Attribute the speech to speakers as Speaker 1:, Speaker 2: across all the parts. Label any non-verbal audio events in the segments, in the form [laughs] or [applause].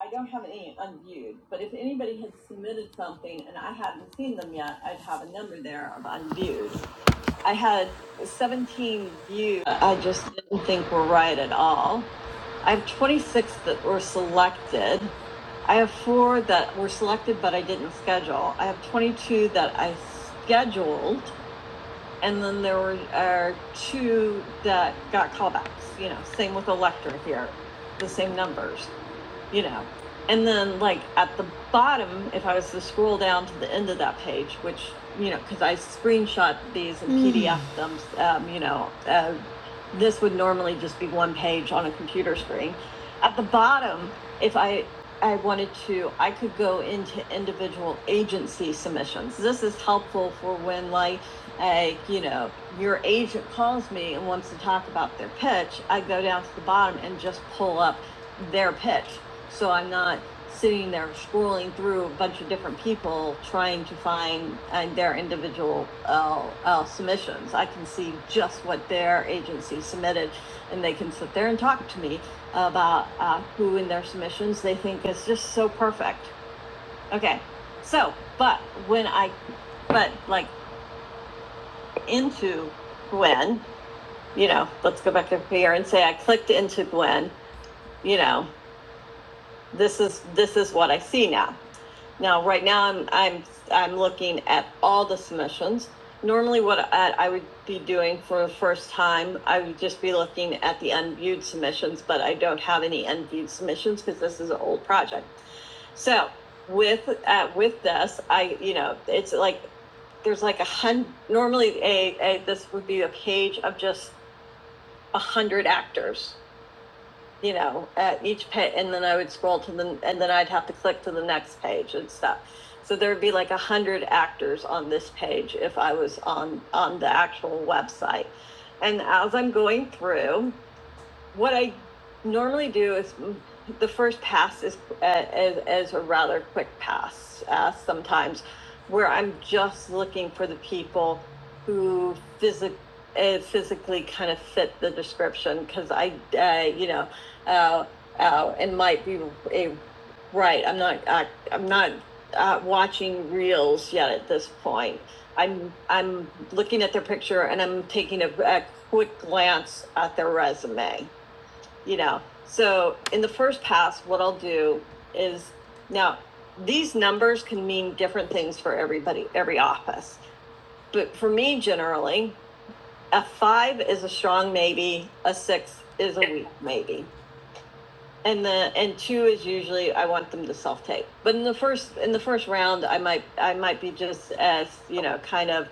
Speaker 1: I don't have any unviewed, but if anybody had submitted something and I hadn't seen them yet, I'd have a number there of unviewed. I had 17 views. I just didn't think were right at all. I have 26 that were selected. I have four that were selected, but I didn't schedule. I have 22 that I scheduled, and then there were uh, two that got callbacks. You know, same with Electra here, the same numbers you know. And then, like at the bottom, if I was to scroll down to the end of that page, which you know, because I screenshot these and Mm. PDF them, um, you know, uh, this would normally just be one page on a computer screen. At the bottom, if I I wanted to, I could go into individual agency submissions. This is helpful for when, like, a you know, your agent calls me and wants to talk about their pitch. I go down to the bottom and just pull up their pitch so I'm not sitting there scrolling through a bunch of different people trying to find uh, their individual uh, uh, submissions. I can see just what their agency submitted, and they can sit there and talk to me about uh, who in their submissions they think is just so perfect. Okay, so but when I but like into Gwen, you know, let's go back up here and say I clicked into Gwen, you know, this is this is what I see now. Now, right now, I'm, I'm, I'm looking at all the submissions. Normally, what I, I would be doing for the first time, I would just be looking at the unviewed submissions, but I don't have any unviewed submissions because this is an old project. So with, uh, with this, I, you know, it's like, there's like a hundred. normally a, a, this would be a page of just a hundred actors you know, at each page, and then I would scroll to the, and then I'd have to click to the next page and stuff. So there'd be like a hundred actors on this page if I was on on the actual website. And as I'm going through, what I normally do is the first pass is as as a rather quick pass uh, sometimes, where I'm just looking for the people who physic uh, physically kind of fit the description because I uh, you know uh, uh, and might be a, right. I'm not uh, I'm not uh, watching reels yet at this point. I'm I'm looking at their picture and I'm taking a, a quick glance at their resume you know so in the first pass what i'll do is now these numbers can mean different things for everybody every office but for me generally a five is a strong maybe a six is a weak maybe and the and two is usually I want them to self tape. But in the first in the first round, I might I might be just as you know kind of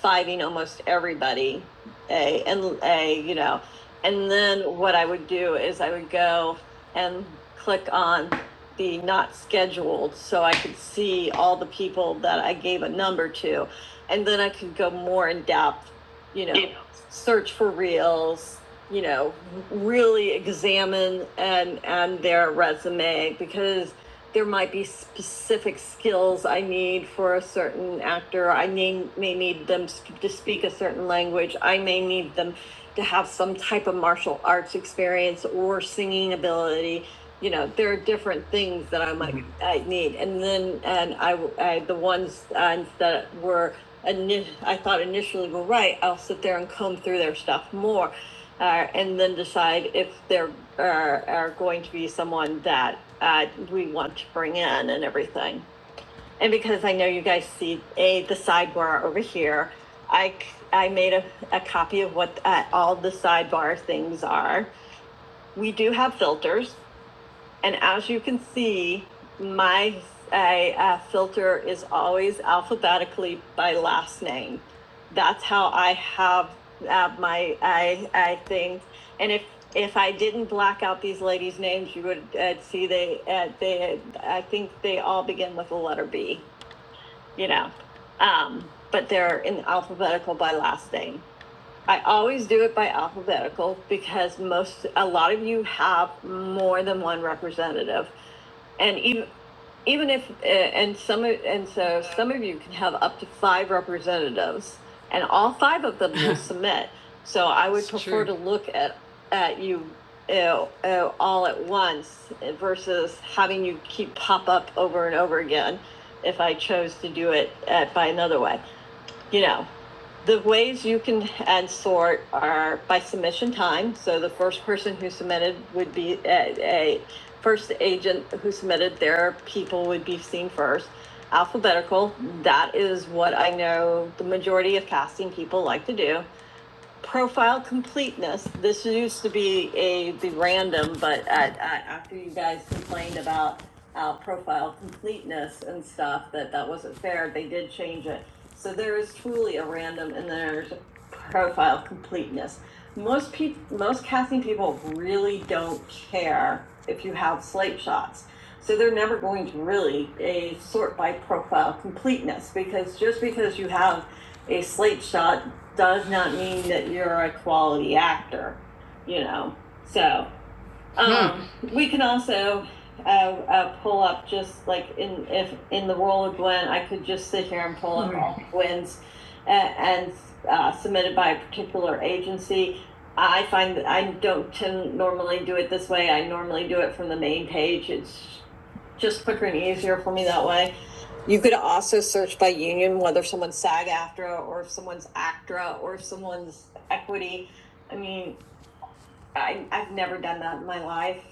Speaker 1: fighting almost everybody, a and a you know, and then what I would do is I would go and click on the not scheduled so I could see all the people that I gave a number to, and then I could go more in depth, you know, Yeah. search for reels, you know, really examine and and their resume because there might be specific skills I need for a certain actor. I may, may need them to speak a certain language. I may need them to have some type of martial arts experience or singing ability. You know, there are different things that I might Mhm. I need. And then and I I, w- I- the ones uh, that were ini- I thought initially were right, I'll sit there and comb through their stuff more uh, and then decide if there are, are going to be someone that uh, we want to bring in and everything. And because I know you guys see a the sidebar over here, I I made a, a copy of what uh, all the sidebar things are. We do have filters, and as you can see, my I, uh, filter is always alphabetically by last name. That's how I have uh, my I I thing. And if if I didn't black out these ladies' names, you would uh, see they uh, they I think they all begin with the letter B. You know, um, but they're in alphabetical by last name. I always do it by alphabetical because most, a lot of you have more than one representative. And even, even if, uh, and some, and so some of you can have up to five representatives and all five of them will [laughs] submit. So I would It's prefer true. to look at, at you, you know, uh, all at once versus having you keep pop up over and over again if I chose to do it uh, by another way you know, the ways you can add sort are by submission time. So the first person who submitted would be a, a first agent who submitted their people would be seen first. Alphabetical, that is what I know the majority of casting people like to do profile completeness, this used to be a, the random, but I, I, after you guys complained about, uh, profile completeness and stuff, that that wasn't fair, they did change it. So there is truly a random and there's profile completeness. Most people, most casting people really don't care if you have slate shots. So they're never going to really a sort by profile completeness because just because you have a slate shot does not mean that you're a quality actor, you know. So um, hmm. we can also uh, uh, pull up just like in if in the role of Gwen, I could just sit here and pull up all Gwen's a- and uh, submitted by a particular agency. I find that I don't tend normally do it this way. I normally do it from the main page. It's just quicker and easier for me that way. You could also search by union, whether someone's SAG AFTRA or if someone's ACTRA or if someone's equity. I mean, I, I've never done that in my life.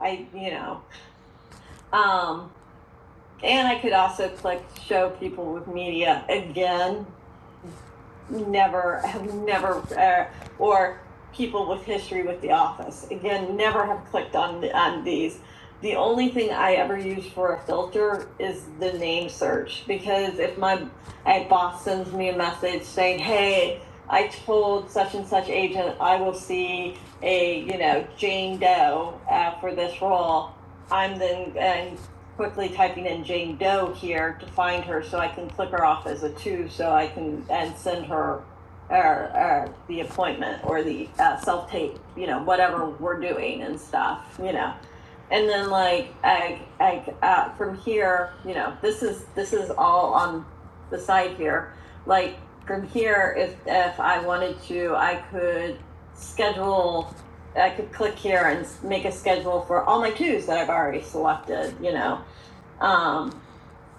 Speaker 1: I, you know, um, and I could also click show people with media again never have never uh, or people with history with the office again never have clicked on on these the only thing i ever use for a filter is the name search because if my a boss sends me a message saying hey i told such and such agent i will see a you know jane doe uh, for this role i'm then and quickly typing in Jane Doe here to find her, so I can click her off as a two, so I can, and send her or, or the appointment or the uh, self-tape, you know, whatever we're doing and stuff, you know. And then like, I, I, uh, from here, you know, this is, this is all on the side here. Like from here, if, if I wanted to, I could schedule, I could click here and make a schedule for all my twos that I've already selected, you know. Um,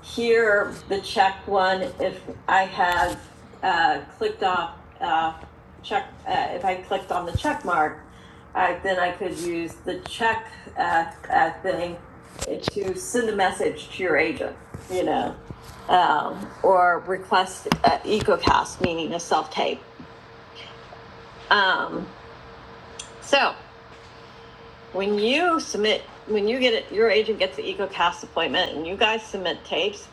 Speaker 1: here, the check one, if I have, uh, clicked off, uh, check, uh, if I clicked on the check mark, I, then I could use the check, uh, uh, thing to send a message to your agent, you know? Um, or request, uh, EcoCast, meaning a self-tape. Um, so, when you submit, when you get it, your agent gets the EcoCast appointment and you guys submit tapes,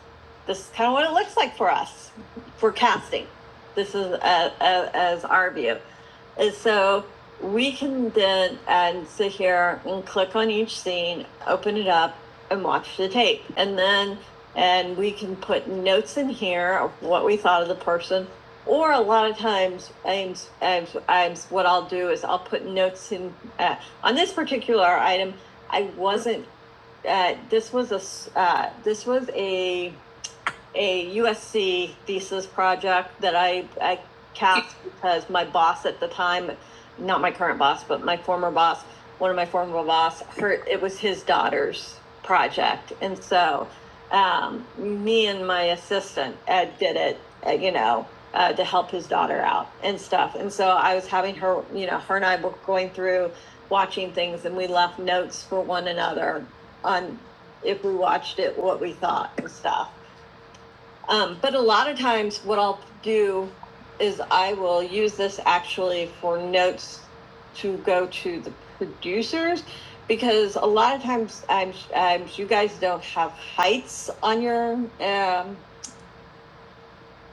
Speaker 1: this is kind of what it looks like for us, for casting. This is uh uh as our view. And so we can then and sit here and click on each scene, open it up and watch the tape. And then, and we can put notes in here of what we thought of the person. Or a lot of times, I'm, I'm, I'm, what I'll do is I'll put notes in uh, on this particular item, I was not uh this was a. uh, this was a, s- uh, this was a a USC thesis project that I, I cast because my boss at the time, not my current boss, but my former boss, one of my former boss, her, it was his daughter's project. And so um, me and my assistant, Ed, did it, uh, you know, uh, to help his daughter out and stuff. And so I was having her, you know, her and I were going through watching things and we left notes for one another on if we watched it, what we thought and stuff. Um, but a lot of times, what I'll do is I will use this actually for notes to go to the producers because a lot of times I'm, I'm you guys don't have heights on your um,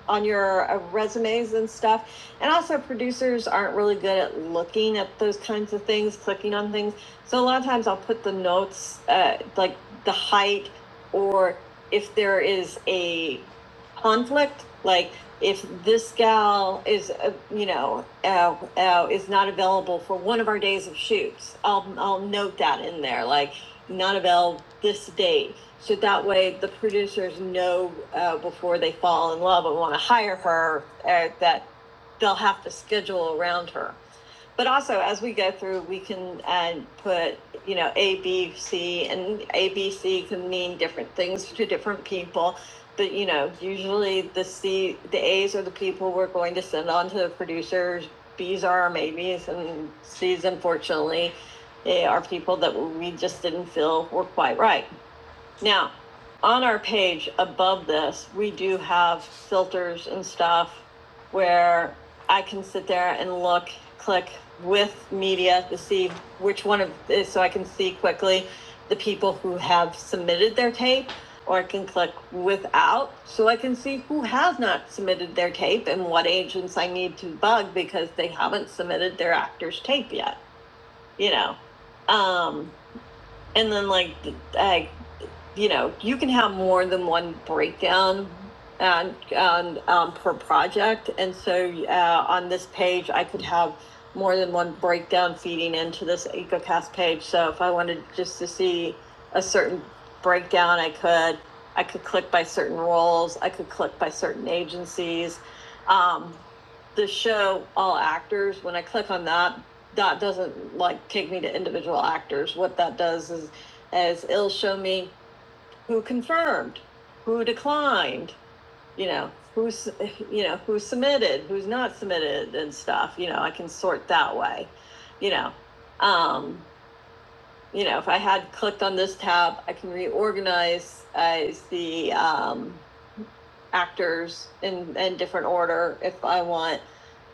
Speaker 1: on your uh, resumes and stuff. And also, producers aren't really good at looking at those kinds of things, clicking on things. So a lot of times, I'll put the notes, uh, like the height, or if there is a conflict, like if this gal is, uh, you know, uh, uh, is not available for one of our days of shoots, I'll I'll note that in there, like not available this date so that way the producers know uh, before they fall in love and want to hire her uh, that they'll have to schedule around her. But also, as we go through, we can uh, put, you know, A, B, C, and A, B, C can mean different things to different people. But, you know, usually the C, the A's are the people we're going to send on to the producers. B's are our maybes, and C's, unfortunately, eh, are people that we just didn't feel were quite right. Now, on our page above this, we do have filters and stuff where I can sit there and look, click with media to see which one of this, so I can see quickly the people who have submitted their tape, or I can click without, so I can see who has not submitted their tape and what agents I need to bug because they haven't submitted their actor's tape yet, you know? Um, and then like I you know, you can have more than one breakdown and, and um, per project. And so uh, on this page, I could have more than one breakdown feeding into this EcoCast page. So if I wanted just to see a certain breakdown, I could. I could click by certain roles. I could click by certain agencies. Um, the show all actors. When I click on that, that doesn't like take me to individual actors. What that does is, is it'll show me who confirmed, who declined, you know, who's, you know, who submitted, who's not submitted and stuff, you know, I can sort that way, you know. Um, you know, if I had clicked on this tab, I can reorganize as the um, actors in, in different order if I want.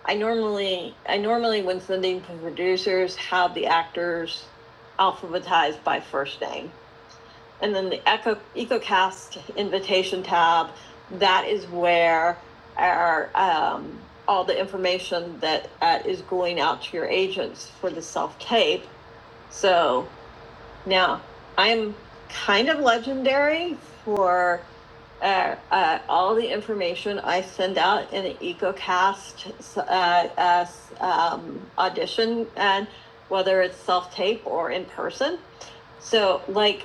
Speaker 1: I normally, I normally when sending to producers have the actors alphabetized by first name and then the Echo EcoCast invitation tab. That is where our um, all the information that uh, is going out to your agents for the self tape. So now I'm kind of legendary for uh, uh, all the information I send out in the EcoCast uh, uh, um, audition, and whether it's self tape or in person. So, like,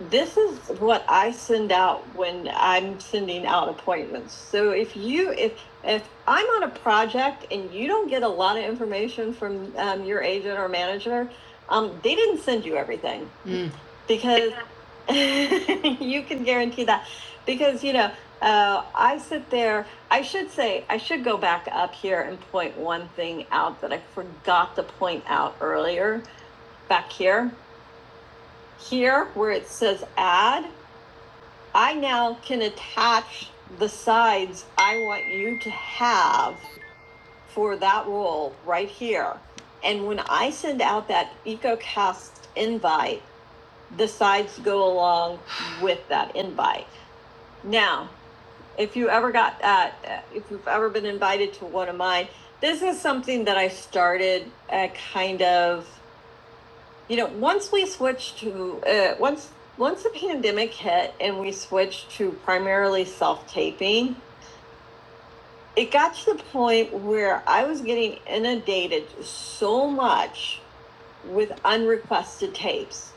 Speaker 1: this is what I send out when I'm sending out appointments. So if you if if I'm on a project and you don't get a lot of information from um, your agent or manager, um, they didn't send you everything Mm. because [laughs] you can guarantee that because you know uh, I sit there. I should say I should go back up here and point one thing out that I forgot to point out earlier back here here where it says add I now can attach the sides I want you to have for that roll right here. And when I send out that EcoCast invite, the sides go along with that invite. Now, if you ever got that, uh, if you've ever been invited to one of mine, this is something that I started a kind of you know, once we switched to uh, once once the pandemic hit and we switched to primarily self taping, it got to the point where I was getting inundated so much with unrequested tapes.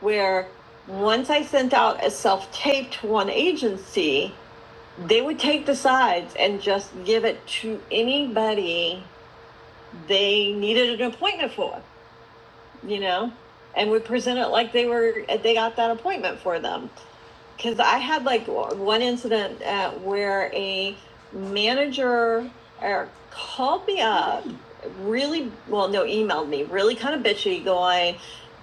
Speaker 1: Where once I sent out a self tape to one agency, they would take the sides and just give it to anybody they needed an appointment for. you know, and we present it like they were, they got that appointment for them because I had like one incident uh, where a manager uh, called me up, really well, no, emailed me, really kind of bitchy, going,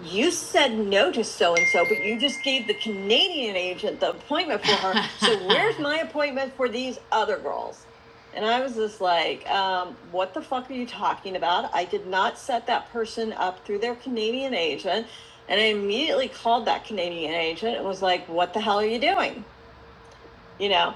Speaker 1: "You said no to so and so, but you just gave the Canadian agent the appointment for her. [laughs] So where's my appointment for these other girls?" And I was just like, um, "What the fuck are you talking about? I did not set that person up through their Canadian agent. And I immediately called that Canadian agent and was like, "What the hell are you doing?" You know.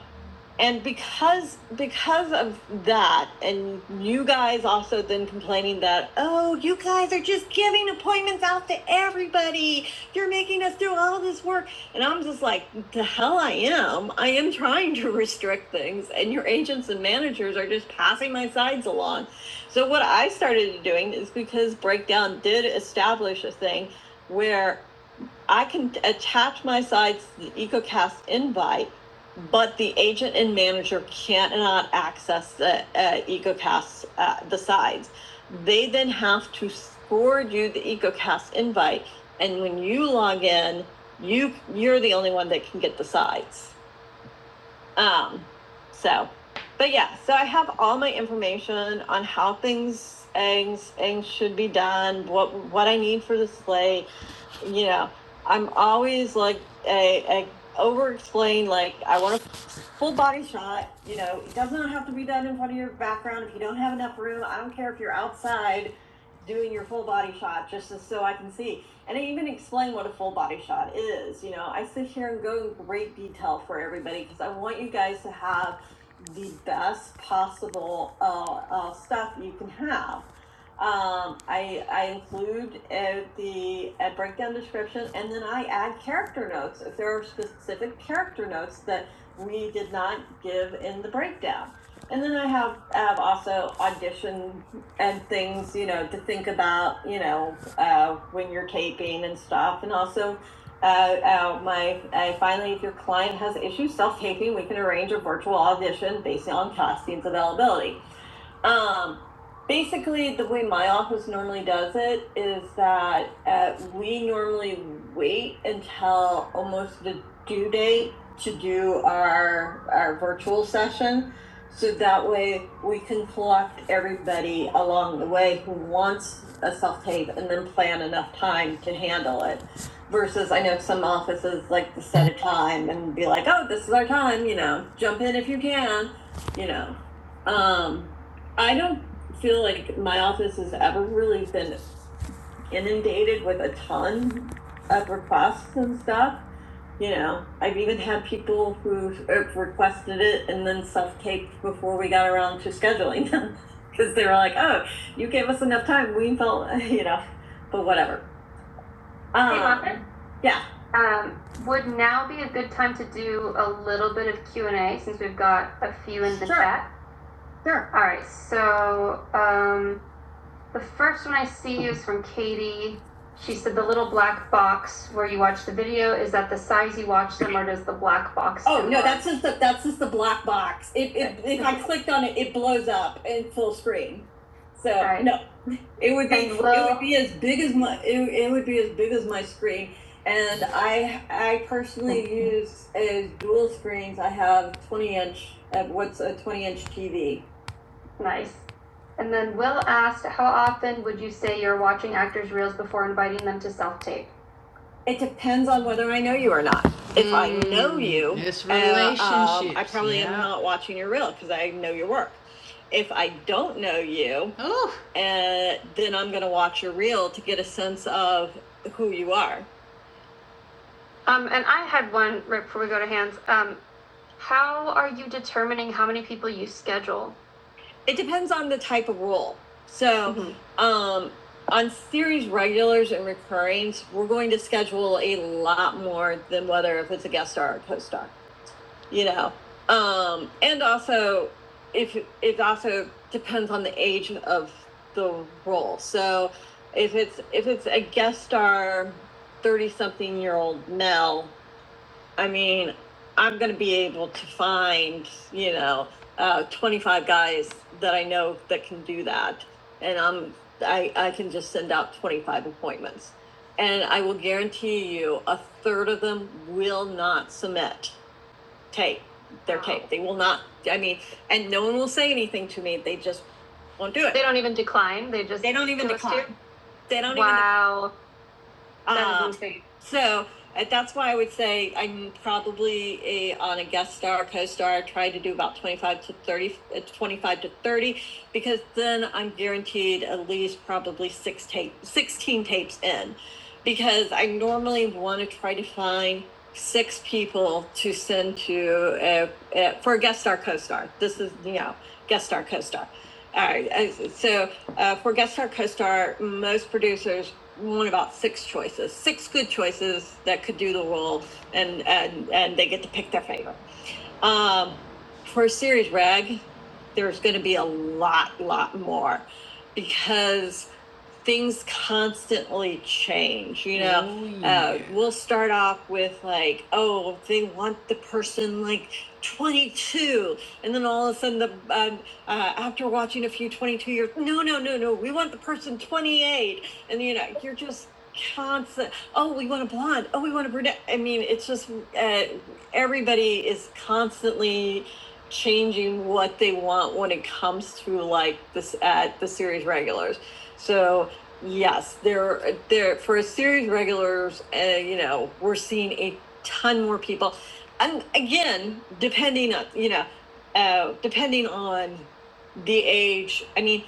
Speaker 1: And because because of that, and you guys also then complaining that, "Oh, you guys are just giving appointments out to everybody. You're making us do all this work." And I'm just like, "The hell I am. I am trying to restrict things, and your agents and managers are just passing my sides along." So what I started doing is because Breakdown did establish a thing where I can attach my sites to the EcoCast invite, but the agent and manager cannot access the uh, EcoCast, uh, the sides. They then have to forward you the EcoCast invite, and when you log in, you you're the only one that can get the sides. Um, so, but yeah, so I have all my information on how things things, things should be done, what what I need for the slate you know, I'm always like a, a over explain, like I want to full body shot. You know, it does not have to be done in front of your background. If you don't have enough room, I don't care if you're outside doing your full body shot just so so I can see. And I even explain what a full body shot is. You know, I sit here and go in great detail for everybody because I want you guys to have the best possible uh, uh, stuff you can have. Um, I, I include uh, the uh, breakdown description and then I add character notes. If there are specific character notes that we did not give in the breakdown. And then I have, have also audition and things, you know, to think about, you know, uh, when you're taping and stuff. And also, uh, uh, my I finally, if your client has issues self taping, we can arrange a virtual audition based on costumes availability. Um, basically, the way my office normally does it is that uh, we normally wait until almost the due date to do our our virtual session, so that way we can collect everybody along the way who wants a self tape and then plan enough time to handle it. Versus, I know some offices like to set a time and be like, "Oh, this is our time," you know, jump in if you can, you know. Um, I don't feel like my office has ever really been inundated with a ton of requests and stuff. You know, I've even had people who requested it and then self-taped before we got around to scheduling them. [laughs] Because they were like, oh, you gave us enough time, we felt, [laughs] you know, but whatever. Um, Hey, Muppet? Um, yeah. Um, would now be a good time to do a little bit of Q and A since we've got a few in the Sure. chat? sure. All right, so um, the first one I see is from Katie. She said the little black box where you watch the video is that the size you watch them, or does the black box? Oh no, that's just the that's just the black box. If if, [laughs] if I clicked on it, it blows up in full screen. So Right. no, it would be And it would be as big as my it, it would be as big as my screen. And I I personally [laughs] use as dual screens. I have 20 inch uh, what's a 20 inch TV Nice. And then Will asked, how often would you say you're watching actors' reels before inviting them to self tape? It depends on whether I know you or not. If mm, I know Mm, you, it's relationships. uh, um, I relationships, probably yeah. am yeah. not watching your reel because I know your work. If I don't know you, Oh, uh, then I'm going to watch your reel to get a sense of who you are. Um, and I had one right before we go to hands. Um, how are you determining how many people you schedule? it depends on the type of role. So mm-hmm. um, on series regulars and recurrings, we're going to schedule a lot more than whether if it's a guest star or co-star. You know, um, and also if it also depends on the age of the role. So if it's if it's a guest star, thirty something year old Mel I mean, I'm going to be able to find, you know, uh, 25 guys that I know that can do that. And I'm, I, I can just send out 25 appointments. And I will guarantee you a third of them will not submit tape, their Wow. tape. They will not, I mean, and no one will say anything to me. They just won't do it. They don't even decline. They just They don't even decline. They don't wow. even wow. That Um, is insane. Um, so uh, that's why I would say I'm probably a, on a guest star, co-star, try to do about 25 to 30, uh, 25 to 30, because then I'm guaranteed at least probably six tape, 16 tapes in because I normally want to try to find six people to send to uh, uh, for a guest star, co-star. This is, you know, guest star, co-star. All right. uh, So uh, for guest star, co-star, most producers one about six choices, six good choices that could do the world, and and and they get to pick their favorite. Um, for series reg, there's going to be a lot, lot more, because things constantly change you know Oh yeah. uh, yeah. we'll start off with like oh they want the person like 22 and then all of a sudden the um, uh, after watching a few 22 years no no no no we want the person 28 and you know you're just constant oh we want a blonde oh we want a brunette i mean it's just uh, everybody is constantly changing what they want when it comes to like this at uh, the series regulars so Yes, there, there for a series regulars, uh, you know, we're seeing a ton more people, and again, depending on you know, uh, depending on the age. I mean,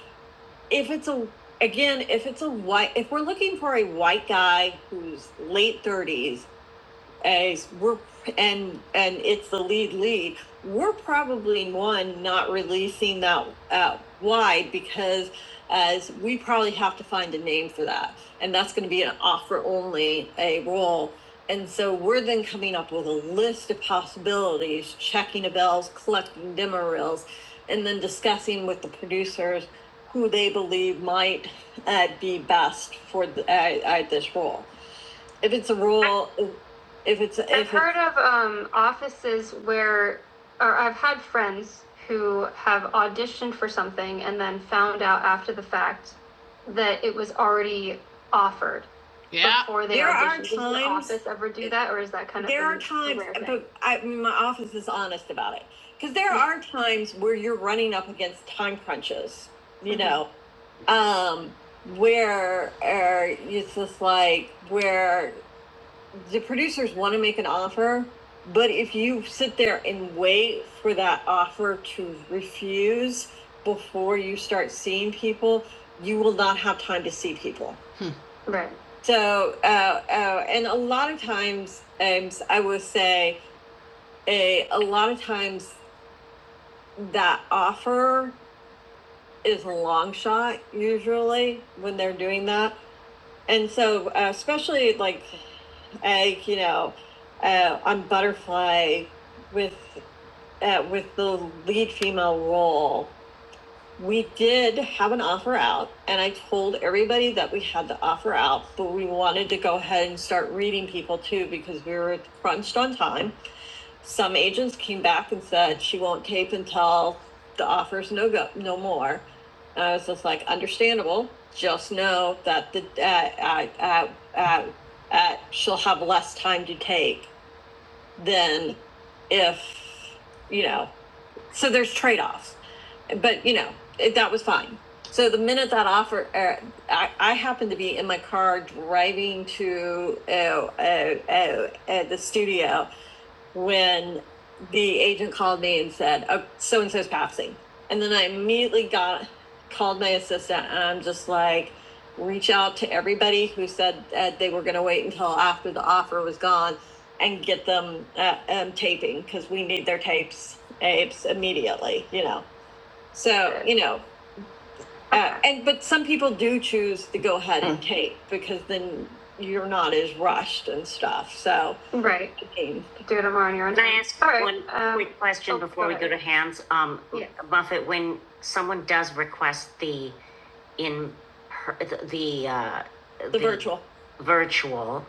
Speaker 1: if it's a again, if it's a white, if we're looking for a white guy who's late thirties as we're and and it's the lead lead we're probably one not releasing that uh, wide because as we probably have to find a name for that and that's going to be an offer only a role and so we're then coming up with a list of possibilities checking the bells collecting demo reels and then discussing with the producers who they believe might uh, be best for the, uh, uh, this role if it's a rule, if- if it's, if I've it's. heard of um, offices where, or I've had friends who have auditioned for something and then found out after the fact that it was already offered Yeah. before they There auditioned. are times. Does your office ever do that, or is that kind of There are times, but I, my office is honest about it, because there Yeah. are times where you're running up against time crunches, you Mhm. know, um, where uh, it's just like where the producers want to make an offer, but if you sit there and wait for that offer to refuse before you start seeing people, you will not have time to see people. Hmm. Right. So, uh, uh, and a lot of times, um, I will say, a, a lot of times that offer is a long shot, usually, when they're doing that. And so, uh, especially like like you know, uh, on Butterfly with uh, with the lead female role, we did have an offer out, and I told everybody that we had the offer out, but we wanted to go ahead and start reading people too because we were crunched on time some agents came back and said she won't tape until the offer's no go, no more. And I was just like, understandable. Just know that the uh, uh, uh, uh, uh, she'll have less time to tape than if you know. So there's trade offs, but you know it, that was fine. So the minute that offer, uh, I, I happened to be in my car driving to uh, uh, uh, uh, the studio when the agent called me and said, oh, so and so's passing. And then I immediately got called my assistant and I'm just like, reach out to everybody who said that they were going to wait until after the offer was gone and get them uh, um, taping because we need their tapes, tapes immediately, you know. So, Sure. you know, uh, and but some people do choose to go ahead and tape because then you're not as rushed and stuff. So Right, I mean, do it tomorrow on your own Can time. I ask All right, one um, quick oh, question oh, before go we ahead. go to hands? Um, Yeah. Buffett, when someone does request the in, per- the, uh. the the virtual. Virtual,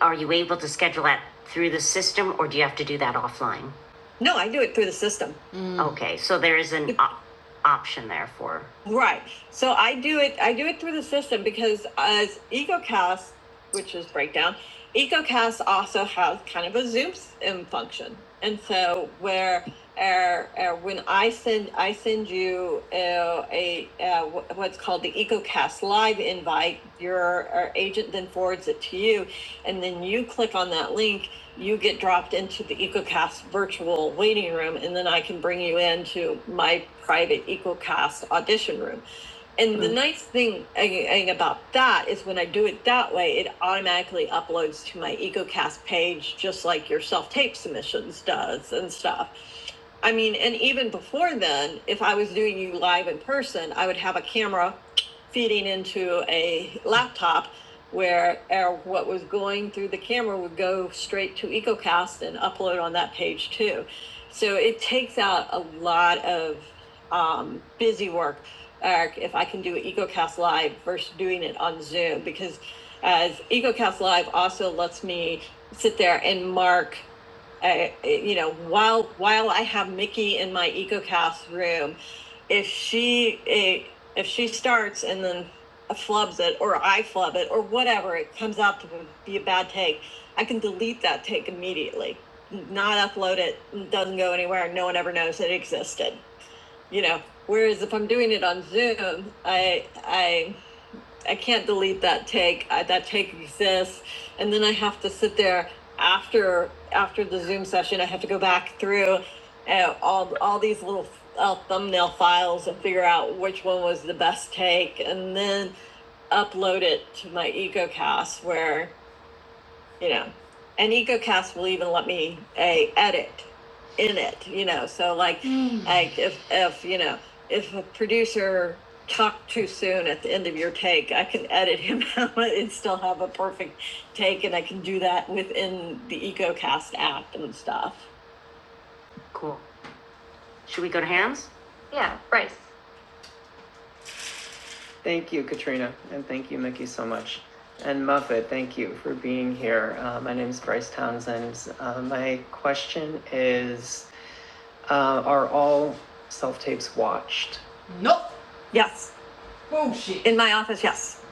Speaker 1: are you able to schedule that through the system or do you have to do that offline? No, I do it through the system. Mm. Okay, so there is an op- option there for, Right. So I do it. I do it through the system because as EcoCast, which is breakdown, EcoCast also has kind of a Zoom s- um, function, and so where er, er, when I send I send you uh, a uh, what's called the EcoCast live invite, your our agent then forwards it to you, and then you click on that link, you get dropped into the EcoCast virtual waiting room, and then I can bring you into my private EcoCast audition room. And the nice thing eh, eh, about that is when I do it that way, it automatically uploads to my EcoCast page, just like your self tape submissions does and stuff. I mean, and even before then, if I was doing you live in person, I would have a camera feeding into a laptop where uh, what was going through the camera would go straight to EcoCast and upload on that page too. So it takes out a lot of um, busy work or if I can do EcoCast Live versus doing it on Zoom because as EcoCast Live also lets me sit there and mark, uh, you know, while while I have Mickey in my EcoCast room, if she eh, if she starts and then flubs it or I flub it or whatever, it comes out to be a bad take. I can delete that take immediately, not upload it, doesn't go anywhere, no one ever knows it existed you know whereas if i'm doing it on zoom i i i can't delete that take I, that take exists and then i have to sit there after after the zoom session i have to go back through uh, all all these little uh, thumbnail files and figure out which one was the best take and then upload it to my ecocast where you know, and EcoCast will even let me a edit in it, you know. So like, Mm. like if if you know if a producer talked too soon at the end of your take, I can edit him [laughs] out and still have a perfect take, and I can do that within the EcoCast app and stuff. Cool. Should we go to Hands? Yeah, Bryce. Thank you, Katrina, and thank you, Mickey, so much. And Muffet, thank you for being here. Uh, my name is Bryce Townsend. Uh, my question is uh, Are all self tapes watched? Yes, in my office, yes.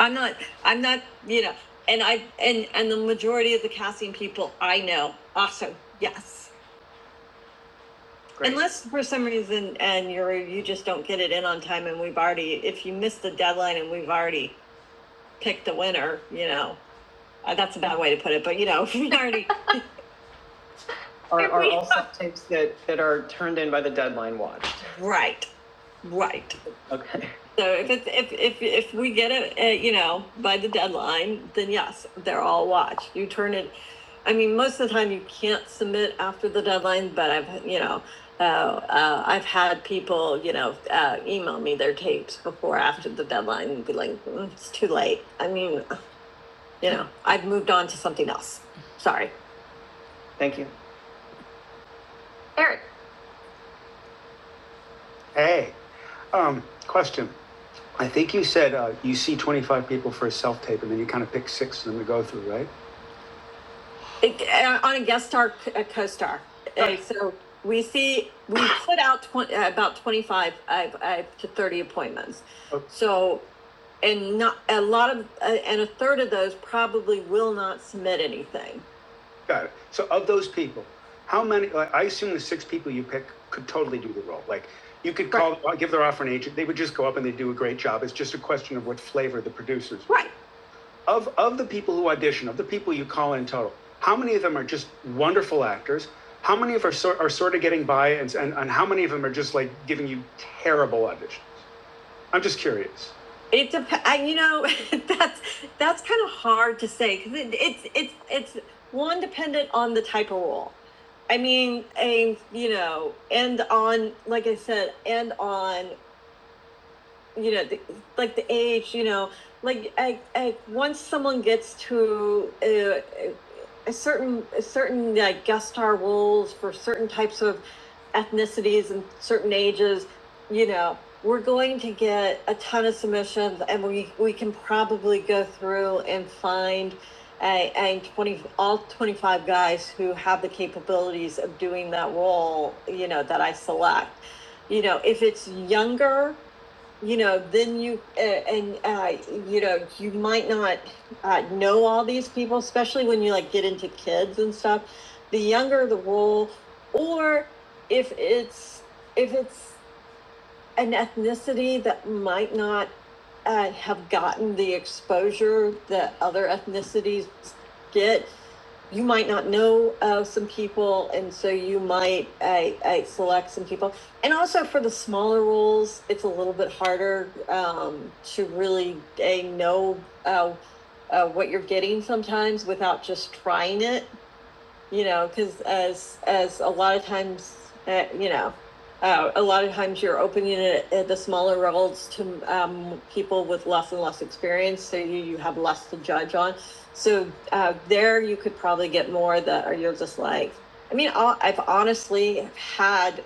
Speaker 1: I'm not, I'm not, you know, and I, and, and the majority of the casting people I know also, yes. Great. Unless for some reason, and you're, you just don't get it in on time and we've already, if you miss the deadline and we've already picked the winner, you know, Uh, that's a bad way to put it, but you know, we already [laughs] Are, are We all subtypes that, that are turned in by the deadline watched? right, right. Okay. So if it's if if if we get it, uh, you know, by the deadline, then yes, they're all watched. You turn it. I mean, most of the time you can't submit after the deadline, but I've you know. Uh, uh, I've had people, you know, uh, email me their tapes before, after the deadline, and be like, mm, "It's too late." I mean, you know, I've moved on to something else. Sorry. Thank you. Eric, Hey, um, question. I think you said uh, you see 25 people for a self tape and then you kind of pick six of them to go through, right? It- uh, on a guest star, c- a co-star. Okay. Uh, so we see we put out twen- uh, about twenty-five uh, uh, to thirty appointments. Okay. So and not a lot of uh, and a third of those probably will not submit anything. Got it. So of those people, how many, like, I assume the six people you pick could totally do the role. Like, you could Right. call, right. give their offer an agent, they would just go up and they do a great job. It's just a question of what flavor the producers. Right. Of, of the people who audition, of the people you call in total, how many of them are just wonderful actors? How many of them are sort, are sort of getting by and, and, and how many of them are just like giving you terrible auditions? I'm just curious. It depends. You know, [laughs] that's that's kind of hard to say because it, it's it's it's one dependent on the type of role. I mean, a you know, and on like I said, and on you know, the, like the age, you know, like I, I, once someone gets to uh, a, a certain a certain like guest star roles for certain types of ethnicities and certain ages, you know, we're going to get a ton of submissions, and we we can probably go through and find. A, a 20 all 25 guys who have the capabilities of doing that role you know that i select you know if it's younger you know, then you, uh, and, uh, you know, you might not uh, know all these people, especially when you like get into kids and stuff. The younger the role, or if it's, if it's an ethnicity that might not uh, have gotten the exposure that other ethnicities get, you might not know uh, some people, and so you might I I select some people. And also for the smaller roles, it's a little bit harder um, to really uh, know uh, uh, what you're getting sometimes without just trying it you know because as as a lot of times uh, you know uh, a lot of times you're opening it at the smaller levels to um, people with less and less experience so you, you have less to judge on so uh, there you could probably get more that are you're just like i mean i i've honestly had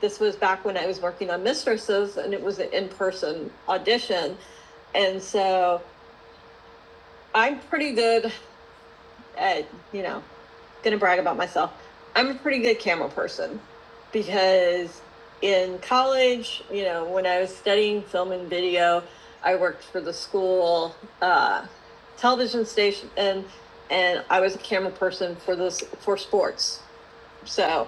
Speaker 1: this was back when i was working on mistresses and it was an in-person audition and so i'm pretty good uh, you know, gonna brag about myself. I'm a pretty good camera person because in college, you know, when I was studying film and video, I worked for the school uh, television station, and and I was a camera person for this for sports. So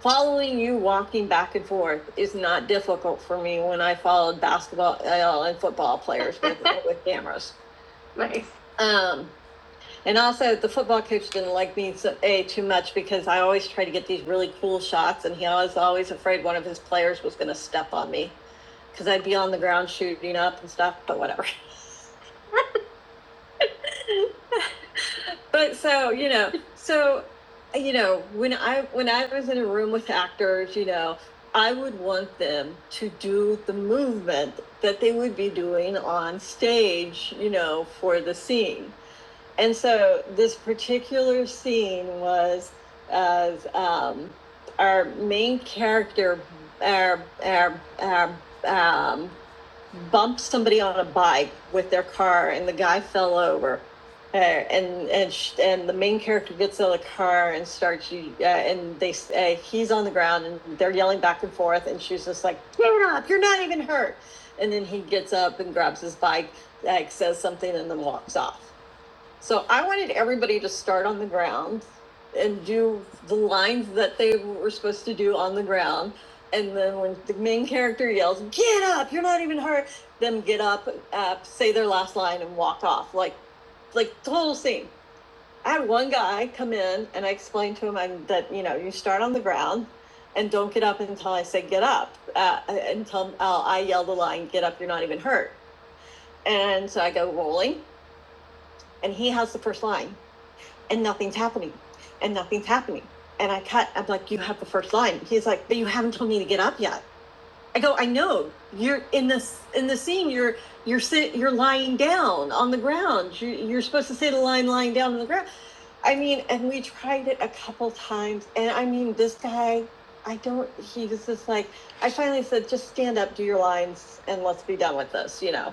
Speaker 1: following you walking back and forth is not difficult for me when I followed basketball uh, and football players with, [laughs] with cameras. Nice. Um, and also, the football coach didn't like me so, a too much because I always try to get these really cool shots, and he was always afraid one of his players was going to step on me because I'd be on the ground shooting up and stuff. But whatever. [laughs] But so you know, so you know, when I when I was in a room with actors, you know, I would want them to do the movement that they would be doing on stage, you know, for the scene. And so this particular scene was as um, our main character, our, our, our, um, bumped somebody on a bike with their car, and the guy fell over. Uh, and and sh- and the main character gets out of the car and starts uh, and they uh, he's on the ground and they're yelling back and forth and she's just like get up you're not even hurt and then he gets up and grabs his bike like says something and then walks off so I wanted everybody to start on the ground and do the lines that they were supposed to do on the ground. And then when the main character yells, get up, you're not even hurt, them get up, uh, say their last line and walk off. Like, like total scene. I had one guy come in and I explained to him I'm, that, you know, you start on the ground and don't get up until I say get up. Uh, until uh, I yell the line, get up, you're not even hurt. And so I go rolling and he has the first line and nothing's happening and nothing's happening and i cut i'm like you have the first line he's like but you haven't told me to get up yet i go i know you're in this in the scene you're you're sit you're lying down on the ground you're, you're supposed to say the line lying down on the ground i mean and we tried it a couple times and i mean this guy i don't he was just like i finally said just stand up do your lines and let's be done with this you know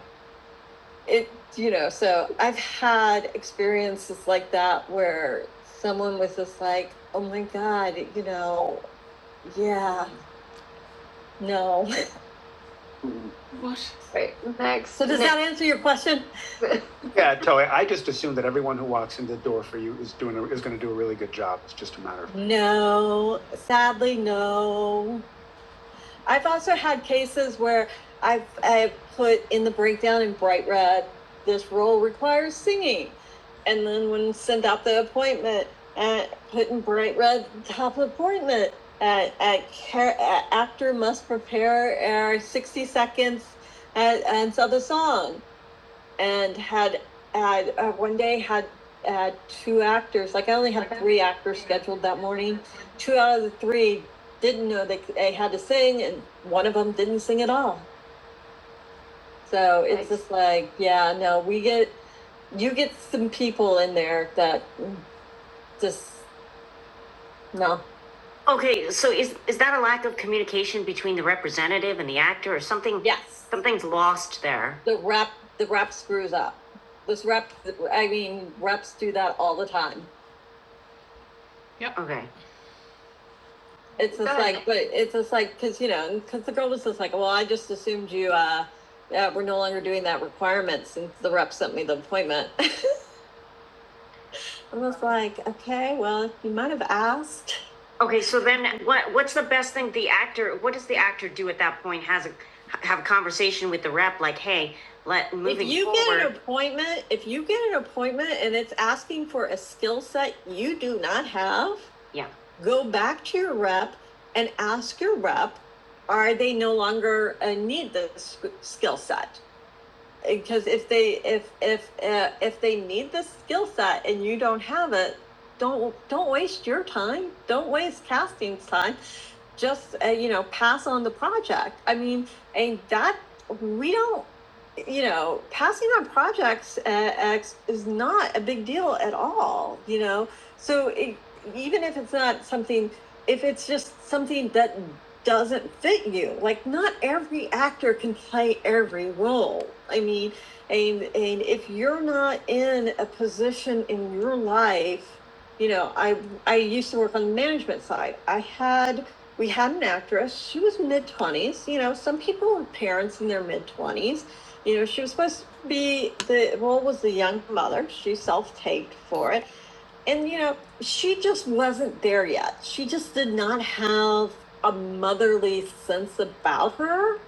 Speaker 1: it, you know, so I've had experiences like that where someone was just like, oh my God, you know, yeah, no. What? Right, next. So does next. that answer your question? [laughs] Yeah, totally. I just assume that everyone who walks in the door for you is doing, a- is going to do a really good job. It's just a matter of, No, sadly, no. I've also had cases where I've, i put in the breakdown in bright red, this role requires singing. And then when sent out the appointment, uh, put in bright red, top appointment. Uh, at care, uh, actor must prepare uh, 60 seconds and, and so the song and had had uh, one day had uh, two actors. Like I only had three actors scheduled that morning. Two out of the three didn't know they, they had to sing, and one of them didn't sing at all. So it's Nice. just like, yeah, no, we get you get some people in there that just no, Okay, so is, is that a lack of communication between the representative and the actor or something? Yes, Something's lost there. the rep, the rep screws up. This rep, I mean, reps do that all the time. Yep. Okay. It's just like, but it's just like, cause you know, cause the girl was just like, well, I just assumed you, uh, uh, we're no longer doing that requirements since the rep sent me the appointment. [laughs] I was like, okay, well, you might have asked. Okay, so then what, what's the best thing the actor, what does the actor do at that point? Has a, have a conversation with the rep like, hey, let, moving forward. If moving you forward, get an appointment, if you get an appointment and it's asking for a skill set you do not have, Yeah, go back to your rep and ask your rep, are they no longer uh, need the skill set? because if they if if uh, if they need this skill set and you don't have it don't don't waste your time don't waste casting's time just uh, you know pass on the project i mean and that we don't you know passing on projects uh, X is not a big deal at all you know so it, even if it's not something if it's just something that doesn't fit you. Like not every actor can play every role. I mean, and and if you're not in a position in your life, you know, I I used to work on the management side. I had we had an actress. She was mid twenties. You know, some people have parents in their mid twenties. You know, she was supposed to be the role was the young mother. She self taped for it and you know she just wasn't there yet she just did not have a motherly sense about her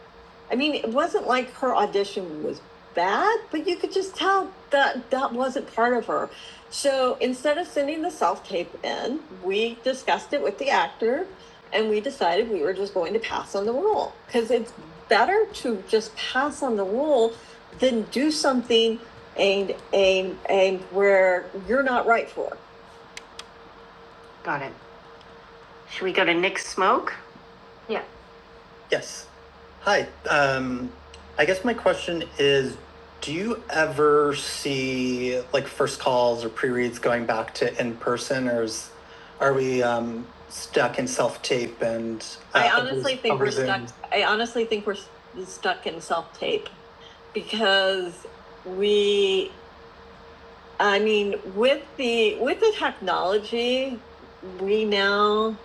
Speaker 1: i mean it wasn't like her audition was bad but you could just tell that that wasn't part of her so instead of sending the self tape in we discussed it with the actor and we decided we were just going to pass on the role because it's better to just pass on the role than do something and and and where you're not right for Got it. Should we go to Nick Smoke? Yeah. Yes. Hi. Um, I guess my question is do you ever see like first calls or pre-reads going back to in person or is, are we um, stuck in self-tape and uh, I honestly think we're stuck. I honestly think we're stuck in self tape because we. I mean, with the with the technology, we now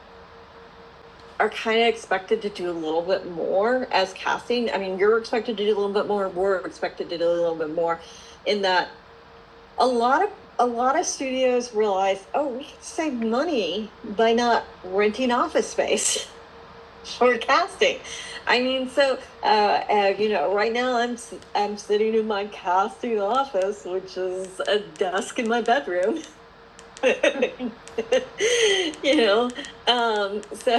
Speaker 1: are kind of expected to do a little bit more as casting. I mean, you're expected to do a little bit more. We're expected to do a little bit more. In that, a lot of a lot of studios realize, oh, we can save money by not renting office space [laughs] for casting. I mean, so uh, uh, you know, right now I'm i I'm sitting in my casting office, which is a desk in my bedroom, [laughs] you know, um, so.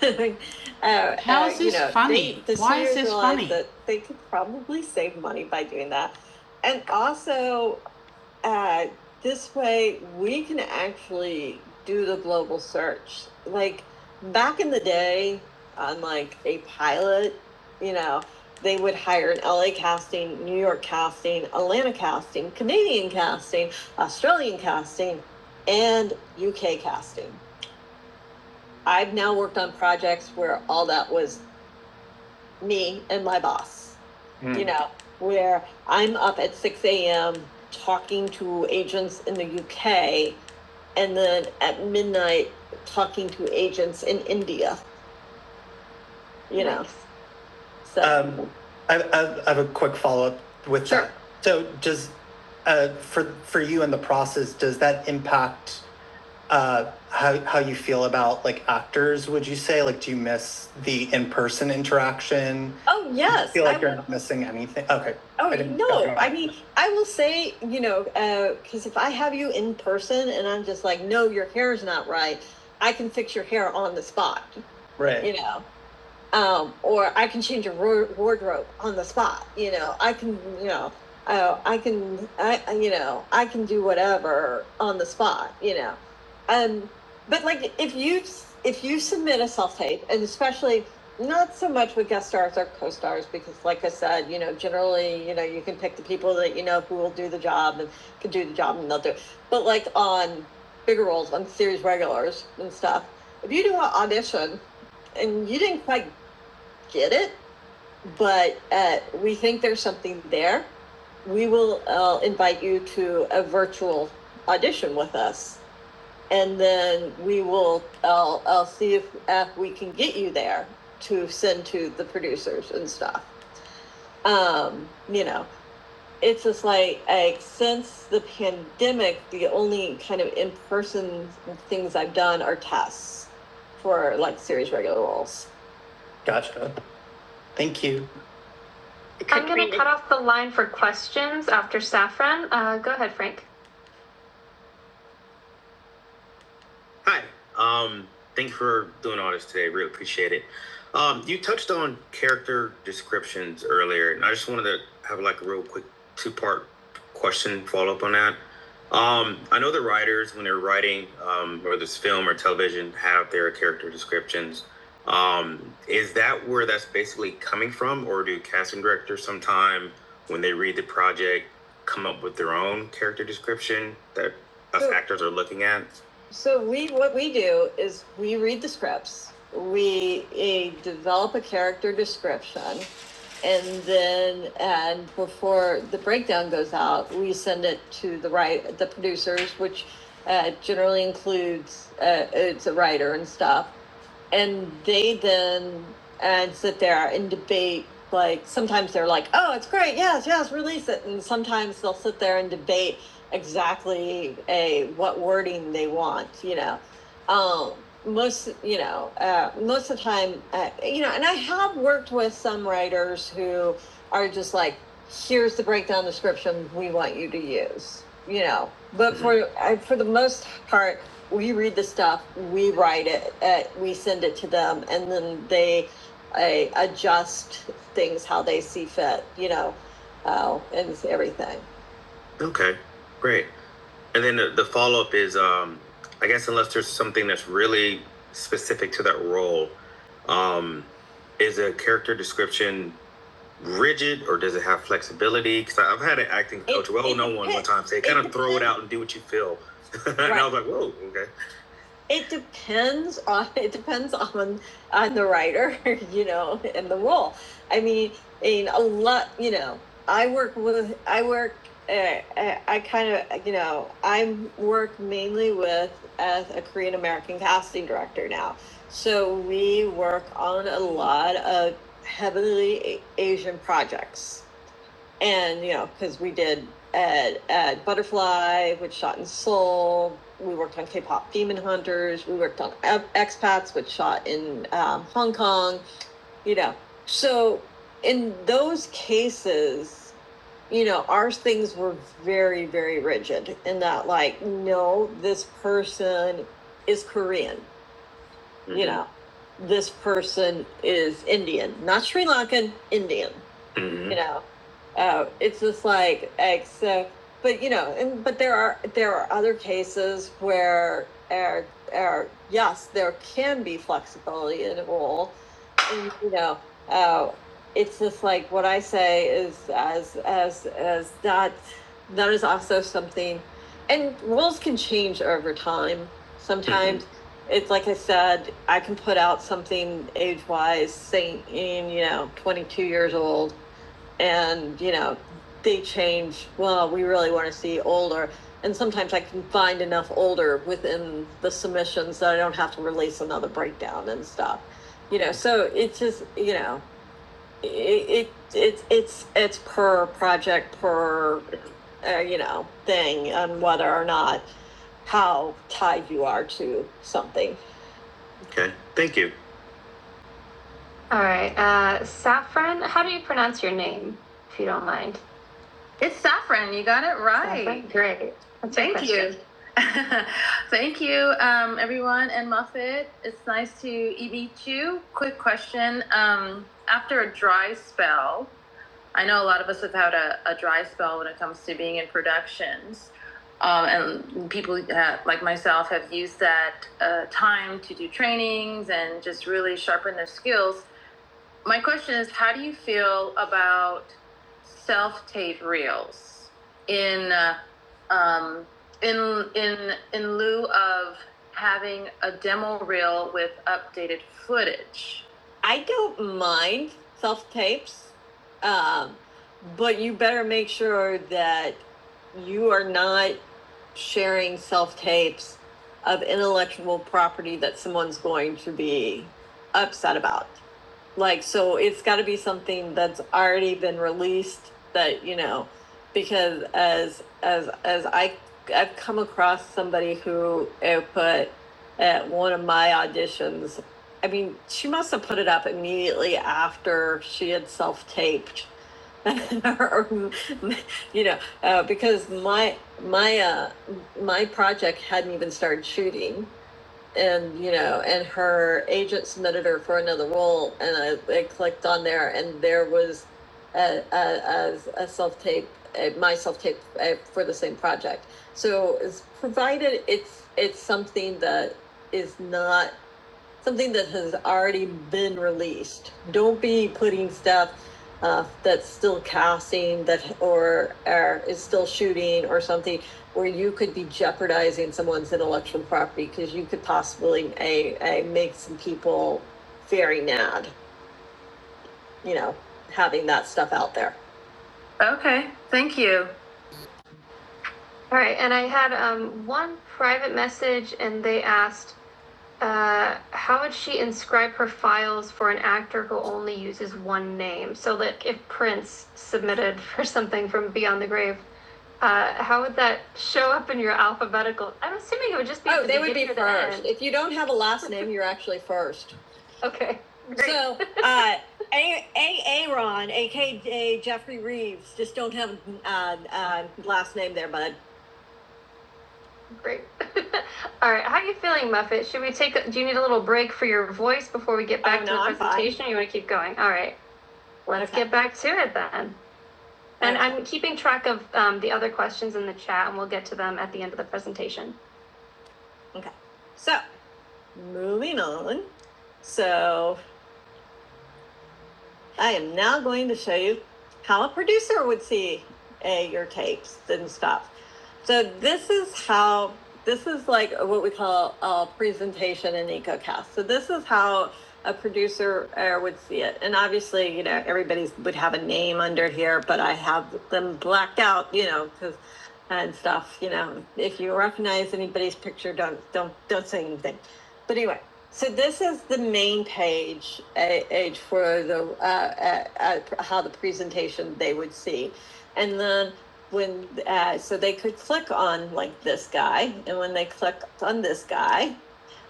Speaker 1: [laughs] Uh, How is this uh, you this know, funny? They, the Why is this funny? That they could probably save money by doing that, and also uh, this way we can actually do the global search. Like back in the day, on like a pilot, you know, they would hire an LA casting, New York casting, Atlanta casting, Canadian casting, Australian casting, and UK casting. I've now worked on projects where all that was me and my boss mm. you know, where I'm up at 6 a.m. talking to agents in the UK and then at midnight talking to agents in India, you know. Nice. So Um, I, I I have a quick follow up with Sure. that. So does uh, for for you in the process, does that impact uh, how how you feel about like actors. Would you say like do you miss the in person interaction? Oh, Do you yes, feel I like you're would. not missing anything? Okay, Oh, I didn't. no. Okay. I mean, I will say, you know, because if I have you in person and I'm just like, no, your hair's not right, I can fix your hair on the spot. Right. you know um, or I can change a wardrobe on the spot. You know, I can, you know, oh, I can, I, I- you know, I can do whatever on the spot. You know, um, but like if you if you submit a self tape, and especially not so much with guest stars or co stars, because like I said, you know, generally, you know, you can pick the people that you know who will do the job and can do the job, and they'll do. It. But like on bigger roles, on series regulars and stuff, if you do an audition and you didn't quite get it, but uh, we think there's something there. We will uh, invite you to a virtual audition with us, and then we will. I'll I'll see if uh, we can get you there to send to the producers and stuff. Um, you know, it's just like like since the pandemic, the only kind of in person things I've done are tests for like series regular roles. Gotcha. Thank you. I'm gonna cut off the line for questions after Saffron. Uh, go ahead, Frank. Hi. Um, thank you for doing all this today. Really appreciate it. Um, you touched on character descriptions earlier, and I just wanted to have like a real quick two part question follow up on that. Um, I know the writers, when they're writing, um, whether it's film or television, have their character descriptions. Um, is that where that's basically coming from, or do casting directors sometime when they read the project come up with their own character description that us So- actors are looking at? So we, what we do is we read the scripts, we eh, develop a character description, and then and before the breakdown goes out, we send it to the right the producers, which uh, generally includes uh, it's a writer and stuff, and they then and sit there and debate like sometimes they're like oh it's great yes yes release it and sometimes they'll sit there and debate exactly a what wording they want you know um most you know uh, most of the time uh, you know and i have worked with some writers who are just like here's the breakdown description we want you to use you know but mm-hmm. for I, for the most part we read the stuff, we write it, uh, we send it to them, and then they uh, adjust things how they see fit, you know, uh, and everything. Okay, great. And then the, the follow up is, um, I guess, unless there's something that's really specific to that role, um, is a character description rigid or does it have flexibility? Because I've had an acting It- coach, it, well, it no one it, one time say, kind of throw it out and do what you feel. [laughs] Right. and I Right. was like, whoa, okay. It depends on it depends on on the writer, [laughs] you know, and the role. I mean, in a lot, you know, I work with I work. Uh, I, I kind of, you know, I work mainly with as a Korean American casting director now. So we work on a lot of heavily Asian projects and you know because we did at, at butterfly which shot in seoul we worked on k-pop demon hunters we worked on expats which shot in um, hong kong you know so in those cases you know our things were very very rigid in that like no this person is korean Mm-hmm. you know, this person is Indian, not Sri Lankan, Indian, Mhm. you know. Uh, it's just like eggs. So, but you know, and but there are there are other cases where, uh, uh, yes, there can be flexibility in a rule, you know, uh, it's just like what I say is as as as that that is also something, and rules can change over time. Sometimes mm-hmm. it's like I said, I can put out something age wise, saying you know, twenty two years old, and you know they change well we really want to see older and sometimes i can find enough older within the submissions that i don't have to release another breakdown and stuff you know so it's just you know it, it it's it's it's per project per uh, you know thing and whether or not how tied you are to something Okay, thank you. All right, uh, Saffron, how do you pronounce your name, if you don't mind? Hi. Great. That's Thank you. Good to Meet you. And um, I know a lot of us have had a, a dry spell when it comes to being in productions. Um, and people have like, had uh, time to do trainings and just really sharpen their skills. My question is how do you feel about self tape reel in uh, um, in in in lieu of a demo reel with updated I don't mind self tapes, um, but you better make sure that you are not sharing self tapes of intellectual property that someone's going to be upset about like so it's got to be something that's already been released that you know because as as as i i've come across somebody who uh, put at one of my auditions i mean she must have put it up immediately after she had self-taped [laughs] you know uh, because my my uh my project hadn't even started shooting and you know and her agent submitted her for another role and i, I clicked on there and there was a, a, a, self-tape a, my self-tape uh for the same project so it's provided it's it's something that is not something that has already been released. Don't be putting stuff uh, that's still casting that or, or is still shooting or something where you could be jeopardizing someone's intellectual property because you could possibly a, a make some people very mad, you know, having that stuff out there. Okay, thank you. All right, and I had um, one private message, and they asked Uh, how would she inscribe her files for an actor who only uses one name? So, that if Prince submitted [laughs] for something from Beyond the Grave, uh, how would that show up in your alphabetical? I'm assuming it would just be. Oh, they would be first. If you don't have a last name, you're actually first. [laughs] Okay. Great. So, [laughs] uh, A. A. Aaron, aka Jeffrey Reeves, just don't have a uh, uh, last name there, bud. Great. [laughs] All right. How are you feeling, Muffet? Should we take? A, do you need a little break for your voice before we get back Oh, to no, the I'm fine. presentation? Or you want to keep going? All right. Let's Okay. get back to it then. And Okay. I'm keeping track of um, the other questions in the chat, and we'll get to them at the end of the presentation. Okay. So, moving on. So, I am now going to show you how a producer would see uh, your tapes and stuff. So this is how, this is like what we call a presentation in EcoCast. So this is how a producer uh, would see it. And obviously, you know, everybody would have a name under here, but I have them blacked out, you know, because and stuff, you know, if you recognize anybody's picture, don't, don't, don't say anything. But anyway, so this is the main page page for the uh, uh, uh, how the presentation they would see, and then when uh, so they could click on like this guy, and when they click on this guy,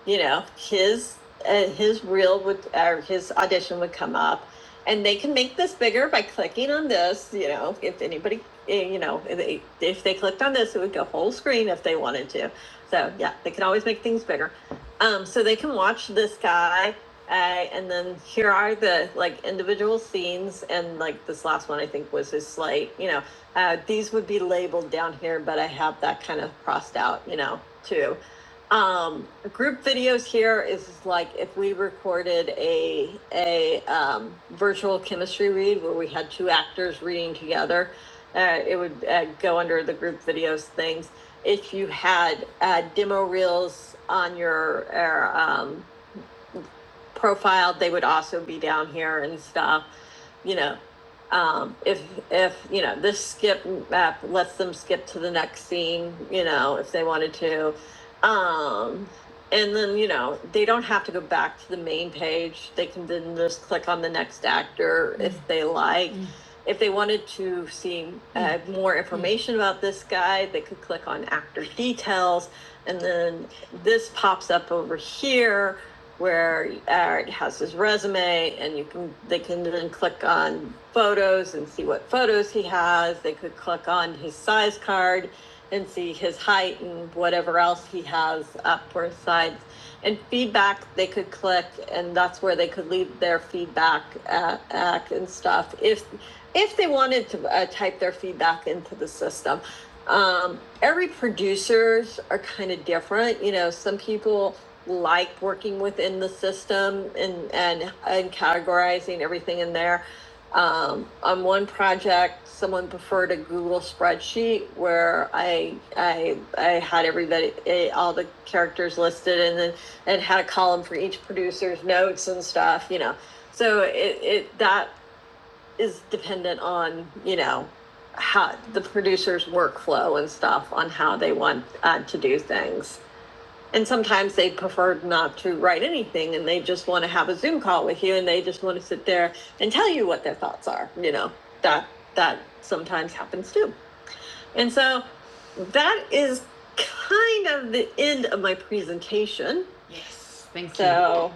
Speaker 1: you know his uh, his reel would or his audition would come up and they can make this bigger by clicking on this you know if anybody eh, you know if they, if they clicked on this it would go whole screen if they wanted to so yeah they can always make things bigger um, so they can watch this guy uh, and then here are the like individual scenes and like this last one i think was his slate you know uh, these would be labeled down here but i have that kind of crossed out you know too um group videos here is like if we recorded a a um, virtual chemistry read where we had two actors reading together uh, it would uh, go under the group videos things if you had uh, demo reels on your or, um, profiled, they would also be down here and stuff. You know, um, if if you know this skip map lets them skip to the next scene, you know, if they wanted to, um, and then you know they don't have to go back to the main page. They can then just click on the next actor if they like. Mm. If they wanted to see uh, more information about this guy, they could click on actor details, and then this pops up over here where uh, it has his resume and you can they can then click on photos and see what photos he has they could click on his size card and see his height and whatever else he has up for sides and feedback they could click and that's where they could leave their feedback uh, uh, and stuff if if they wanted to uh, type their feedback into the system um, every producers are kind of different you know some people like working within the system and and and categorizing everything in there. Um, on one project, someone preferred a Google spreadsheet where I I I had everybody eh, all the characters listed and then and had a column for each producer's notes and stuff. You know, so it, it that is dependent on you know how the producer's workflow and stuff on how they want uh, to do things. And sometimes they prefer not to write anything and they just want to have a Zoom call with you and they just want to sit there and tell you what their thoughts are. You know, that that sometimes happens too. And so that is kind of the end of my presentation. Yes, thank So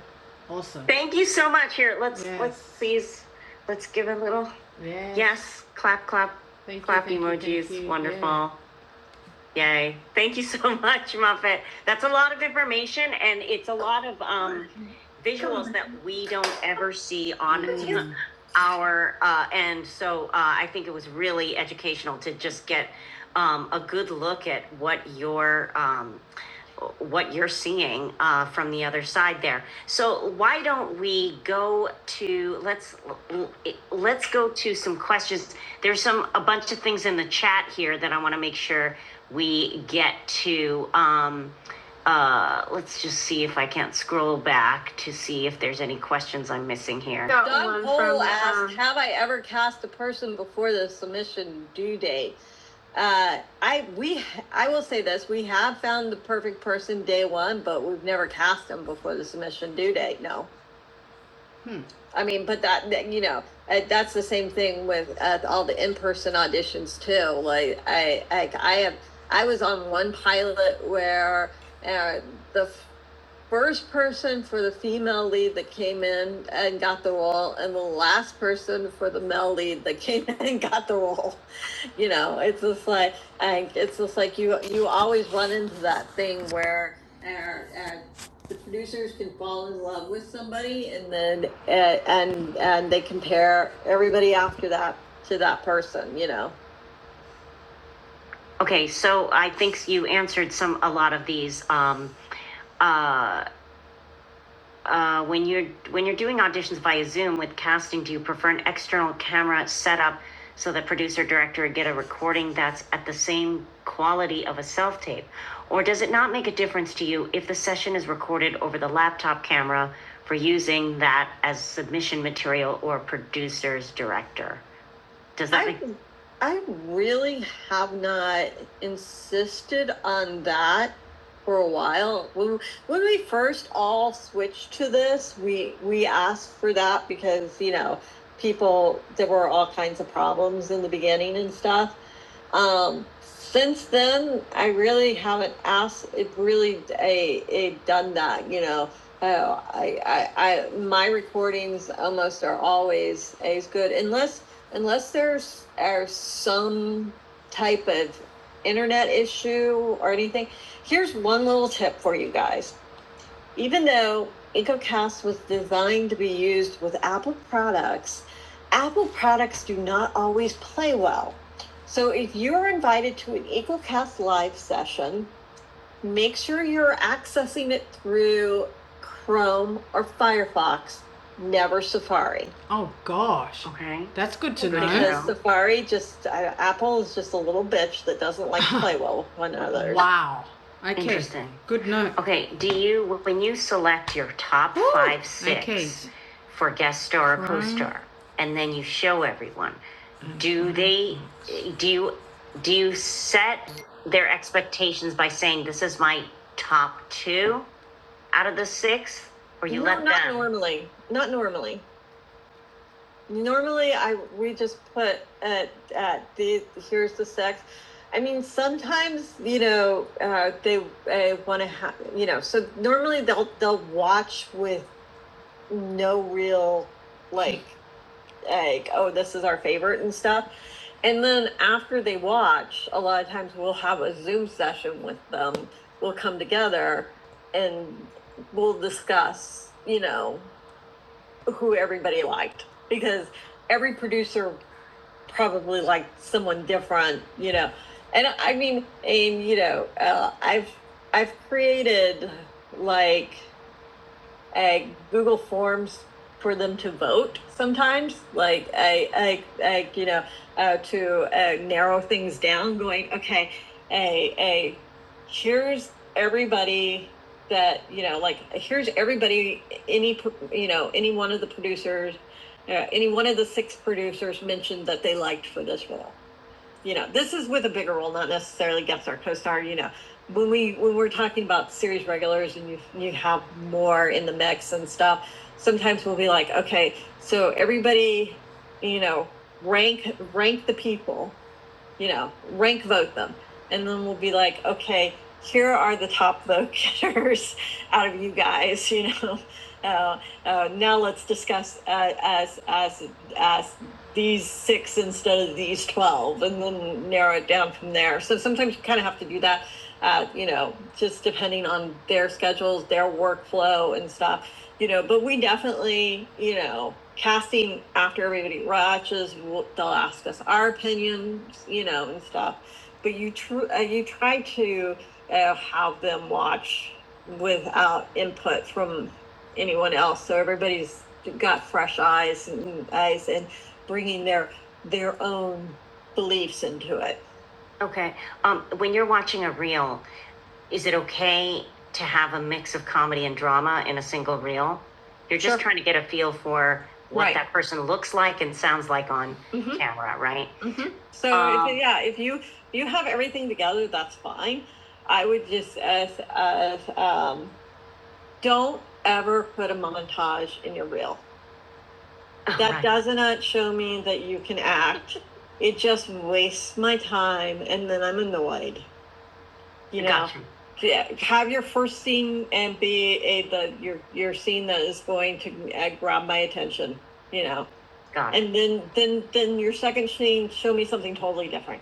Speaker 1: you. Awesome. Thank you so much. Here, let's yes. let's Yes. please let's give a little Yes. yes, clap, clap, Thank clap you, emojis. you. Wonderful. Yeah. Yay. Thank you [laughs] so much, Muffet. That's a lot of information and it's a lot of um, visuals that we don't ever see on our uh, end. So uh, I think it was really educational to just get um, a good look at what your um, what you're seeing uh, from the other side there. So why don't we go to let's let's go to some questions. There's some a bunch of things in the chat here that I want to make sure we get to. Um, uh, let's just see if I can't scroll back to see if there's any questions I'm missing here. Got Doug one Cole from, asked, um, "Have I ever cast a person before the submission due date?" Uh, I we I will say this: we have found the perfect person day one, but we've never cast them before the submission due date. No, Hmm. I mean, but that, that you know, uh, that's the same thing with uh, all the in-person auditions too. Like I, I, I have, I was on one pilot where uh, the First person for the female lead that came in and got the role, and the last person for the male lead that came [laughs] in and got the role. You know, it's just like, and it's just like you you always run into that thing where uh, uh, the producers can fall in love with somebody, and then uh, and and they compare everybody after that to that person. You know. Okay, so I think you answered some a lot of these. Um, uh, uh, when you're when you're doing auditions via Zoom with casting, do you prefer an external camera setup so the producer director get a recording that's at the same quality of a self tape, or does it not make a difference to you if the session is recorded over the laptop camera for using that as submission material or producer's director? Does that I, make, I really have not insisted on that for a while. When, when we first all switched to this, we, we asked for that because, you know, people, there were all kinds of problems in the beginning and stuff. Um, since then, I really haven't asked, it really, a, a done that, you know. Oh, I, I, I, my recordings almost are always as good unless unless there's are some type of internet issue or anything, here's one little tip for you guys. Even though EcoCast was designed to be used with Apple products, Apple products do not always play well. So if you're invited to an EcoCast live session, make sure you're accessing it through Chrome or Firefox, never Safari. Oh, gosh. Okay. That's good to Okay. know. Because Safari just, I- Apple is just a little bitch that doesn't like to play well with one another. [laughs] Wow. Okay. Interesting. Good note. Okay, do you, when you select your top Ooh, five, six okay. for guest star or Right. co-star, and then you show everyone, do they, do you, do you set their expectations by saying, this is my top two out of the six? Or you no, let them? not normally. Not normally. Normally, I we just put at at the here's the sex. I mean, sometimes you know uh, they uh, want to have you know. So normally they'll they'll watch with no real like like, oh, this is our favorite and stuff. And then after they watch, a lot of times we'll have a Zoom session with them. We'll come together and we'll discuss, you know, who everybody liked because every producer probably liked someone different, you know. And I mean, and you know, uh, I've I've created like uh, Google Forms for them to vote sometimes. Like I, I, I you know, uh, to uh, narrow things down. Going okay, a a here's everybody that you know like here's everybody any you know any one of the producers uh, any one of the six producers mentioned that they liked for this role you know, this is with a bigger role, not necessarily guest star, co-star. You know, when we when we're talking about series regulars and you you have more in the mix and stuff, sometimes we'll be like, okay, so everybody, you know, rank rank the people you know, rank vote them. And then we'll be like, okay, here are the top [laughs] vote getters out of you guys, you know. [laughs] Uh, uh, now let's discuss uh, as as as these six instead of these 12 and then narrow it down from there so sometimes you kind of have to do that uh, you know just depending on their schedules their workflow and stuff you know, but we definitely, you know, casting after everybody watches, we'll, they'll ask us our opinions, you know, and stuff. But you tr- uh, you try to uh, have them watch without input from anyone else, so everybody's got fresh eyes and eyes and bringing their their own beliefs into it. Okay. Um, when you're watching a reel, is it okay to have a mix of comedy and drama in a single reel? You're just Sure. trying to get a feel for what Right. that person looks like and sounds like on Mhm, camera, right? mhm. So Um, if, yeah, if you you have everything together, that's fine. I would just as as um, don't ever put a montage in your reel. Oh, That Right. does not show me that you can act. [laughs] It just wastes my time, and then I'm annoyed you know yeah, have your first scene and be a the your your scene that is going to uh, grab my attention you know Got it. and then then then your second scene show me something totally different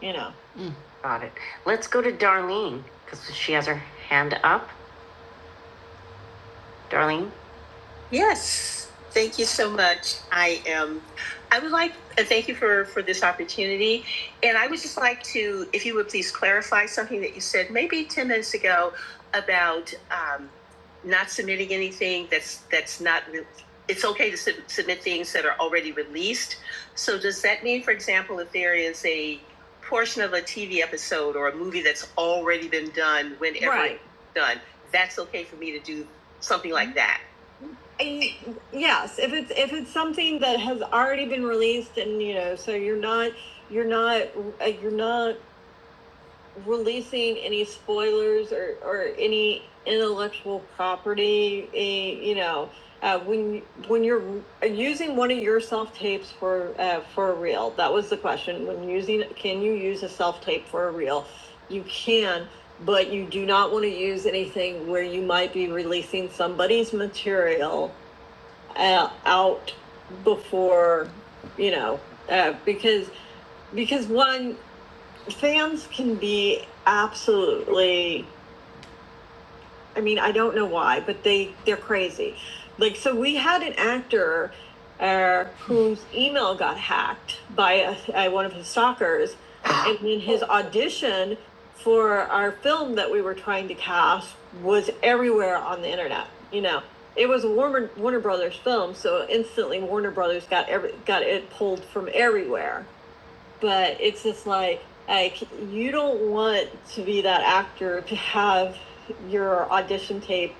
Speaker 1: you know mm. Got it. Let's go to Darlene because she has her hand up. Darlene, so much. I am. I would like to thank you for for this opportunity, and I would just like to, if you would please clarify something that you said maybe ten minutes ago about um, not submitting anything that's that's not. Re- it's okay to sub- submit things that are already released. So does that mean, for example, if there is a portion of a TV episode or a movie that's already been done, whenever Right. it's Right. done, that's okay for me to do something like that? I, yes, if it's if it's something that has already been released, and you know, so you're not you're not uh, you're not releasing any spoilers or or any intellectual property. eh, You know, uh, when when you're using one of your self tapes for uh, for a reel, that was the question. When using, can you use a self tape for a reel? You can. But you do not want to use anything where you might be releasing somebody's material uh, out before you know uh, because because one fans can be absolutely I mean, I don't know why, but they they're crazy. Like, so we had an actor uh, whose email got hacked by a, uh, one of his stalkers, and then his audition for our film that we were trying to cast was everywhere on the internet. You know, it was a Warner Warner Brothers film, so instantly Warner Brothers got every got it pulled from everywhere but it's just like like you don't want to be that actor to have your audition tape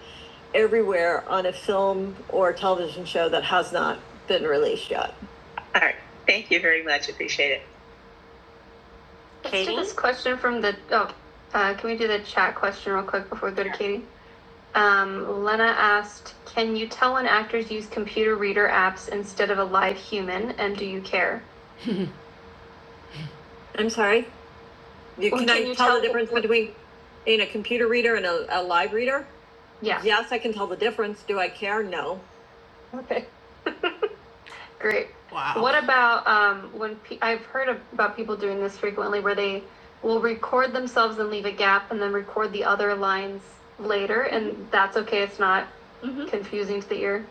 Speaker 1: everywhere on a film or television show that has not been released yet. Let's Katie? do this question from the. Oh, uh, can we do the chat question real quick before we go to Katie? Um, Lena asked, "Can you tell when actors use computer reader apps instead of a live human, and do you care?" [laughs] I'm sorry. You, Well, can, can I you tell tell the difference what- between in a computer reader and a, a live reader? Yeah. Yes, I can tell the difference. Do I care? No. Okay. Great. Wow. What about um, when pe- I've heard of, about people doing this frequently, where they will record themselves and leave a gap, and then record the other lines later, and that's okay. It's not Mhm. confusing to the ear.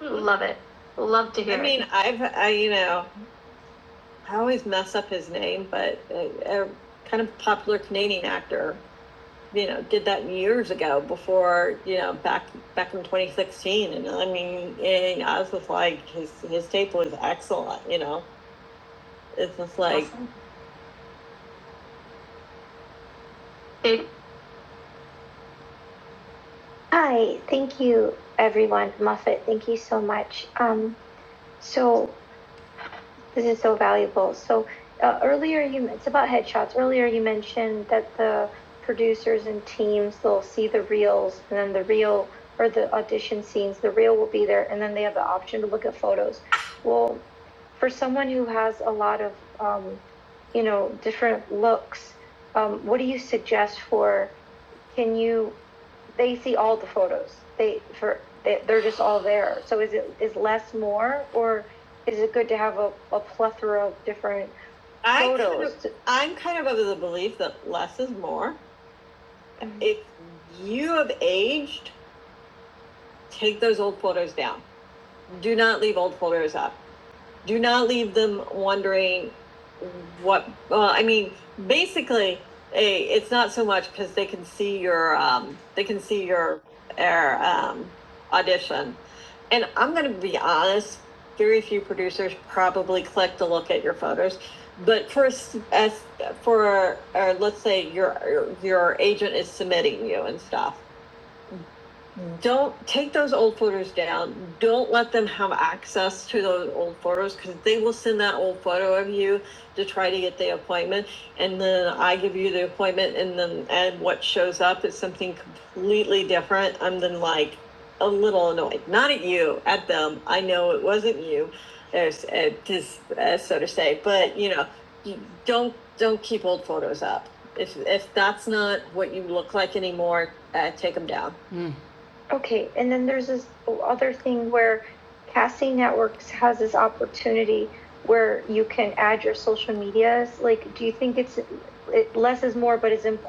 Speaker 1: Mm-hmm. Love it. Love to hear. I mean, it. I've, I, you know, I always mess up his name, but a, a kind of popular Canadian actor you know, did that years ago before, you know, back back in 2016. And I mean, and I was just like, his his tape was excellent. You know, it's just like awesome. It- Hi, thank you everyone much. Um, so this is so uh, earlier. Earlier you mentioned that the producing teams, those those and scenes have well, first of um, you know looks. Um, can you they they're just all there. So it's more or a plethora of different I kind photos. Kind of- I'm kind of of the belief that less is more. Mhm. If you have aged, take those old photos down. Do not leave old photos up. do not leave them wondering what well i mean basically eh, it's not so much because they can see your um, they can see your air um, audition and i'm going to be honest very few producers probably click to look at your photos but first as for or let's say your your agent is submitting you and stuff don't take those old photos down. Don't let them have access to those old photos because they will send that old photo of you to try to get the appointment. And then I give you the appointment, and then and what shows up is something completely different. I'm then like a little annoyed, not at you, at them. I know it wasn't you, as, uh, just, uh, so to say, but you know, you don't don't keep old photos up. If if that's not what you look like anymore, uh, take them down. Mm where CastWorks has this opportunity where you can, like, do you, it's, it less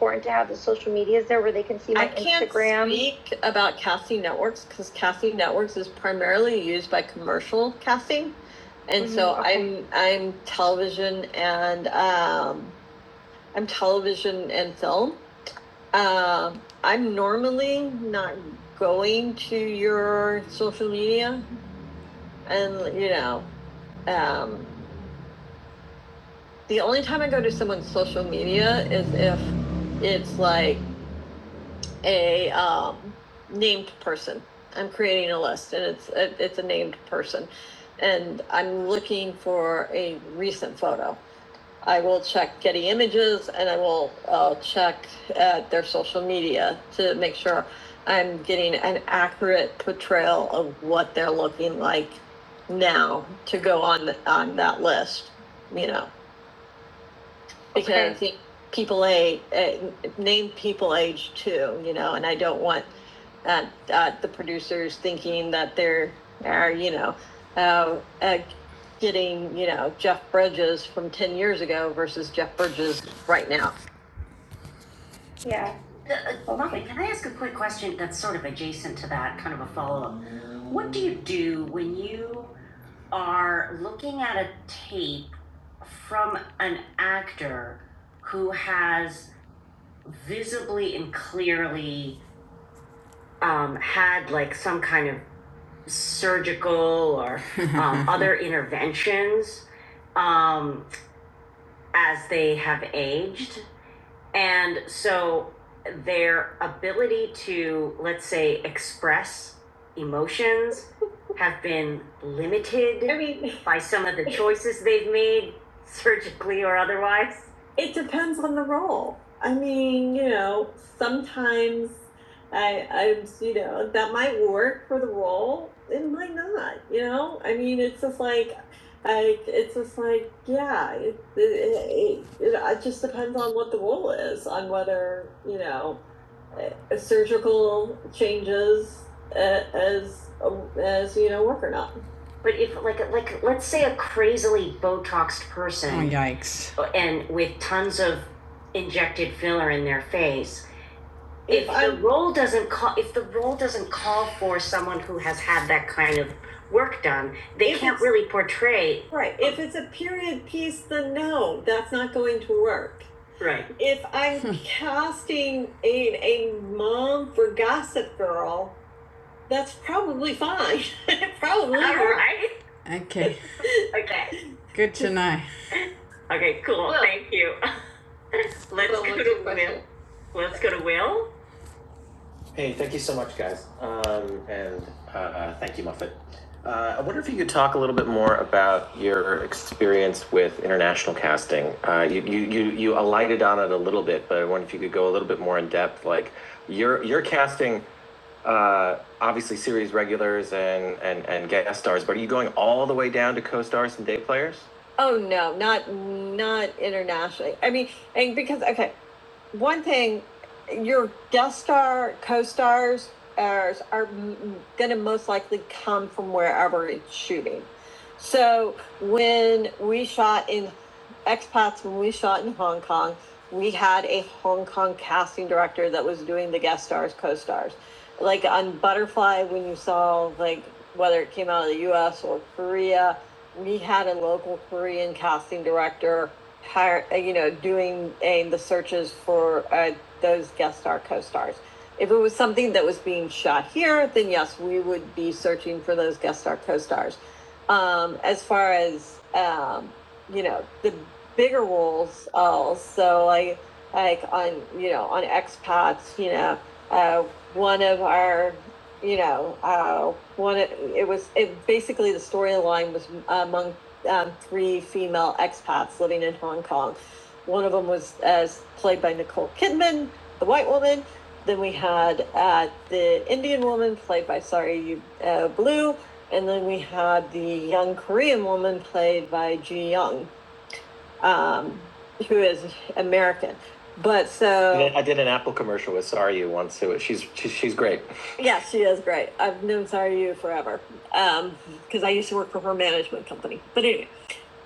Speaker 1: important and see my Instagram? I can't Instagram. speak about casting networks because casting networks is primarily used by commercial casting, and mm-hmm, so Mhm, okay. I'm I'm television and um, I'm television and film. Um I'm normally not going to your social media, and you know, um, The only time I go to someone's social media is if it's like a um, named person. I'm creating a list, and it's it, it's a named person, and I'm looking for a recent photo. I will check Getty Images, and I will uh, check at their social media to make sure I'm getting an accurate portrayal of what they're looking like now to go on on that list. You know because Okay. people age, uh, name people age too you know and i don't want uh, uh, the producers thinking that they're are you know uh, uh, getting you know jeff bridges from 10 years ago versus jeff bridges right now Uh, Molly, can I ask a quick question that's sort of adjacent to that, kind of a follow up? What do you do when you are looking at a tape from an actor who has visibly and clearly um, had like some kind of surgical or um, [laughs] other interventions um, as they have aged. And so their ability to, let's say, express emotions have been I limited I mean, [laughs] by some of the choices they've made, surgically or otherwise. it depends on the role. I mean, you know, sometimes I, I, you know, that might work for the role. It might not. You know, I mean, it's just like I, it's just like, yeah, it, it, it, it, it just depends on what the role is, on whether, you know, uh, surgical changes uh, as, as, you know, work or not. But if like like let's say a crazily botoxed person Oh, yikes. and with tons of injected filler in their face if the role doesn't call if the role doesn't call for someone who has had that kind of work done, they can't really portray Right. If it's a period piece, then no, that's not going to work. right. If I'm [laughs] casting a, a mom for Gossip Girl, that's probably fine. [laughs] probably All right. Okay, [laughs] Okay. good to know. Okay, cool. Will. Thank you. [laughs] Let's Well, go to Will. Let's go to Will. Hey, thank you so much, guys. Um, and uh, uh, thank you, Muffet. Uh, I wonder if you could talk a little bit more about your experience with international casting. Uh, you, you, you, you alighted on it a little bit, but I wonder if you could go a little bit more in depth. Like, you're, you're casting uh, obviously series regulars and, and, and guest stars, but are you going all the way down to co stars and day players? Oh no, not not internationally. I mean, and because okay, one thing, your guest star co-stars are, are going to most likely come from wherever it's shooting. So when we shot in expats, when we shot in Hong Kong, we had a Hong Kong casting director that was doing the guest stars, co-stars. Like on Butterfly, when you saw like whether it came out of the U.S. or Korea, we had a local Korean casting director hire, uh, you know, doing uh, the searches for uh, those guest star co-stars. If it was something that was being shot here, then yes, we would be searching for those guest star co-stars. Um, as far as um, you know, the bigger roles, also like like on you know on expats, you know, uh, one of our you know, uh, one, it, it was, it basically the storyline was among um, three female expats living in Hong Kong. One of them was as played by Nicole Kidman, the white woman. Then we had uh, the Indian woman played by Sorry uh, Blue, and then we had the young Korean woman played by Ji Young um, who is American. But so, I did an Apple commercial with Sorry once. It was, she's she's great. yeah, she is great. I've known Sorry forever because um, I used to work for her management company. But anyway,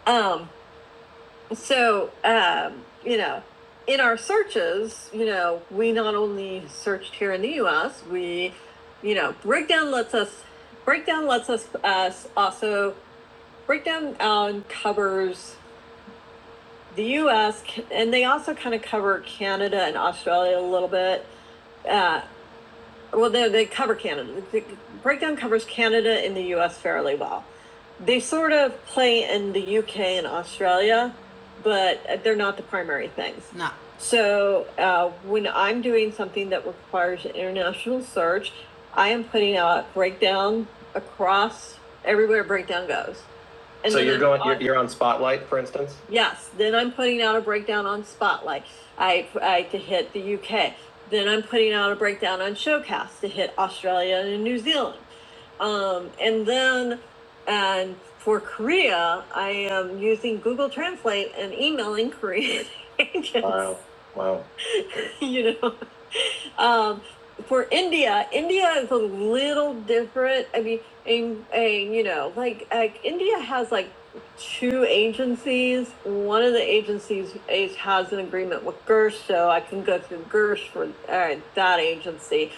Speaker 1: um, so, um, you know, in our searches, you know, we not only searched here in the US, we, you know, breakdown lets us, breakdown lets us, us uh, also, breakdown um, covers the U.S. and they also kind of cover Canada and Australia a little bit. Uh, well, they they cover Canada. The breakdown covers Canada and the U.S. fairly well. They sort of play in the U.K. and Australia, but they're not the primary things. No. So uh, when I'm doing something that requires international search, I am putting out breakdown across everywhere breakdown goes. And So you're going, you're, you're on Spotlight, for instance? Yes, then I'm putting out a breakdown on Spotlight. I, I to hit the UK. Then I'm putting out a breakdown on Showcast to hit Australia and New Zealand. Um, and then, and for Korea, I am using Google Translate and emailing Korean [laughs] agents. Wow, wow. [laughs] You know, um, for India, India is a little different. I mean, and, and, you know, like, like India has like two agencies. One of the agencies is, has an agreement with Gersh, so I can go through Gersh for uh, that agency.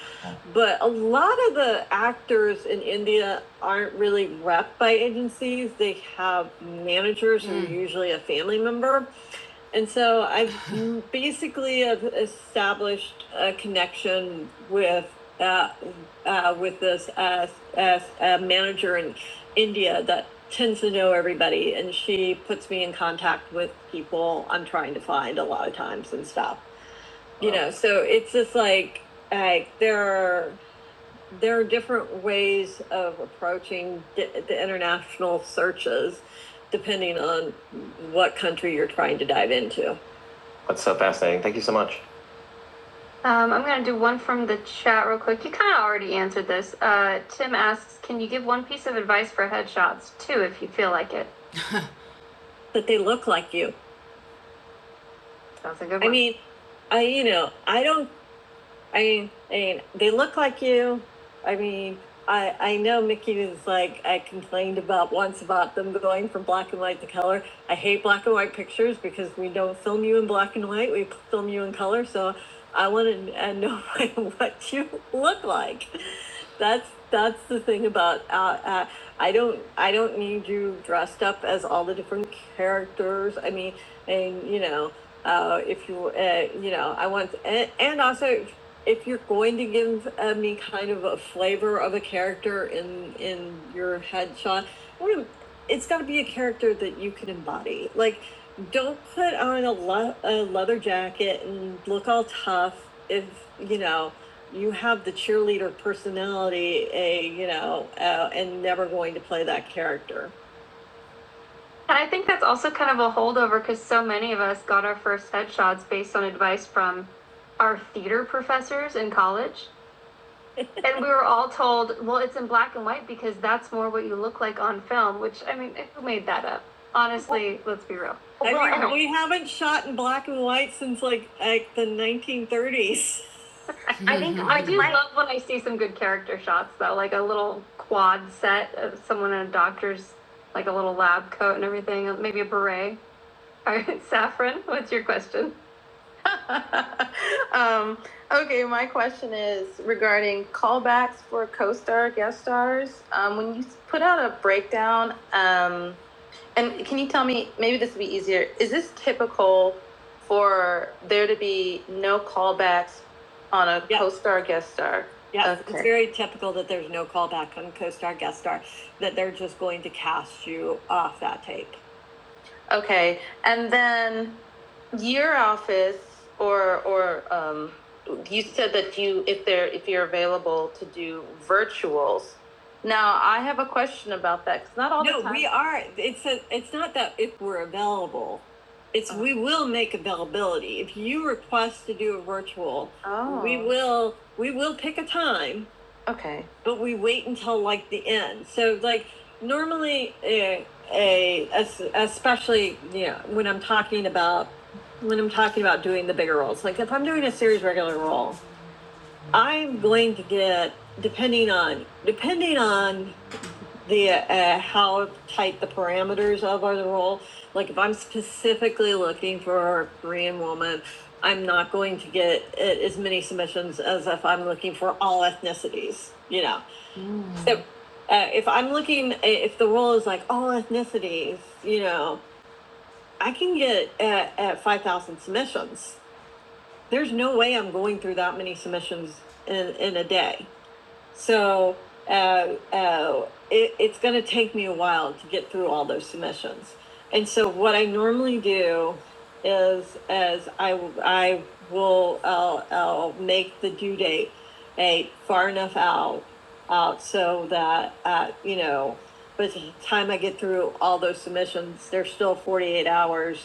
Speaker 1: But a lot of the actors in India aren't really rep by agencies. They have managers mm. who are usually a family member. And so I've [laughs] basically established a connection with uh, uh, with this uh, uh, uh, manager in India that tends to know everybody, and she puts me in contact with people I'm trying to find a lot of times and stuff. You know, so it's just like like there are there are different ways of approaching di- the international searches depending on what country you're trying to dive into. That's so fascinating. Thank you so much. Um, I'm going to do one from the chat real quick. You kind of already answered this. Uh, Tim asks, can you give one piece of advice for headshots? Two, if you feel like it. [laughs] That they look like you. Sounds like a good one. I mean, I you know, I don't I mean, I mean, they look like you. I mean, I I know Mickey was like I complained about once about them going from black and white to color. I hate black and white pictures because we don't film you in black and white. We film you in color. So I want to uh, know [laughs] what you look like. That's that's the thing about uh, uh, I don't I don't need you dressed up as all the different characters. I mean, and you know, uh, if you uh, you know i want and, and also if you're going to give uh, me kind of a flavor of a character in in your headshot, it's got to be a character that you can embody. Like, don't put on a, le- a leather jacket and look all tough if you know you have the cheerleader personality. A you know, uh, and never going to play that character. And I think that's also kind of a holdover because so many of us got our first headshots based on advice from our theater professors in college. And we were all told, well, it's in black and white because that's more what you look like on film, which, I mean, who made that up? Honestly, let's be real. I Well, mean, anyway. we haven't shot in black and white since like like the 1930s. [laughs] I think I do love when I see some good character shots though, like a little quad set of someone in a doctor's, like a little lab coat and everything, maybe a beret. [laughs] All right, Saffron, what's your question? [laughs] Um, okay, my question is regarding callbacks for co-stars. Um, put um, and can you tell me? Maybe this would be easier. Is this typical for there to be no callbacks on a Yes. co-star guest star? Yes, okay. it's Okay. very typical that there's no callback on co-star, guest star, that they're just going to cast you off that tape. Okay, and It's not all no, the time. No, we are, it's a, it's not that if we're available, it's oh. we will make availability. If you request to do a virtual, oh. we will we will pick a time Okay. but we wait until like the end so like normally a, a especially you know when i'm talking about when i'm talking about doing the bigger roles like if i'm doing a series regular role i'm going to get depending on depending on the uh, how tight the parameters of our role. Like if I'm specifically looking for a Korean woman, I'm not going to get uh, as many submissions as if I'm looking for all ethnicities. You know, Mm-hmm. so uh, if I'm looking, uh, if the role is like all ethnicities, you know, I can get at, at five thousand submissions. There's no way I'm going through that many submissions in in a day. So uh, uh, it, it's going to take me a while to get through all those submissions. And so what I normally do is, as I w- I will I'll, I'll make the due date a far enough out out so that uh, you know by the time I get through all those submissions, there's still 48 hours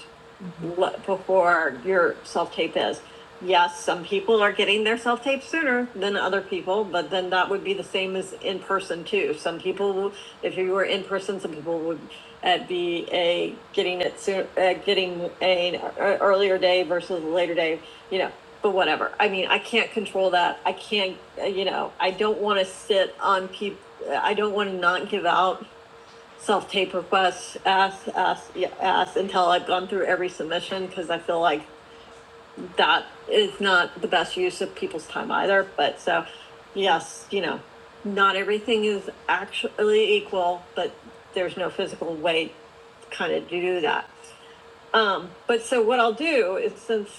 Speaker 1: le- before your self-tape is. Yes, some people are getting their self-tape sooner than other people, but then that would be the same as in person too. Some people, if you were in person, some people would uh, be a getting it soon, uh, getting a, a earlier day versus a later day. You know, but whatever. I mean, I can't control that. I can't, uh, you know, I don't want to sit on people. I don't want to not give out self-tape requests, ask, ask, yeah, ask until I've gone through every submission because I feel like that is not the best use of people's time either. But so, yes, you know, not everything is actually equal, but there's no physical way kind of to do that. Um, but so what I'll do is since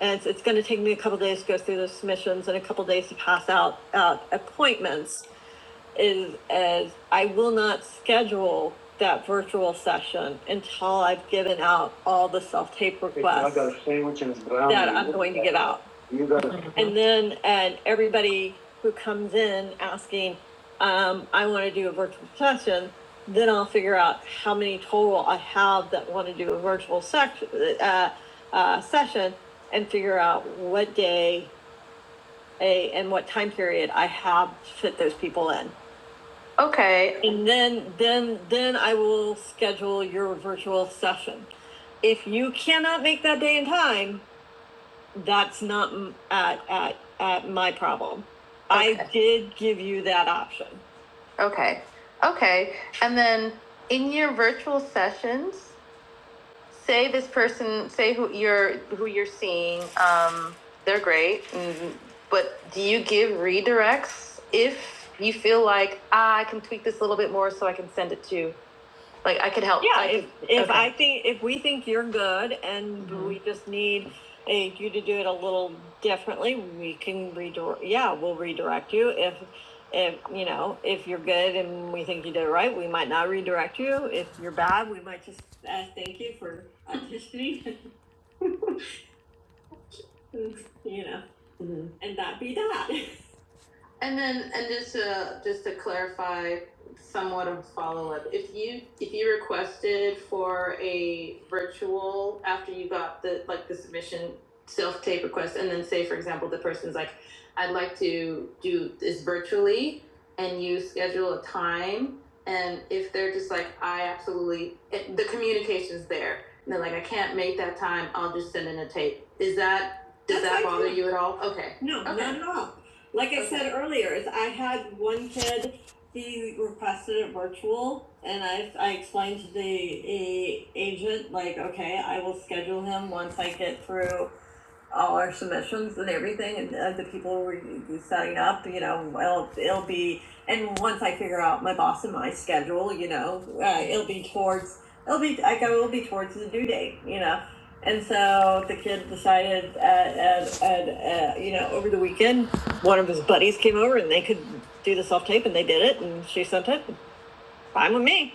Speaker 1: and it's, it's going to take me a couple days to go through the submissions and a couple days to pass out uh, appointments is as I will not schedule that virtual session until I've given out all the self-tape requests that I'm going to get out. You got it. And then, and everybody who comes in asking, um, I want to do a virtual session, then I'll figure out how many total I have that want to do a virtual sec- uh, uh, session and figure out what day a, and what time period I have to fit those people in. Okay. And then, then, then I will schedule your virtual session. If you cannot make that day in time, that's not at, at, at my problem. Okay. I Okay. did give you that option. Um, Tweet more so I can send it to I could help. Yeah, I if could. if if Okay. I think if we think you're good and hmm we just need eh, you to do it a little differently, we can redirect. Yeah, we'll redirect you if if you know if you're good and we think you did it right, we might not redirect you. If you're bad, we might just hmm and that be that. And then, and just to, just to clarify, somewhat of a follow-up, if you, if you requested for a virtual after you got the, like, the submission self-tape request, and then say, for example, the person's like, I'd like to do this virtually, and you schedule a time, and if they're just like, I absolutely, it- the communication's there, and they're like, I can't make that time, I'll take that, does That's that bother you at all? Okay. No, Okay. not at all. Like I okay. said earlier, is I had one kid. He requested it virtual, and I, I explained to the a, agent like, okay, I will schedule him once I get through all our submissions and everything, and uh, the people were setting up, you know, well, it'll be, and once I figure out my boss and my schedule, you know, uh, it'll be towards, it'll be, like, I will be towards the due date, you know. And so the kid decided, uh, at, at, uh, you know, over the weekend, one of his buddies came over and they could do the self tape, and they did it, and she sent it. Fine with me.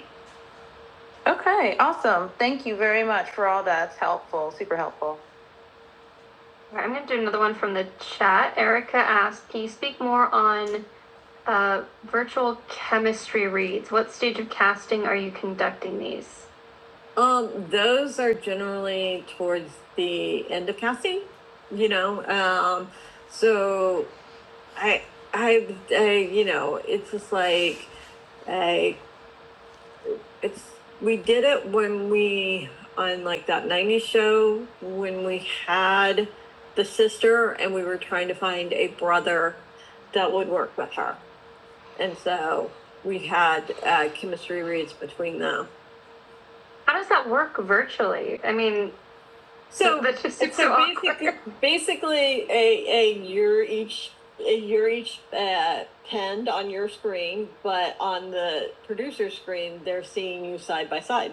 Speaker 1: right, I'm going to do another one from the chat. Erica asked, "Can you speak more on Uh, virtual chemistry reads. What stage of casting are you conducting these? Um, those are generally towards the end of casting, you know. Um, so I, I, I, you know, it's just like, I, it's we did it when we on like that '90s show when we had the sister and we were trying to find a brother that would work with her. And so we had uh, chemistry reads between them. How does that work virtually? I mean, So that's just so so basically, [laughs] basically a, a year each a year each uh, pinned on your screen, but on the producer screen, they're seeing you side by side.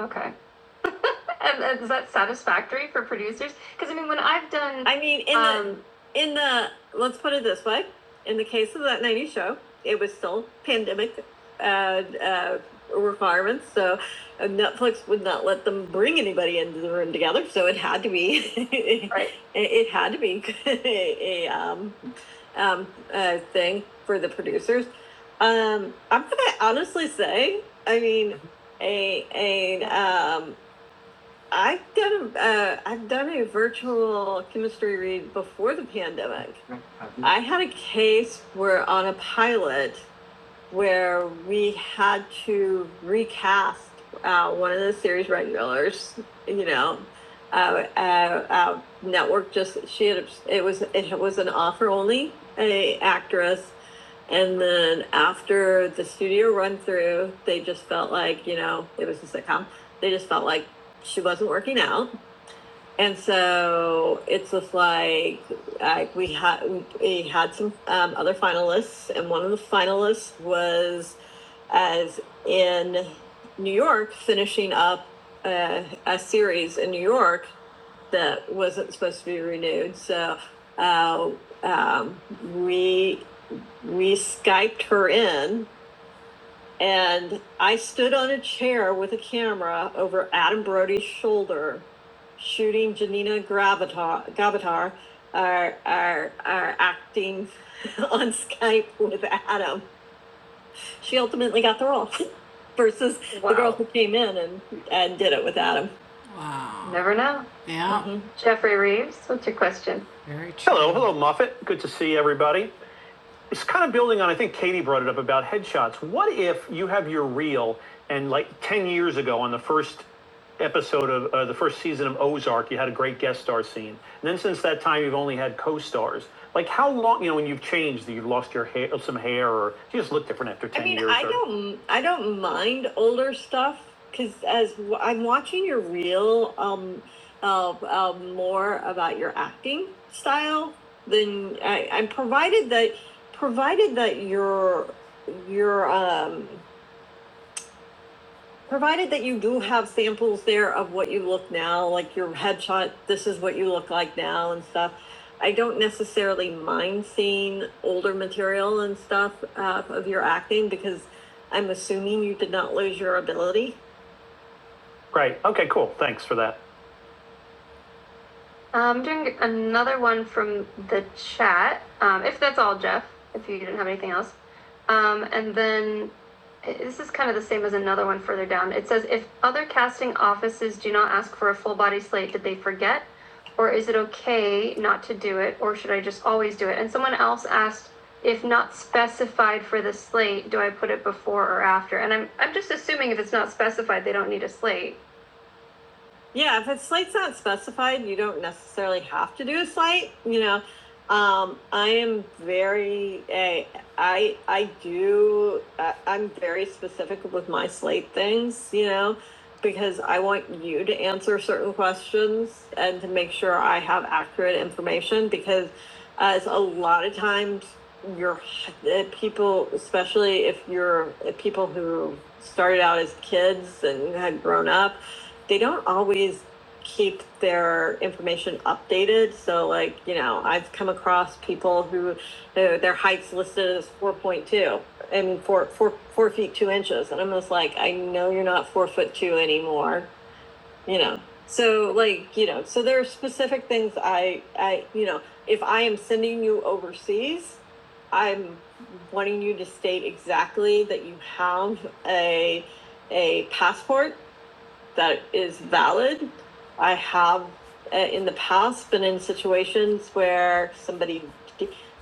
Speaker 1: Okay. [laughs] is that satisfactory for producers? Because I mean, when I've done, I mean, in um, the in the let's put it this way, in the case of that '90s show, it was still pandemic uh, uh, requirements, so uh, Netflix would not let them bring anybody into the room together, so it had to be [laughs] right, it, it had to be [laughs] a, um, um, uh thing for the producers. Um, I'm gonna honestly say, I mean, a a um, I've done a, uh, I've done a virtual chemistry read before the pandemic. I had a case where on a pilot, where we had to recast uh, one of the series regulars. You know, uh, uh, uh, network just she had it was it was an offer only a actress, and then after the studio run through, they just felt like you know it was a sitcom. They just felt like she wasn't working out. And so it's just like like we had we had some um, other finalists, and one of the finalists was as in New York, finishing up uh, a series in New York that wasn't supposed to be renewed. So uh, um, we we skyped her in, and I stood on a chair with a camera over Adam Brody's shoulder, shooting Janina Gravatar, Gravatar our, our, our acting [laughs] on Skype with Adam she ultimately got the role [laughs] versus Wow. the girl who came in and, and did it with Adam. Wow. Never know. Yeah. Mhm. Jeffrey Reeves, what's your question? Very true. Hello, hello, Moffat. Good to see everybody it's kind of building on i think katie brought it up about headshots what if you have your reel and like 10 years ago on the first episode of uh, the first season of ozark you had a great guest star scene and then since that time you've only had co-stars like how long you know when you've changed you've lost your hair some hair or you just look different after I 10 I mean, years I or don't, I don't mind older stuff because as i I'm watching your reel, um, uh, uh, more about your acting style than I, I'm provided that provided that you're you're um provided that you do have samples there of what you look now like your headshot this is what you look like now and stuff i don't necessarily mind seeing older material and stuff uh, of your acting because i'm assuming you did not lose your ability Right. Okay, cool. Thanks for that. I'm um, doing another one from the chat. Um, if that's all, Jeff, if you didn't have anything else. Um, and then eh, this is kind of the same as another one further down. It says If other casting offices do not ask for a full body slate, did they forget? Or is it okay not to do it? Or should I just always do it? And someone else asked, if not specified for the slate, do I put it before or after? And I'm, I'm just assuming if it's not specified, they don't need a slate. Yeah, if a site's not specified, you don't necessarily have to do a site, you know. Um, I am very, I, I, I do, I, I'm very specific with my slate things, you know, because I want you to answer certain questions and to make sure I have accurate information because as a lot of times your uh, people, especially if you're uh, people who started out as kids and had grown up, they don't always keep their information updated. So, like, you know, I've come across people who their, their height's listed as 4.2 and four, four, four feet two inches. And I'm just like, I know you're not four foot two anymore, you know. So, like, you know, so there are specific things I, I, you know, if I am sending you overseas, I'm wanting you to state exactly that you have a a passport that is valid. I have uh, in the past been in situations where somebody,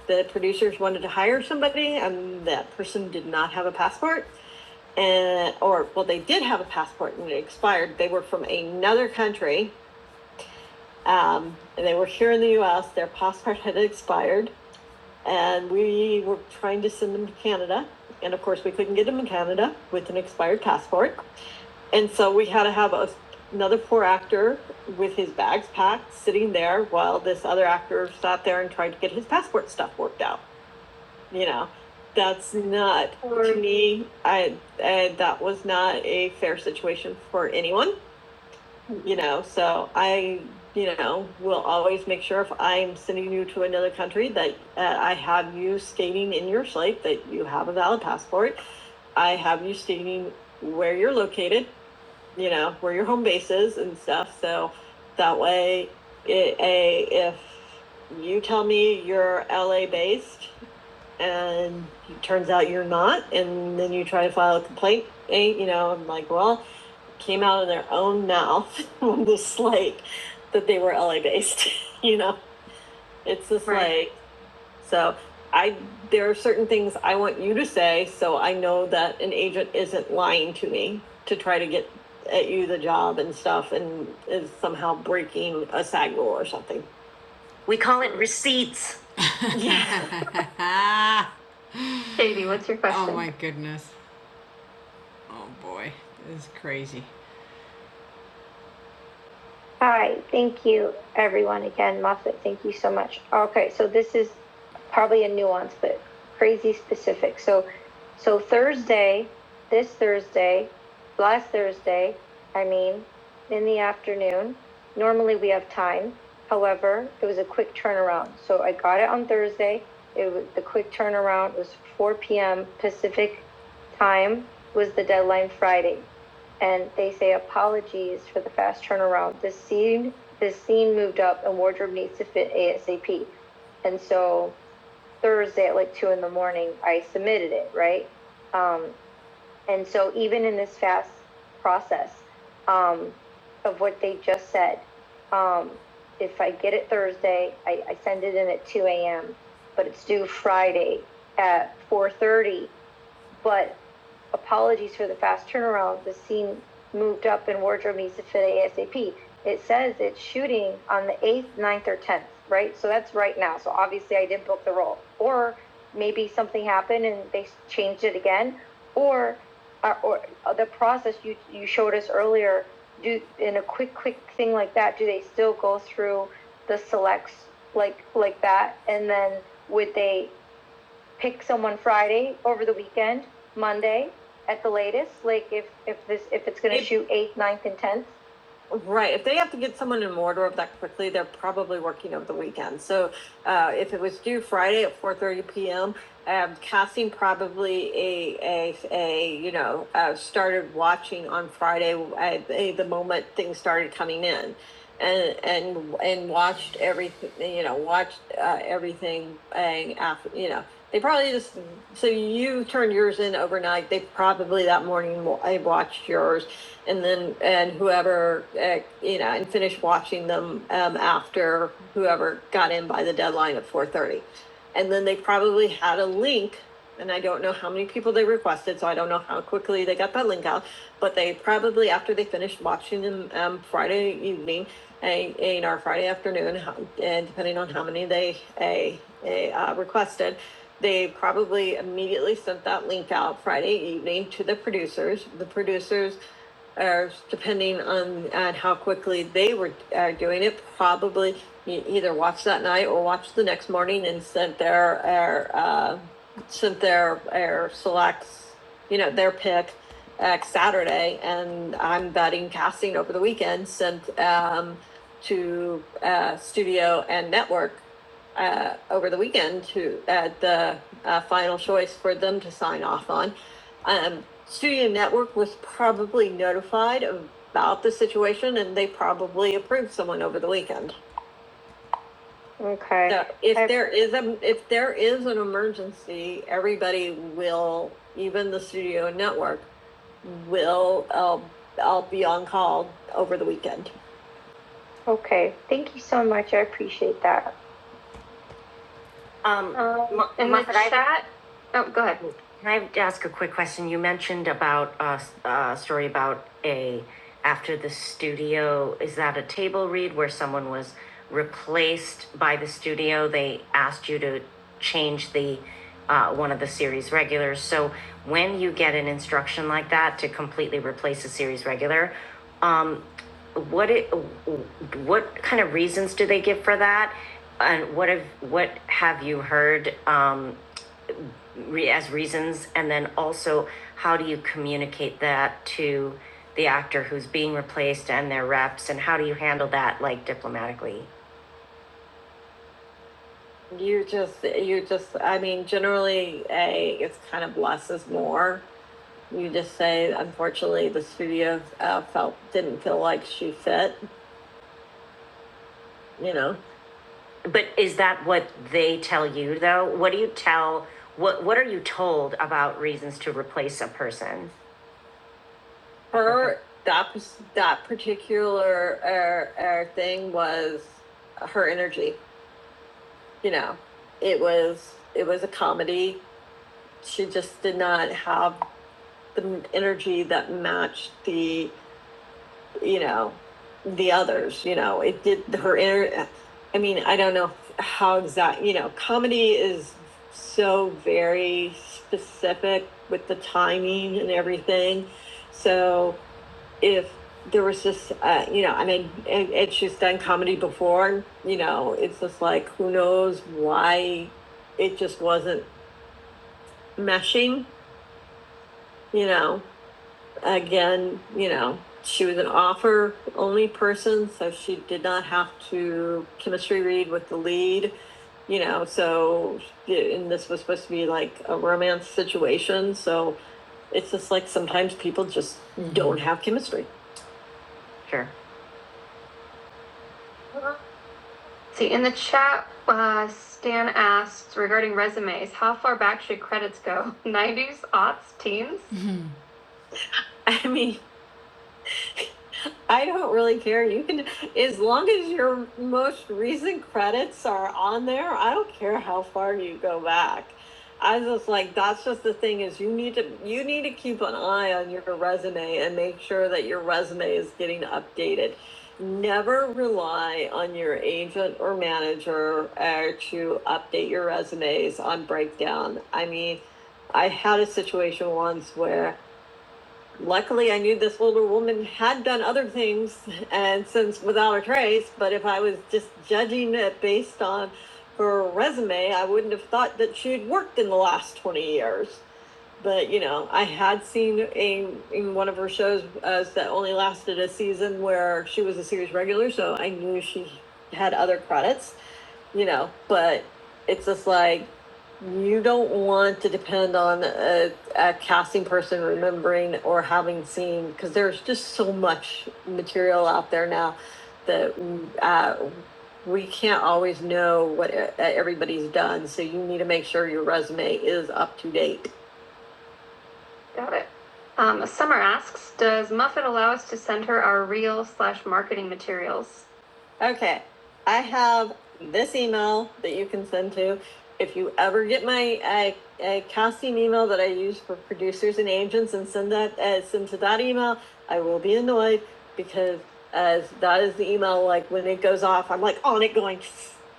Speaker 1: the producers wanted to hire somebody and that person did not have a passport. And, or, well, they did have a passport and it expired. They were from another country. Um, and they were here in the US. Their passport had expired. And we were trying to send them to Canada. And of course, we couldn't get them in Canada with an expired passport. And so we had to have a, another poor actor with his bags packed sitting there while this other actor sat there and tried to get his passport stuff worked out. You know, that's not to me. I, I that was not a fair situation for anyone. You know, so I you know will always make sure if I'm sending you to another country that uh, I have you stating in your slate that you have a valid passport. I have you stating where you're located you know where your home base is and stuff so that way it, a if you tell me you're la based and it turns out you're not and then you try to file a complaint eh, you know i'm like well it came out of their own mouth [laughs] on the slate that they were la based [laughs] you know it's just Right. like so I, there are certain things I want you to say, so I know that an agent isn't lying to me to try to get at you the job and stuff and is somehow breaking a SAG rule or something. We call it receipts. [laughs] Yeah. [laughs] Katie, what's your question? Oh my goodness. Oh boy, this is crazy. All right, thank you, everyone. Again, Moffitt, thank you so much. Okay, so this is probably a nuance, but crazy specific. So, so Thursday, this Thursday, last Thursday, I mean, in the afternoon. Normally we have time. However, it was a quick turnaround. So I got it on Thursday. It was the quick turnaround It was 4 p.m. Pacific time was the deadline Friday and they say apologies for the fast turnaround. This scene, this scene moved up, and wardrobe needs to fit ASAP. And so Thursday at like two in the morning, I submitted it, right? Um, and so even in this fast process um, of what they just said, um, if I get it Thursday, I, I send it in at two a.m., but it's due Friday at four thirty. But apologies for the fast turnaround. The scene moved up and wardrobe needs to fit ASAP. It says it's shooting on the 8th, ninth, or 10th, right? So that's right now. So obviously I didn't book the role. Or maybe something happened and they changed it again. Or uh, you do go through Lex like that. And then would they pick someone Friday over the weekend, Monday at the latest? Like if, if this if it's going to shoot 8th, ninth, and 10th? Right. If they have to get someone in Mordor that quickly, they're probably working over the weekend. So uh, if it was due Friday at 4:30 p.m., um, casting probably a a, a you know uh, started watching on Friday at the the moment things started coming in, and and and watched everything you know watched uh, everything and after you know. They probably just so you turned yours in overnight. They probably that morning wa- watched yours and then and whoever uh, you know and finish watching them um, after whoever got in by the deadline at 4.30 and then they probably had a link and i don't know how many people they requested so i don't know how quickly they got that link out but they probably after they finished watching them um, friday evening a, a, in our friday afternoon and depending on how many they a, a, uh, requested they probably immediately sent that link out friday evening to the producers the producers or depending on, on how quickly they were are doing it, probably e- either watched that night or watched the next morning and sent their, their, uh, sent their, their selects, you know, their pick uh, Saturday, and I'm betting casting over the weekend sent um, to uh, studio and network uh, over the weekend to uh, the uh, final choice for them to sign off on. Um, Studio Network was probably notified about the situation and they probably approved someone over the weekend. Okay. So if I, there is a, if there is an emergency, everybody will, even the Studio Network, will, I'll, I'll be on call over the weekend. okay. Thank you so much. I appreciate that. Um, Um, Ma- in the chat, oh, go ahead. can I ask a quick question? You mentioned about a uh, uh, story about a after the studio. Is that a table read where someone was replaced by the studio? They asked you to change the uh, one of the series regulars. So when you get an instruction like that to completely replace a series regular, um, what it, what kind of reasons do they give for that? And what have, what have you heard um, re- as reasons? And then also, how do you communicate that to the actor who's being replaced and their reps? And how do you handle that, like diplomatically? You just, you just, I mean, generally, a it's kind of less is more. You just say, unfortunately, the studio uh, felt didn't feel like she fit. You know, But is that what they tell you though? What do you tell, what, what are you told about reasons to replace a person? her that that particular uh, uh, thing was her energy you know it was it was a comedy she just did not have the energy that matched the you know, the others, you know, it did her inner, I mean, I don't know how exact, you know, comedy is so very specific with the timing and everything. So if there was just, uh, you know, I mean, and, and she's done comedy before, you know, it's just like, who knows why it just wasn't meshing, you know? again, you know, she was an offer only person, so she did not have to chemistry read with the lead, you know, so, and this was supposed to be like a romance situation. So it's just like sometimes people just mm-hmm. don't have chemistry. Sure. See, in the chat, uh, Stan asks regarding resumes, how far back should credits go? [laughs] 90s, aughts, teens? [laughs] Mm-hmm. I mean, I don't really care. You can, as long as your most recent credits are on there, I don't care how far you go back. I was just like, that's just the thing is you need to you need to keep an eye on your resume and make sure that your resume is getting updated. Never rely on your agent or manager uh, to update your resumes on breakdown. I mean, I had a situation once where Luckily, I knew this older woman had done other things, and since without a trace, but if I was just judging it based on her resume, I wouldn't have thought that she'd worked in the last 20 years but you know, I had seen a in one of her shows uh, that only lasted a season where she was a series regular, so I knew she had other credits, you know. But it's just like you don't want to depend on a, a casting person remembering or having seen because there's just so much material out there now that uh, we can't always know what e- everybody's done. So you need to make sure your resume is up to date Got it. Um, Summer asks, does Muffet allow us to send her our reel slash marketing materials? Okay, I have this email that you can send to. If you ever get my I, I costume email that I use for producers and agents and send that uh, send to that email, I will be annoyed because as that is the email like when it goes off, I'm like on it going,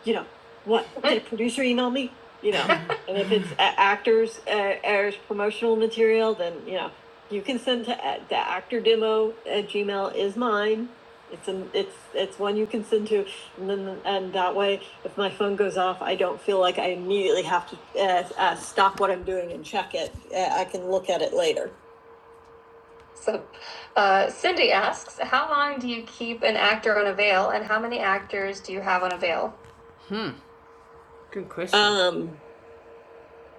Speaker 1: you know, what did a producer email me? You know, [laughs] and if it's uh, actors uh, airs promotional material, then you know you can send to uh, the actor demo at Gmail is mine it's an it's it's one you can send to, and then and that way, if my phone goes off, I don't feel like I immediately have to uh, uh, stop what I'm doing and check it. Uh, I can look at it later. So, uh, Cindy asks, how long do you keep an actor on a veil, and how many actors do you have on a veil? Hmm. Good question. Um,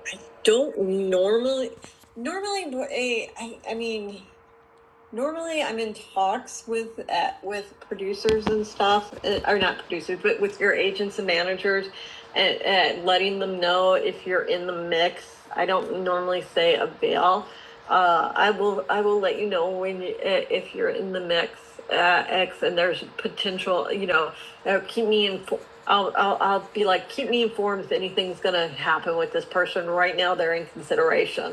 Speaker 1: I don't normally normally eh, I I mean Normally, I'm in talks with uh, with producers and stuff, uh, or not producers, but with your agents and managers, and, and letting them know if you're in the mix. I don't normally say avail. Uh, I will I will let you know when you, uh, if you're in the mix uh, X and there's potential. You know, uh, keep me informed. I'll, I'll, I'll be like, keep me informed if anything's gonna happen with this person. Right now, they're in consideration.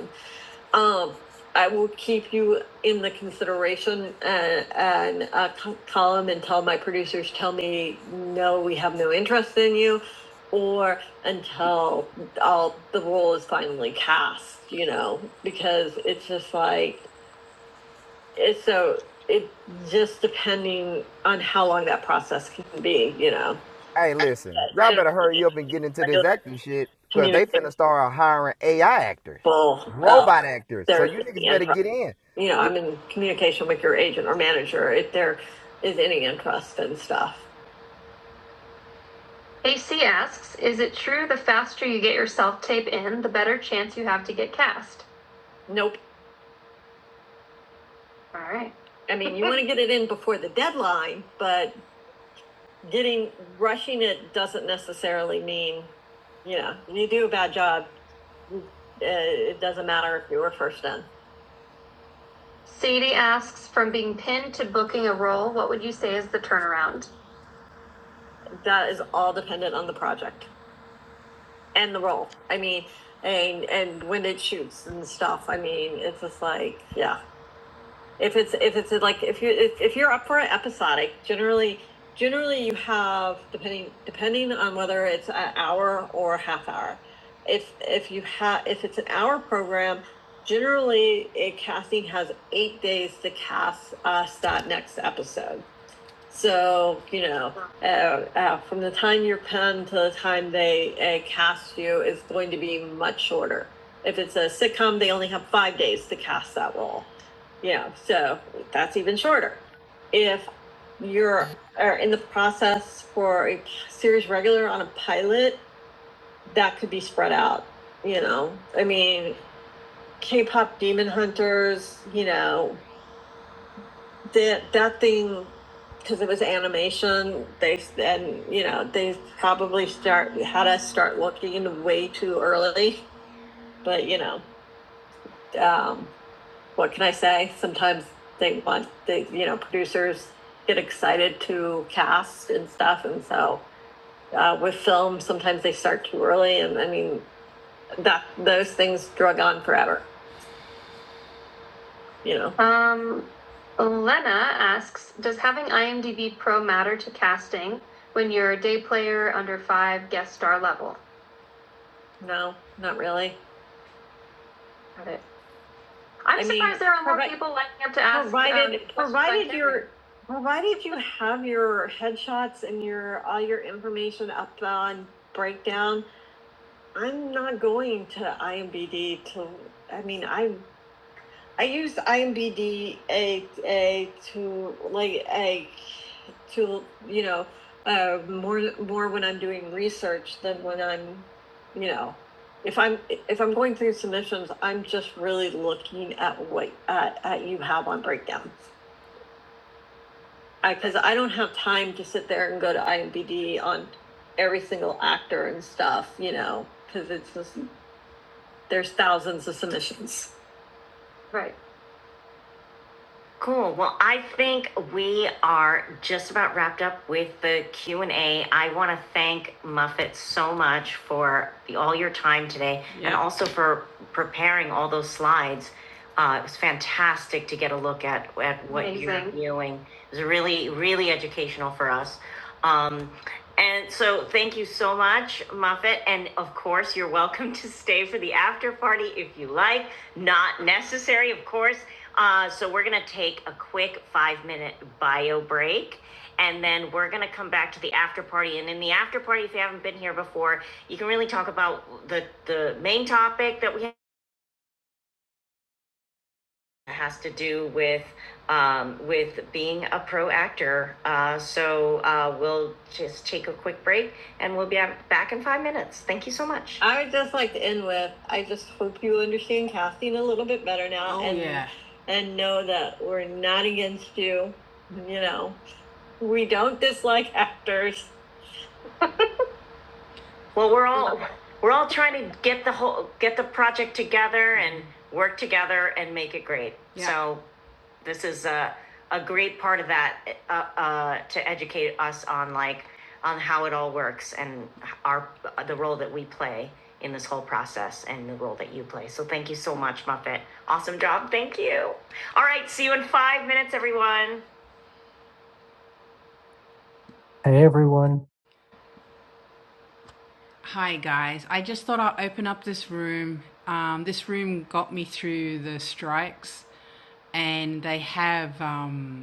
Speaker 1: Um, I will keep you in the consideration and, and uh, co- column until my producers tell me, no, we have no interest in you, or until all the role is finally cast, you know, because it's just like, it's so, it just depending on how long that process can be, you know.
Speaker 2: Hey,
Speaker 1: But
Speaker 2: listen,
Speaker 1: Right.
Speaker 2: y'all
Speaker 1: generally,
Speaker 2: better hurry up
Speaker 1: I'm
Speaker 2: and
Speaker 1: in
Speaker 2: get into this
Speaker 1: regular
Speaker 2: acting shit because they finna start hiring AI actors,
Speaker 1: communicable, uh,
Speaker 2: robot actors. So
Speaker 1: there's
Speaker 2: you niggas better
Speaker 1: interest.
Speaker 2: get in.
Speaker 1: you know, I'm in communication with your agent or manager if there is any interest and stuff. AC asks, is it true the faster you get your self tape in, the better chance you have to get cast? Nope. All right. I mean, you [laughs] want to get it in before the deadline, but getting rushing it doesn't necessarily mean, you know, you do a bad job. uh, It doesn't matter if you were first in. Sadie asks, from being pinned to booking a role, what would you say is the turnaround? that is all dependent on the project and the role. I mean, and and when it shoots and stuff. I mean, it's just like yeah. If it's if it's like if you if, if you're up for an episodic, generally generally you have depending depending on whether it's an hour or a half hour. If if you have if it's an hour program, generally a casting has eight days to cast us that next episode so, you know, uh, uh, from the time you're penned to the time they uh, cast you is going to be much shorter. If it's a sitcom, they only have five days to cast that role. Yeah, so that's even shorter. If you're are in the process for a series regular on a pilot, that could be spread out. You know, I mean, K-pop Demon Hunters, you know, that that thing because it was animation they and you know they probably start had us start looking way too early but you know um, what can i say sometimes they want they you know producers get excited to cast and stuff and so uh, with film sometimes they start too early and i mean that those things drug on forever you know. Um, Lena asks, does having IMDb Pro matter to casting when you're a day player under five guest star level? No, not really. Got it. I I'm mean, surprised mean, there are more provi- people lining up to ask. um, Provided, questions provided like you're, provided you have your headshots and your, all your information up on breakdown, I'm not going to IMDb to, I mean, I I use IMBD a, a to like a to you know uh, more more when I'm doing research than when I'm you know if I'm if I'm going through submissions I'm just really looking at what at, at you have on breakdowns because I, I don't have time to sit there and go to IMDb on every single actor and stuff you know because it's just there's thousands of submissions Right. Cool. Well, I think we are just about wrapped up with the q and A. I want to thank Muffet so much for the, all your time today and Yeah. also for preparing all those slides. Uh, it was fantastic to get a look at, at what you're Amazing. doing. It was really, really educational for us. Um, and so thank you so much, Muffet. And of course, you're welcome to stay for the after party if you like. Not necessary, of course. Uh, so we're going to take a quick five minute bio break. And then we're going to come back to the after party. And in the after party, if you haven't been here before, you can really talk about the, the main topic that we has to do with um, with being a pro actor. Uh, so uh, we'll just take a quick break, and we'll be back in five minutes. Thank you so much. I would just like to end with I just hope you understand casting a little bit better now Oh, and yeah. and know that we're not against you. You know, we don't dislike actors. Well, we're all we're all trying to get the whole get the project together and work together and make it great. Yeah. So this is a, a great part of that uh, uh, to educate us on like on how it all works and our the role that we play in this whole process and the role that you play. So thank you so much, Muffet. Awesome job. Thank you. All right, see you in five minutes, everyone.
Speaker 3: Hey everyone,
Speaker 1: Hi guys, I just thought I'd open up this room. Um, this room got me through the strikes, and they have um,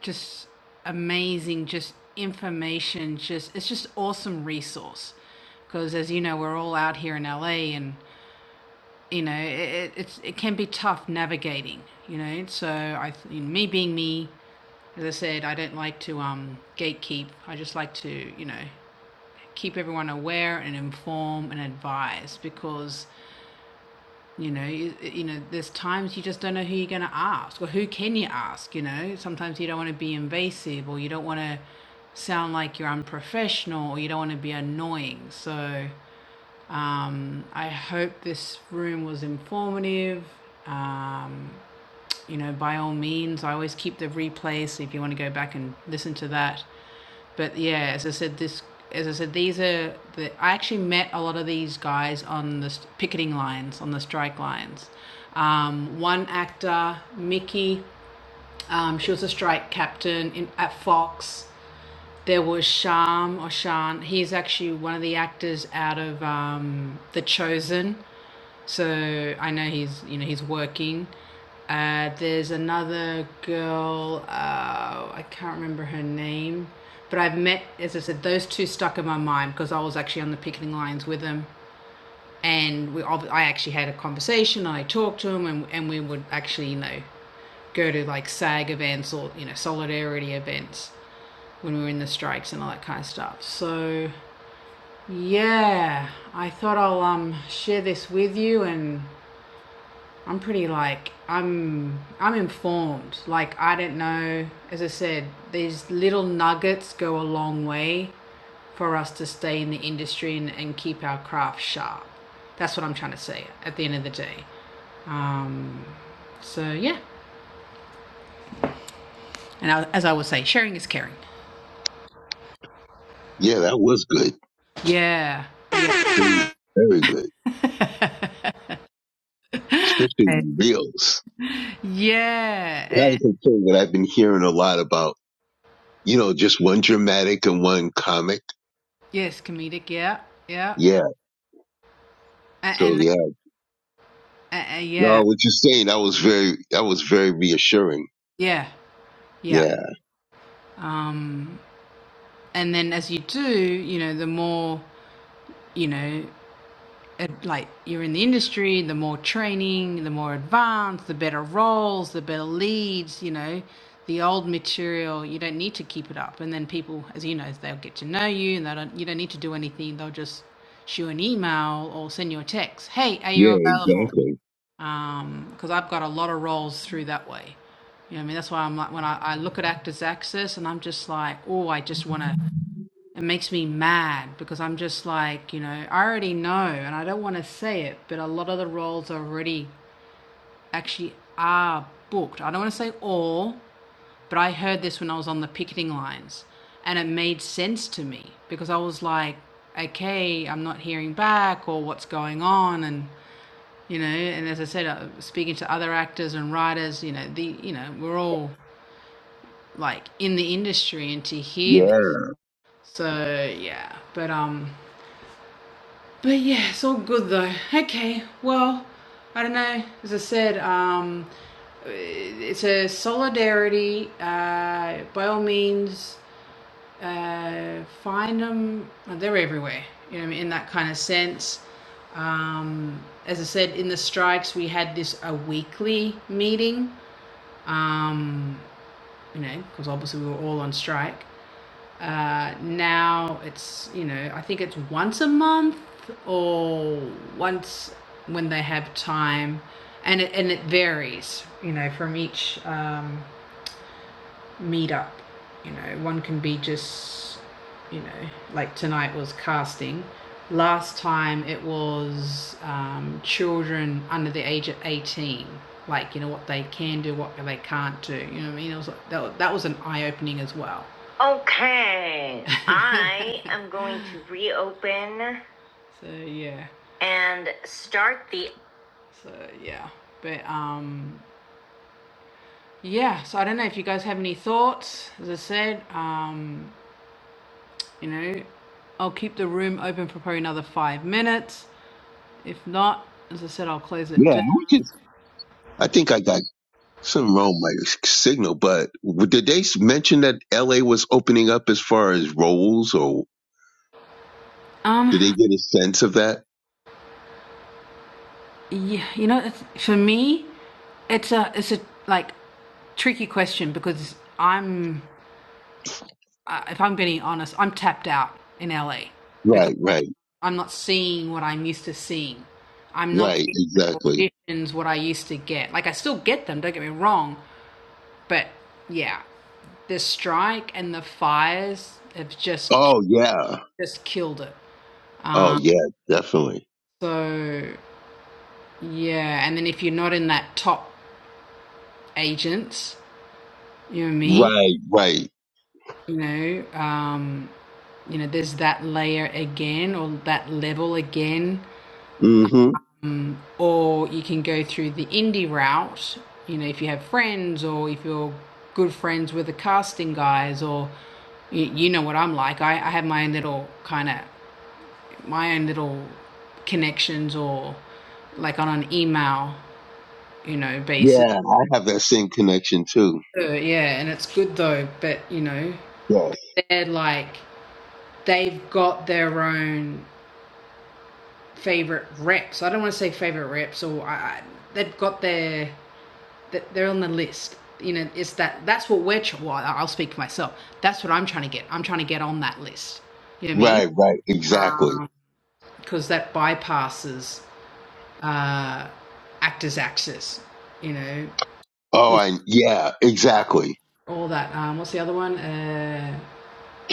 Speaker 1: just amazing just information just it's just awesome resource because as you know we're all out here in LA and you know it, it's it can be tough navigating you know so I th- me being me as I said I don't like to um gatekeep I just like to you know keep everyone aware and inform and advise because you know, you, you know, there's times you just don't know who you're going to ask or who can you ask, you know? Sometimes you don't want to be invasive or you don't want to sound like you're unprofessional or you don't want to be annoying. So, um, I hope this room was informative. Um, you know, by all means, I always keep the replay. So if you want to go back and listen to that, but yeah, as I said, this as I said, these are the I actually met a lot of these guys on the s- picketing lines, on the strike lines. Um, one actor, Mickey, um, she was a strike captain in, at Fox. There was Sham or Shan. He's actually one of the actors out of um, The Chosen. So I know he's you know he's working. Uh, there's another girl. Uh, I can't remember her name, but I've met as I said those two stuck in my mind because I was actually on the picketing lines with them, and we I actually had a conversation. I talked to him, and and we would actually you know go to like SAG events or you know solidarity events when we were in the strikes and all that kind of stuff. So yeah, I thought I'll um share this with you and I'm pretty like I'm I'm informed. Like I don't know, as I said, these little nuggets go a long way for us to stay in the industry and, and keep our craft sharp. That's what I'm trying to say at the end of the day. Um, so yeah, and I, as I would say, sharing is caring.
Speaker 4: Yeah, that was good.
Speaker 1: Yeah, yeah,
Speaker 4: I mean, very good,
Speaker 1: [laughs]
Speaker 4: especially the reels.
Speaker 1: yeah.
Speaker 4: That
Speaker 1: eh,
Speaker 4: was a thing that I've been hearing a lot about. You know, just one dramatic and one comic.
Speaker 1: Yes, comedic. Yeah, yeah,
Speaker 4: Yeah. So
Speaker 1: and, and,
Speaker 4: yeah,
Speaker 1: and
Speaker 4: no,
Speaker 1: yeah,
Speaker 4: what you're saying that was very that was very reassuring.
Speaker 1: yeah, yeah.
Speaker 4: Yeah.
Speaker 1: Um, and then as you do, you know, the more, you know, like you're in the industry, the more training, the more advanced, the better roles, the better leads, you know, the old material, you don't need to keep it up. And then people, as you know, they'll get to know you and they don't, you don't need to do anything. They'll just shoot an email or send you a text. Hey, are you
Speaker 4: Yeah.
Speaker 1: available?
Speaker 4: Exactly.
Speaker 1: Because I've got a lot of roles through that way. You know, what I mean, that's why I'm like when I, I look at Actors Access, and I'm just like, oh, I just want to it makes me mad because I'm just like, you know, I already know and I don't want to say it, but a lot of the roles already actually are booked. I don't want to say all, but I heard this when I was on the picketing lines and it made sense to me because I was like, okay, I'm not hearing back or what's going on and you know, and as I said, uh, speaking to other actors and writers, you know, the you know, we're all like in the industry and to hear
Speaker 4: Yeah.
Speaker 1: this. So, yeah, but um But yeah, it's all good though. Okay, well, I don't know. As I said, um, it's a solidarity. Uh, by all means, uh, find them. They're everywhere. You know, in that kind of sense. Um, as I said, in the strikes, we had this a weekly meeting. Um, you know, because obviously we were all on strike. Uh, now it's, you know, I think it's once a month or once when they have time. And it, and it varies, you know, from each um, meet up. You know, one can be just, you know, like tonight was casting. Last time it was um, children under the age of 18. Like, you know, what they can do, what they can't do. You know what I mean? It was like, that, that was an eye opening as well. Okay, [laughs] I am going to reopen so, yeah. and start the. So, yeah. But, um, yeah so i don't know if you guys have any thoughts as i said um you know i'll keep the room open for probably another five minutes if not as i said i'll close it
Speaker 4: Yeah.
Speaker 1: down
Speaker 4: I just, I think I got something wrong with my signal, but w- did they s- mention that L.A. was opening up as far as roles, or did
Speaker 1: um
Speaker 4: they get a sense of that?
Speaker 1: yeah you know it's, for me it's a it's a like tricky question because i'm uh, if i'm being honest i'm tapped out in la because
Speaker 4: Right. Right.
Speaker 1: i'm not seeing what i'm used to seeing i'm not
Speaker 4: Right.
Speaker 1: getting the
Speaker 4: Exactly.
Speaker 1: auditions what i used to get like i still get them don't get me wrong but yeah the strike and the fires have just
Speaker 4: Oh yeah.
Speaker 1: just killed it.
Speaker 4: Oh
Speaker 1: Uh,
Speaker 4: yeah, definitely.
Speaker 1: so yeah, and then if you're not in that top agents, you know what I mean.
Speaker 4: Right, right.
Speaker 1: You know, um, you know, there's that layer again or that level again.
Speaker 4: hmm
Speaker 1: Um, or you can go through the indie route, you know, if you have friends or if you're good friends with the casting guys or you, you know what I'm like. I, I have my own little kind of my own little connections or like on an email, you know, basis.
Speaker 4: Yeah, I have that same connection too.
Speaker 1: Uh, yeah, and it's good though, but you know,
Speaker 4: Yes.
Speaker 1: they're like they've got their own favorite reps. I don't want to say favorite reps, or I, I, they've got their they're on the list. You know, it's that that's what we're. Well, I'll speak for myself. That's what I'm trying to get. I'm trying to get on that list. You know what I mean?
Speaker 4: Right, right. Exactly.
Speaker 1: Um, because that bypasses uh, actors' access, you know,
Speaker 4: Oh,
Speaker 1: you
Speaker 4: I yeah, exactly.
Speaker 1: know, all that. Um, what's the other one? Uh,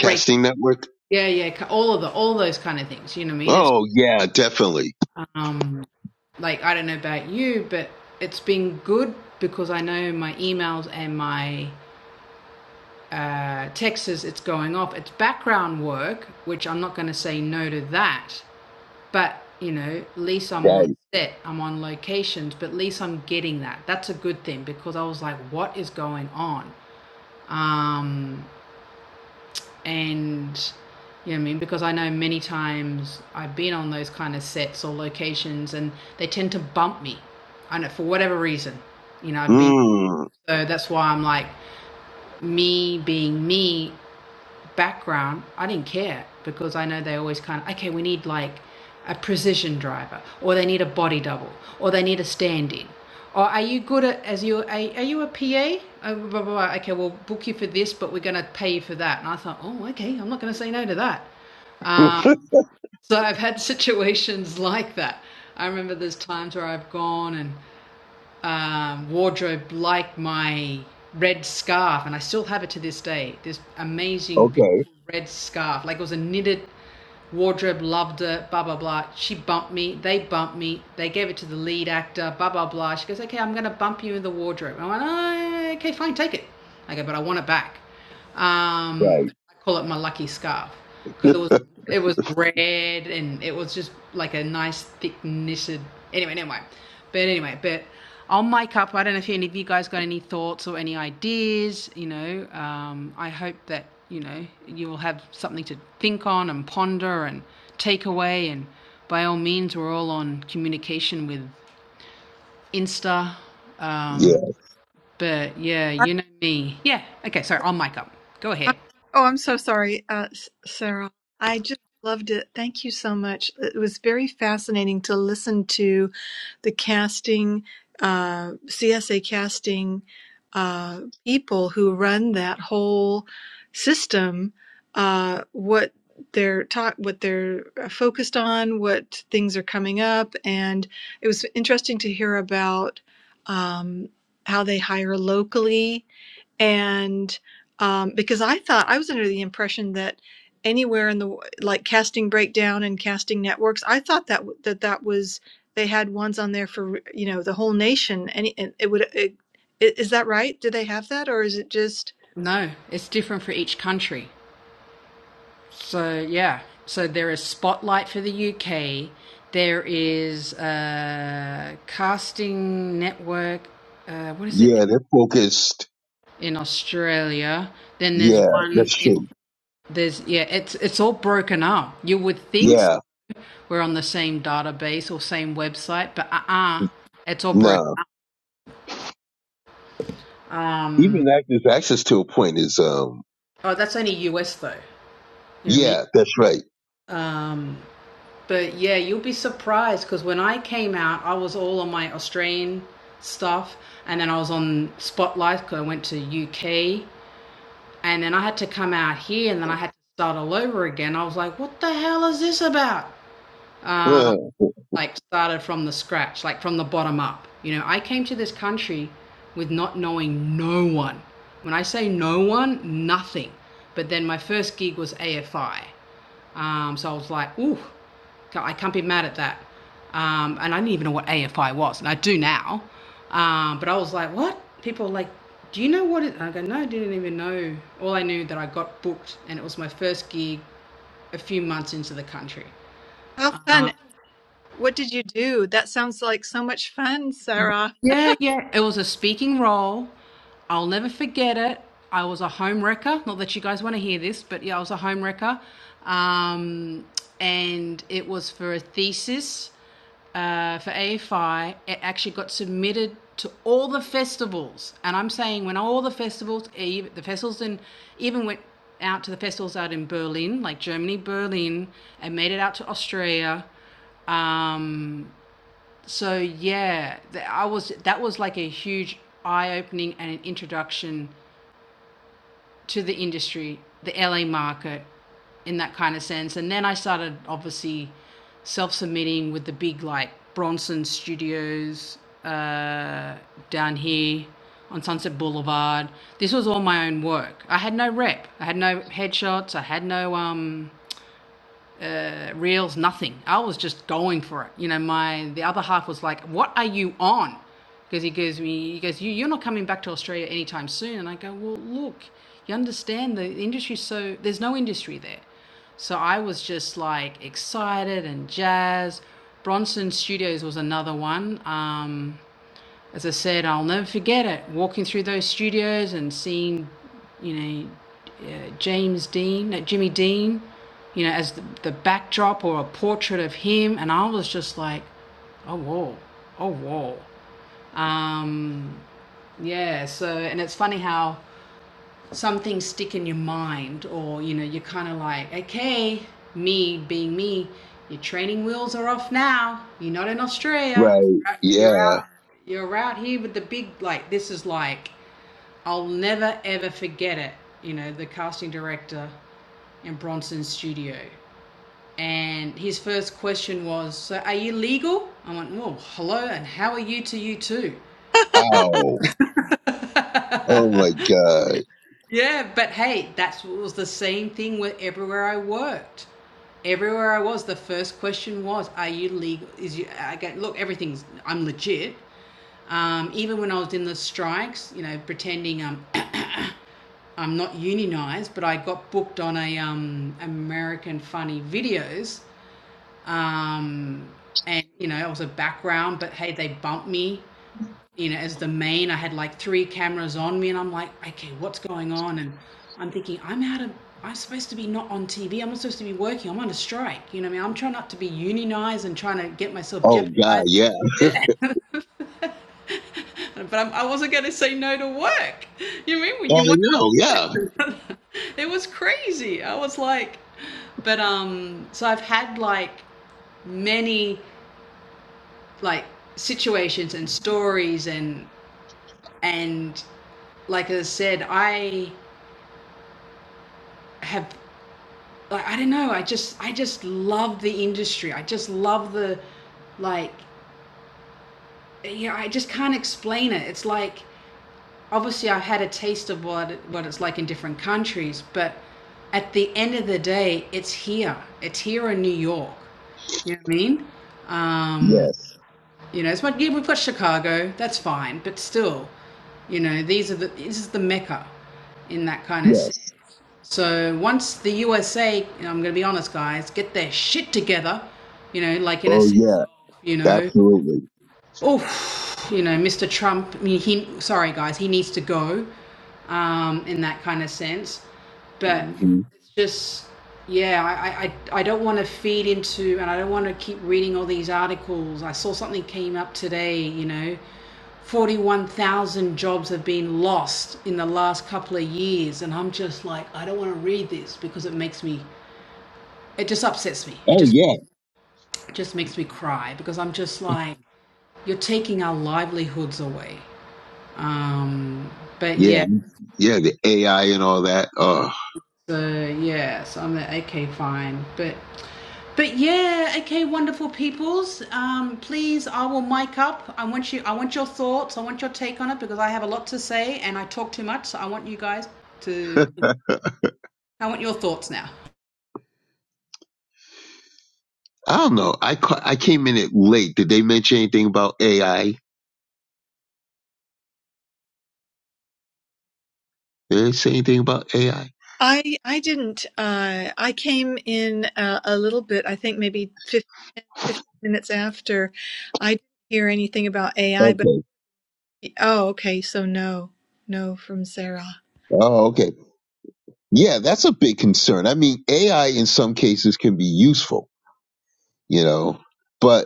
Speaker 1: break.
Speaker 4: network.
Speaker 1: Yeah, yeah. ca- All of the, all those kind of things. You know what I mean? It's
Speaker 4: Oh yeah, definitely.
Speaker 1: um, like I don't know about you, but it's been good because I know my emails and my uh, texts. It's going off. It's background work, which I'm not going to say no to that. But you know, at least I'm on
Speaker 4: Right.
Speaker 1: set. I'm on locations, but at least I'm getting that. That's a good thing because I was like, what is going on? Um, and you know what I mean? Because I know many times I've been on those kind of sets or locations and they tend to bump me. I know for whatever reason, you know, I've been,
Speaker 4: Mm.
Speaker 1: so that's why I'm like, me being me background, I didn't care because I know they always kind of, okay, we need like a precision driver or they need a body double or they need a stand in. Or are you good at, as you, are, are you a PA? Oh, blah, blah, blah. Okay, we'll book you for this, but we're going to pay you for that. And I thought, oh, okay, I'm not going to say no to that. Uh,
Speaker 4: [laughs]
Speaker 1: so I've had [laughs] situations like that. I remember there's times where I've gone and um, wardrobe like my red scarf, and I still have it to this day. This amazing,
Speaker 4: okay.
Speaker 1: beautiful red scarf. Like it was a knitted wardrobe, loved it, blah, blah, blah. She bumped me, they bumped me, they gave it to the lead actor, blah, blah, blah. She goes, okay, I'm going to bump you in the wardrobe. I went, oh, okay, fine, take it. I go, but I want it back. Um,
Speaker 4: Right.
Speaker 1: call it my lucky scarf
Speaker 4: [laughs]
Speaker 1: because it was
Speaker 4: yeah.
Speaker 1: it was red and it was just like a nice thick knitted anyway anyway but anyway but i'll make up i don't know if any of you guys got any thoughts or any ideas you know um, i hope that you know you will have something to think on and ponder and take away and by all means we're all on communication with insta um, but yeah
Speaker 5: I,
Speaker 1: you know me yeah okay so i'll make up go
Speaker 5: I,
Speaker 1: ahead
Speaker 5: oh, I'm so sorry, uh, S- Sarah. I just loved it. Thank you so much. It was very fascinating to listen to the casting, uh, CSA casting uh, people who run that whole system. Uh, what they're taught, what they're uh, focused on, what things are coming up, and it was interesting to hear about um, how they hire locally and um, because I thought I was under the impression that anywhere in the like casting breakdown and casting networks, I thought that that that was they had ones on there for you know the whole nation. Any and it it would it, i- is that right? Do they have that or is it just
Speaker 1: No, it's different for each country. So yeah, so there is Spotlight for the UK. There is uh, Casting Network. Uh, what is it
Speaker 4: Yeah. They're focused.
Speaker 1: in Australia? Then there's
Speaker 4: Yeah,
Speaker 1: one
Speaker 4: that's
Speaker 1: in
Speaker 4: true.
Speaker 1: there's yeah. It's it's all broken up. You would think
Speaker 4: Yeah.
Speaker 1: we're on the same database or same website, but uh-uh, it's all broken.
Speaker 4: No.
Speaker 1: Um,
Speaker 4: Even actors' access to a point is um.
Speaker 1: oh, that's only US though. You know
Speaker 4: Yeah,
Speaker 1: what
Speaker 4: that's right. [laughs]
Speaker 1: I mean? Um. But yeah, you'll be surprised because when I came out, I was all on my Australian stuff, and then I was on Spotlight because I went to UK, and then I had to come out here, and then I had to start all over again. I was like, what the hell is this about? Um,
Speaker 4: Huh.
Speaker 1: like started from the scratch, like from the bottom up. You know, I came to this country with not knowing no one. When I say no one, nothing. But then my first gig was AFI. Um, so I was like, ooh, I can't be mad at that. Um, and I didn't even know what AFI was, and I do now. Um, but I was like, what? People are like, do you know what it? is? And I go, no, I didn't even know. All I knew that I got booked, and it was my first gig a few months into the country.
Speaker 5: how
Speaker 1: Uh,
Speaker 5: fun? What did you do? That sounds like so much fun, Sarah.
Speaker 1: yeah, yeah, it was a speaking role. I'll never forget it. I was a home wrecker. Not that you guys want to hear this, but yeah, I was a home wrecker. Um, and it was for a thesis. uh, for AFI, it actually got submitted to all the festivals. And I'm saying when all the festivals, e- the festivals, and even went out to the festivals out in Berlin, like Germany, Berlin, and made it out to Australia. Um, so yeah, I was that was like a huge eye opening and an introduction to the industry, the LA market, in that kind of sense. And then I started obviously self submitting with the big like Bronson Studios uh, down here on Sunset Boulevard. This was all my own work. I had no rep. I had no headshots. I had no um uh, reels, nothing. I was just going for it. You know, my the other half was like, "What are you on?" Because he gives me, he goes, you, "You're not coming back to Australia anytime soon." And I go, "Well, look, you understand the industry's so there's no industry there." So I was just like excited and jazzed. Bronson Studios was another one. Um, as I said, I'll never forget it. Walking through those studios and seeing, you know, uh, James Dean, uh, Jimmy Dean, you know, as the, the backdrop or a portrait of him, and I was just like, oh whoa, oh whoa. Um, yeah. So, and it's funny how some things stick in your mind or you know you're kind of like okay me being me your training wheels are off now you're not in australia
Speaker 4: Right.
Speaker 1: you're
Speaker 4: Yeah.
Speaker 1: out you're out here with the big like this is like i'll never ever forget it you know the casting director in bronson's studio and his first question was so are you legal i went well hello and how are you to you too
Speaker 4: Ow. Oh my
Speaker 1: [laughs]
Speaker 4: God.
Speaker 1: Yeah, but hey, that was the same thing with everywhere I worked. Everywhere I was, the first question was, "Are you legal?" Is you I get Look, everything's I'm legit. Um, even when I was in the strikes, you know, pretending um, [coughs] [clears throat] I'm not unionized, but I got booked on a um, American Funny Videos, um, and you know, it was a background. But hey, they bumped me you know, as the main. I had like three cameras on me, and I'm like, okay, what's going on? And I'm thinking, I'm out of, I'm supposed to be not on TV. I'm not supposed to be working. I'm on a strike. You know what I mean? I'm trying not to be unionized and trying to get myself
Speaker 4: Oh God.
Speaker 1: jeopardized.
Speaker 4: Yeah.
Speaker 1: [laughs] but I'm, I wasn't going to say no to work. You know what I mean? When
Speaker 4: Oh,
Speaker 1: you
Speaker 4: I
Speaker 1: want,
Speaker 4: know. Yeah.
Speaker 1: to, [laughs] it was crazy. I was like, but um, so I've had like many like situations and stories and and like I said, I have like I don't know, I just I just love the industry. I just love the like you know, I just can't explain it. It's like obviously I've had a taste of what what it's like in different countries, but at the end of the day, it's here. It's here in New York. You know what I mean? Um,
Speaker 4: Yes.
Speaker 1: you know, it's what yeah, we've got Chicago, that's fine, but still, you know, these are the this is the mecca in that kind of sense.
Speaker 4: Yes.
Speaker 1: So once the USA, I'm going to be honest, guys, get their shit together, you know, like in a,
Speaker 4: Oh
Speaker 1: sense,
Speaker 4: yeah.
Speaker 1: you know,
Speaker 4: Absolutely.
Speaker 1: oh, you know, Mr. Trump, I mean, he, sorry, guys, he needs to go, um, in that kind of sense. But
Speaker 4: hmm
Speaker 1: just, yeah, I, I I don't want to feed into, and I don't want to keep reading all these articles. I saw something came up today, you know, 41,000 jobs have been lost in the last couple of years and I'm just like I don't want to read this because it makes me it just upsets me it
Speaker 4: Oh
Speaker 1: just
Speaker 4: yeah.
Speaker 1: it just makes me cry because I'm just like you're taking our livelihoods away um but
Speaker 4: Yeah.
Speaker 1: yeah
Speaker 4: Yeah. The AI and all that. Oh,
Speaker 1: so yeah so I'm like okay fine but but yeah, okay, wonderful peoples. Um, please, I will mic up. I want you. I want your thoughts. I want your take on it because I have a lot to say and I talk too much. So I want you guys to. I want your thoughts now.
Speaker 4: I don't know. I ca- I came in it late. Did they mention anything about AI? Did they say anything about AI?
Speaker 5: I I didn't. Uh, I came in a, a little bit. I think maybe 15 minutes after. I didn't hear anything about AI, but.
Speaker 4: Okay.
Speaker 5: Oh, okay. So no, no from Sarah.
Speaker 4: Oh, okay. Yeah, that's a big concern. I mean, AI in some cases can be useful, you know, but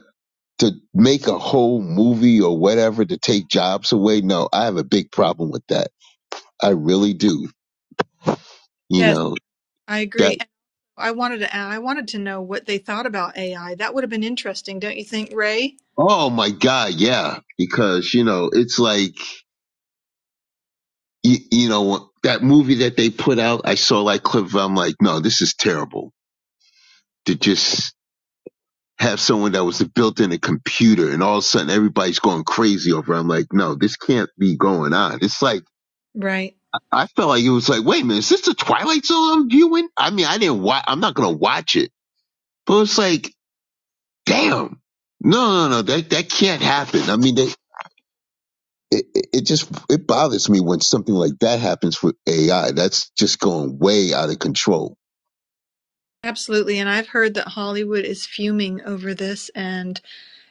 Speaker 4: to make a whole movie or whatever to take jobs away. No, I have a big problem with that. I really do. You
Speaker 5: Yes,
Speaker 4: know,
Speaker 5: I agree.
Speaker 4: that,
Speaker 5: And I wanted to add, I wanted to know what they thought about AI. That would have been interesting, don't you think, Ray?
Speaker 4: oh my God, yeah. Because, you know, it's like, you, you know, that movie that they put out, I saw like clip, I'm like, no, this is terrible to just have someone that was built in a computer and all of a sudden everybody's going crazy over. it. I'm like, no, this can't be going on. It's like,
Speaker 5: Right.
Speaker 4: I felt like it was like, wait a minute, is this the Twilight Zone I'm viewing? I mean, I didn't watch, I'm not going to watch it But it's like, damn, no, no, no, that that can't happen. I mean, they, it it just it bothers me when something like that happens with AI. That's just going way out of control.
Speaker 5: Absolutely. And I've heard that Hollywood is fuming over this and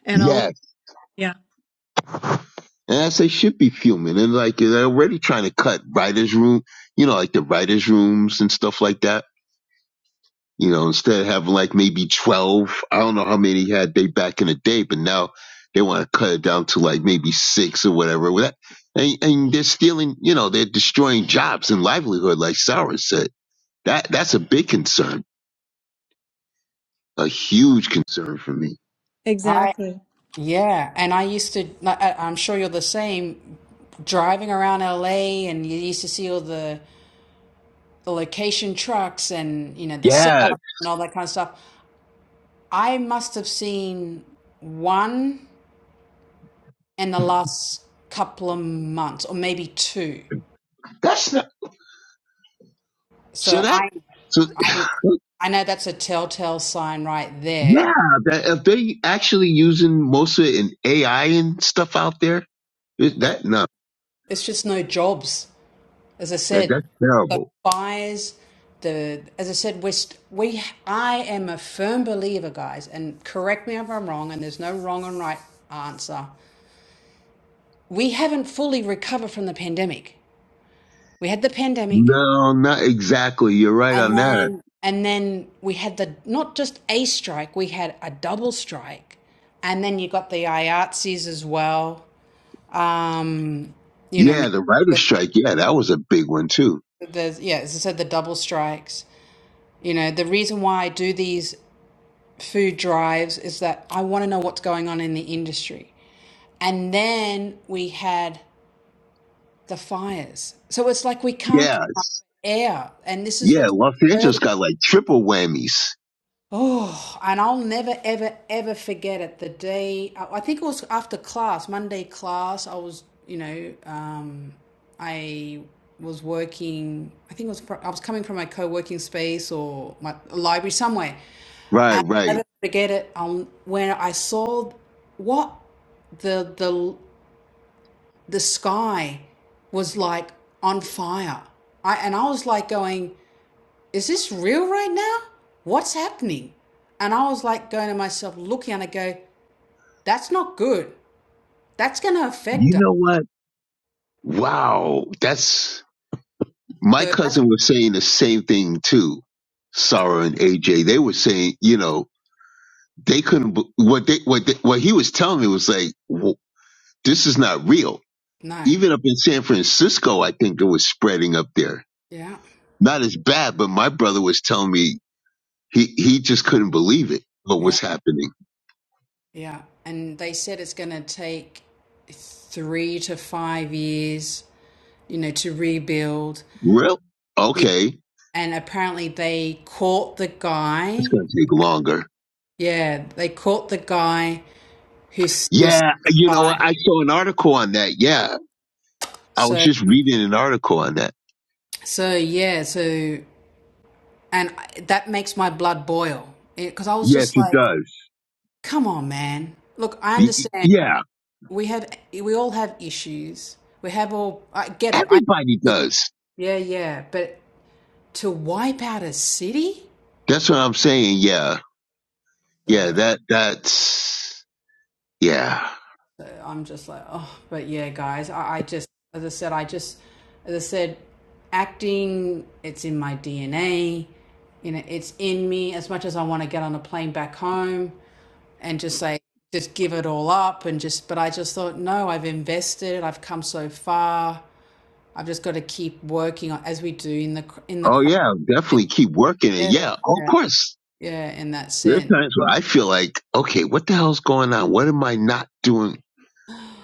Speaker 5: and all. of,
Speaker 4: Yeah,
Speaker 5: Yeah.
Speaker 4: and as they should be fuming, and like they're already trying to cut writers' room, you know, like the writers' rooms and stuff like that You know, instead of having like maybe 12, I don't know how many had they back in the day, but now they want to cut it down to like maybe six or whatever. Well, that- And, and they're stealing, you know, they're destroying jobs and livelihood, like Sarah said. That That's a big concern, a huge concern for me.
Speaker 1: I
Speaker 5: Exactly.
Speaker 1: yeah, and I used to. like, I- I'm sure you're the same. Driving around LA, and you used to see all the the location trucks, and you know the
Speaker 4: Yeah,
Speaker 1: setup and all that kind of stuff. I must have seen one in the last couple of months, or maybe two.
Speaker 4: that's not, so
Speaker 1: So
Speaker 4: that,
Speaker 1: I,
Speaker 4: so
Speaker 1: I,
Speaker 4: [laughs]
Speaker 1: I know that's a telltale sign right there.
Speaker 4: yeah, that if they actually using most of it in AI and stuff out there, it, that, no,
Speaker 1: It's just no jobs. As I
Speaker 4: that,
Speaker 1: said,
Speaker 4: that's
Speaker 1: the
Speaker 4: terrible.
Speaker 1: fires, the as I said, we st- we I am a firm believer, guys, and correct me if I'm wrong, and there's no wrong and right answer. We haven't fully recovered from the pandemic. We had the pandemic,
Speaker 4: No, not exactly. You're right
Speaker 1: and
Speaker 4: on that.
Speaker 1: then and then we had the not just a strike, we had a double strike, and then you got the IATSEs as well. Um, you know, me-
Speaker 4: Yeah, the writer's strike. Yeah, that was a big one too.
Speaker 1: there's yeah, as I said, the double strikes. You know, the reason why I do these food drives is that I want to know what's going on in the industry. And then we had the fires. So it's like we can't
Speaker 4: Yeah,
Speaker 1: come up
Speaker 4: it's-
Speaker 1: for air. And this is
Speaker 4: yeah,
Speaker 1: what's
Speaker 4: Los Angeles
Speaker 1: hurting.
Speaker 4: got like triple whammies.
Speaker 1: Oh, and I'll never, ever, ever forget it. The day, I think it was after class, Monday class, I was, you know, um, I was working, I think it was, I was coming from my co working space or my library somewhere.
Speaker 4: Right,
Speaker 1: I
Speaker 4: right.
Speaker 1: didn't forget it. Um, when I saw what the the the sky was like on fire, I and I was like going, "Is this real right now? What's happening?" And I was like going to myself, looking, and I go, "That's not good. That's going to affect
Speaker 4: You
Speaker 1: us."
Speaker 4: know what? Wow, that's my
Speaker 1: So that's
Speaker 4: cousin was saying the same thing too. Sarah and AJ, they were saying, you know, they couldn't. b- What they what they, what he was telling me was like, w this is not real.
Speaker 1: no,
Speaker 4: Even up in San Francisco, I think it was spreading up there.
Speaker 1: yeah,
Speaker 4: Not as bad, but my brother was telling me he he just couldn't believe it. What
Speaker 1: yeah,
Speaker 4: was happening?
Speaker 1: yeah. And they said it's going to take three to five years, you know, to rebuild.
Speaker 4: Real? Okay.
Speaker 1: and apparently they caught the
Speaker 4: It's
Speaker 1: guy.
Speaker 4: going to take longer.
Speaker 1: Yeah, they caught the guy who's who's
Speaker 4: Yeah.
Speaker 1: the
Speaker 4: You know,
Speaker 1: guy.
Speaker 4: I saw an article on that. Yeah. I was
Speaker 1: So
Speaker 4: just reading an article on that.
Speaker 1: so yeah, so and that makes my blood boil because I was
Speaker 4: Yes,
Speaker 1: just
Speaker 4: it
Speaker 1: like,
Speaker 4: does.
Speaker 1: come on, man. Look, I
Speaker 4: Y- y-
Speaker 1: understand.
Speaker 4: Yeah.
Speaker 1: We have we all have issues. We have all. I get it. I
Speaker 4: Everybody does.
Speaker 1: yeah yeah, but to wipe out a city.
Speaker 4: That's what I'm saying. Yeah.
Speaker 1: so.
Speaker 4: Yeah. That, that's, yeah.
Speaker 1: So I'm just like, oh, but yeah, guys, I, I just, as I said, I just, as I said, acting, it's in my DNA. You know, it's in me as much as I want to get on a plane back home and just say, just give it all up and just, but I just thought, no, I've invested, I've come so far. I've just got to keep working on, as we do in the, in the
Speaker 4: Oh,
Speaker 1: craft.
Speaker 4: yeah. Definitely keep working it.
Speaker 1: Yeah.
Speaker 4: Yeah. Oh, Of
Speaker 1: Yeah.
Speaker 4: course.
Speaker 1: Yeah. In that
Speaker 4: There
Speaker 1: sense.
Speaker 4: are times where I feel like, okay, what the hell's going on? What am I not doing?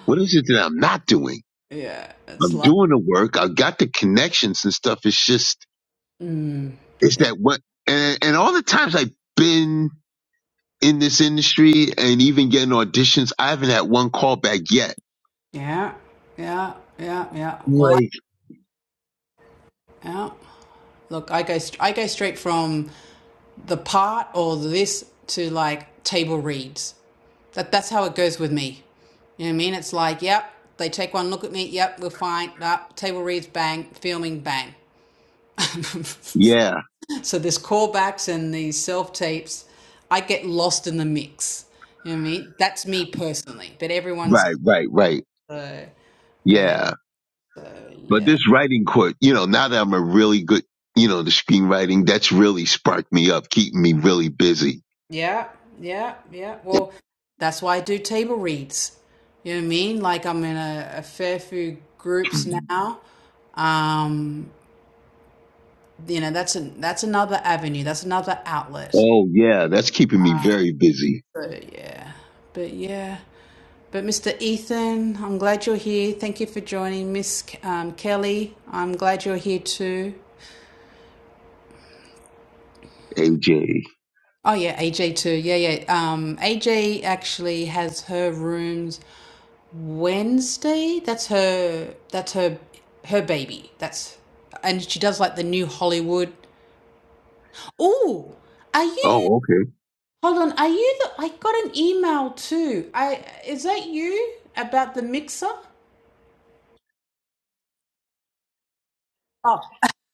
Speaker 4: What is it that I'm not doing?
Speaker 1: Yeah. It's
Speaker 4: I'm
Speaker 1: like,
Speaker 4: doing the work. I've got the connections and stuff. It's just,
Speaker 1: mm,
Speaker 4: It's that what and, and all the times I've been in this industry and even getting auditions, I haven't had one callback yet.
Speaker 1: yeah. Yeah. Yeah. Yeah. Well, I,
Speaker 4: Right.
Speaker 1: yeah. Look, I go I go straight from the part or this to like table reads. That that's how it goes with me. You know what I mean? It's like, yep, they take one look at me. Yep, we're fine. Up, table reads, bang, filming, bang. [laughs]
Speaker 4: Yeah.
Speaker 1: so there's callbacks and these self tapes, I get lost in the mix. You know what I mean? That's me personally, but everyone's.
Speaker 4: Right, right, right.
Speaker 1: Uh, but
Speaker 4: Yeah.
Speaker 1: uh,
Speaker 4: But
Speaker 1: yeah.
Speaker 4: this writing court, you know, now that I'm a really good you know, the screenwriting, that's really sparked me up, keeping me really busy.
Speaker 1: Yeah, yeah, yeah. Well, that's why I do table reads. You know what I mean? Like I'm in a, a fair few groups now. Um, you know, that's an that's another avenue. That's another outlet.
Speaker 4: Oh yeah, that's keeping me very busy,
Speaker 1: So yeah, but yeah, but Mr. Ethan, I'm glad you're here. Thank you for joining, Miss K- um, Kelly. I'm glad you're here too.
Speaker 4: AJ.
Speaker 1: Oh yeah, AJ too. Yeah, yeah. Um, AJ actually has her rooms. Wednesday. That's her. That's her. Her baby. That's and she does like the new Hollywood. Oh, are you?
Speaker 4: Oh, okay.
Speaker 1: Hold on. Are you? The, I got an email too. I is that you about the mixer? Oh,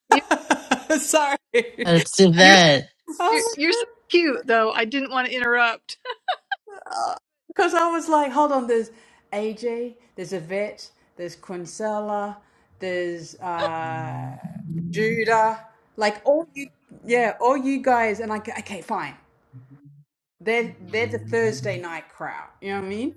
Speaker 5: You're
Speaker 1: [laughs] sorry.
Speaker 3: It's
Speaker 5: you're so,
Speaker 3: Yvette.
Speaker 1: Oh my
Speaker 5: you're, you're so
Speaker 1: god.
Speaker 5: cute, though. I didn't want to interrupt.
Speaker 1: Because I was like, hold on. There's AJ. There's Yvette. There's Quincella. There's uh Judah. Like all you. Yeah, all you guys. And I. Okay, fine. They're they're the Thursday night crowd. You know what I mean?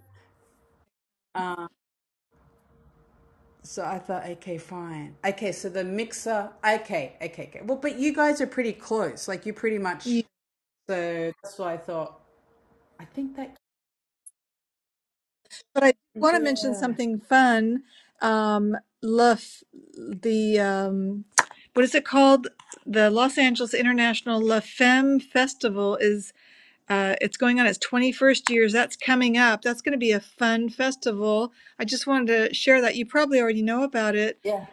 Speaker 1: So I thought, okay, fine. Okay, so the mixer. Okay, okay, okay. Well, but you guys are pretty close. Like you pretty
Speaker 5: [laughs]
Speaker 1: much. So that's why I thought. I think that.
Speaker 5: But I want to mention
Speaker 1: Yeah.
Speaker 5: something fun. Um, Luf, the um, what is it called? The Los Angeles International La Femme Festival is uh, it's going on its 21st years. That's coming up. That's going to be a fun festival. I just wanted to share that. You probably already know about it.
Speaker 1: Yeah.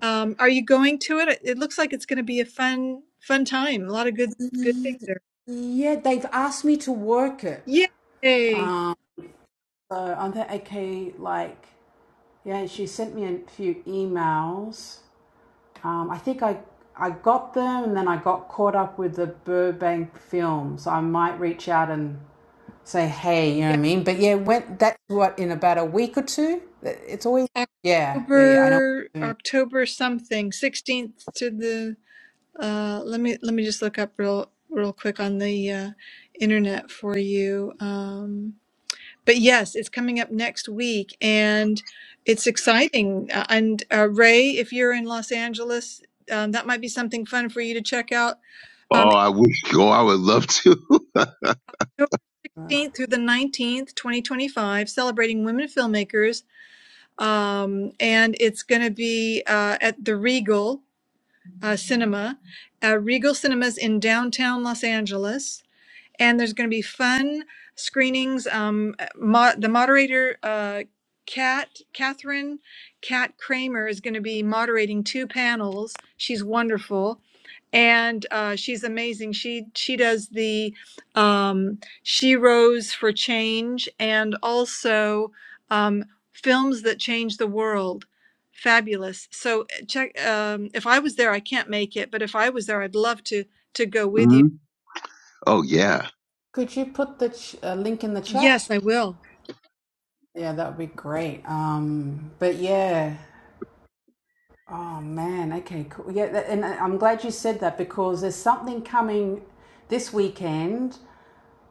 Speaker 5: Um, are you going to it? It looks like it's going to be a fun, fun time. A lot of good, good things there.
Speaker 1: Yeah, they've asked me to work it.
Speaker 5: Yay!
Speaker 1: So I'm that okay, like yeah, she sent me a few emails. Um, I think I I got them and then I got caught up with the Burbank film, so I might reach out and say hey, you know what I mean? But yeah, when that's what in about a week or two. It's always yeah, yeah, yeah. I know.
Speaker 5: October
Speaker 1: soon.
Speaker 5: October something, 16th to the uh let me let me just look up real real quick on the uh internet for you. Um but yes, it's coming up next week and it's exciting. Uh, and uh, Ray, if you're in Los Angeles, um, that might be something fun for you to check out. Um,
Speaker 4: Oh, I wish. Oh, I would love to.
Speaker 5: October 16th through the 19th, 2025, celebrating women filmmakers. Um, and it's going to be uh, at the Regal. uh, Cinema, uh, Regal Cinemas in downtown Los Angeles and there's going to be fun screenings. Um, mo- the moderator, uh, Kat, Catherine, Kat Kramer is going to be moderating two panels. She's wonderful, and uh, she's amazing. She she does the um, She Rose for Change and also um, films that change the world. Fabulous. So uh, check. Um, if I was there, I can't make it, but if I was there, I'd love to to go
Speaker 4: [laughs]
Speaker 5: with you.
Speaker 4: Mhm. Oh yeah.
Speaker 1: Could you put the ch- uh, link in the chat?
Speaker 5: Yes, I will.
Speaker 1: Yeah, that would be great. Um, but yeah. Oh man. Okay. Cool. Yeah, that, and I- I'm glad you said that because there's something coming this weekend.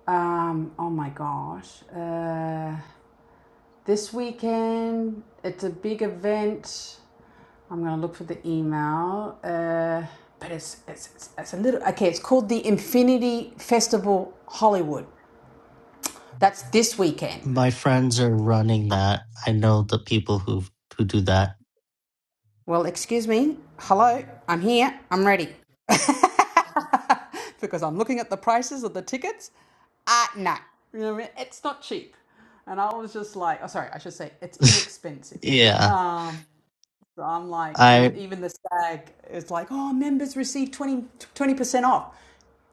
Speaker 1: Um, oh my gosh. Uh, this weekend, it's a big event. I'm gonna look for the email. Uh, but it's, it's it's it's a little okay. It's called the Infinity Festival Hollywood. That's this weekend.
Speaker 3: My friends are running that. I know the people who who do that.
Speaker 1: Well, excuse me. Hello, I'm here. I'm ready. [laughs] because I'm looking at the prices of the tickets. Ah, uh, no, you know what I mean? It's not cheap. And I was just like, oh, sorry, I should say it's inexpensive.
Speaker 3: Yeah.
Speaker 1: Um, so I'm like, and
Speaker 3: I
Speaker 1: even the stag is like, oh, members receive 20 percent off.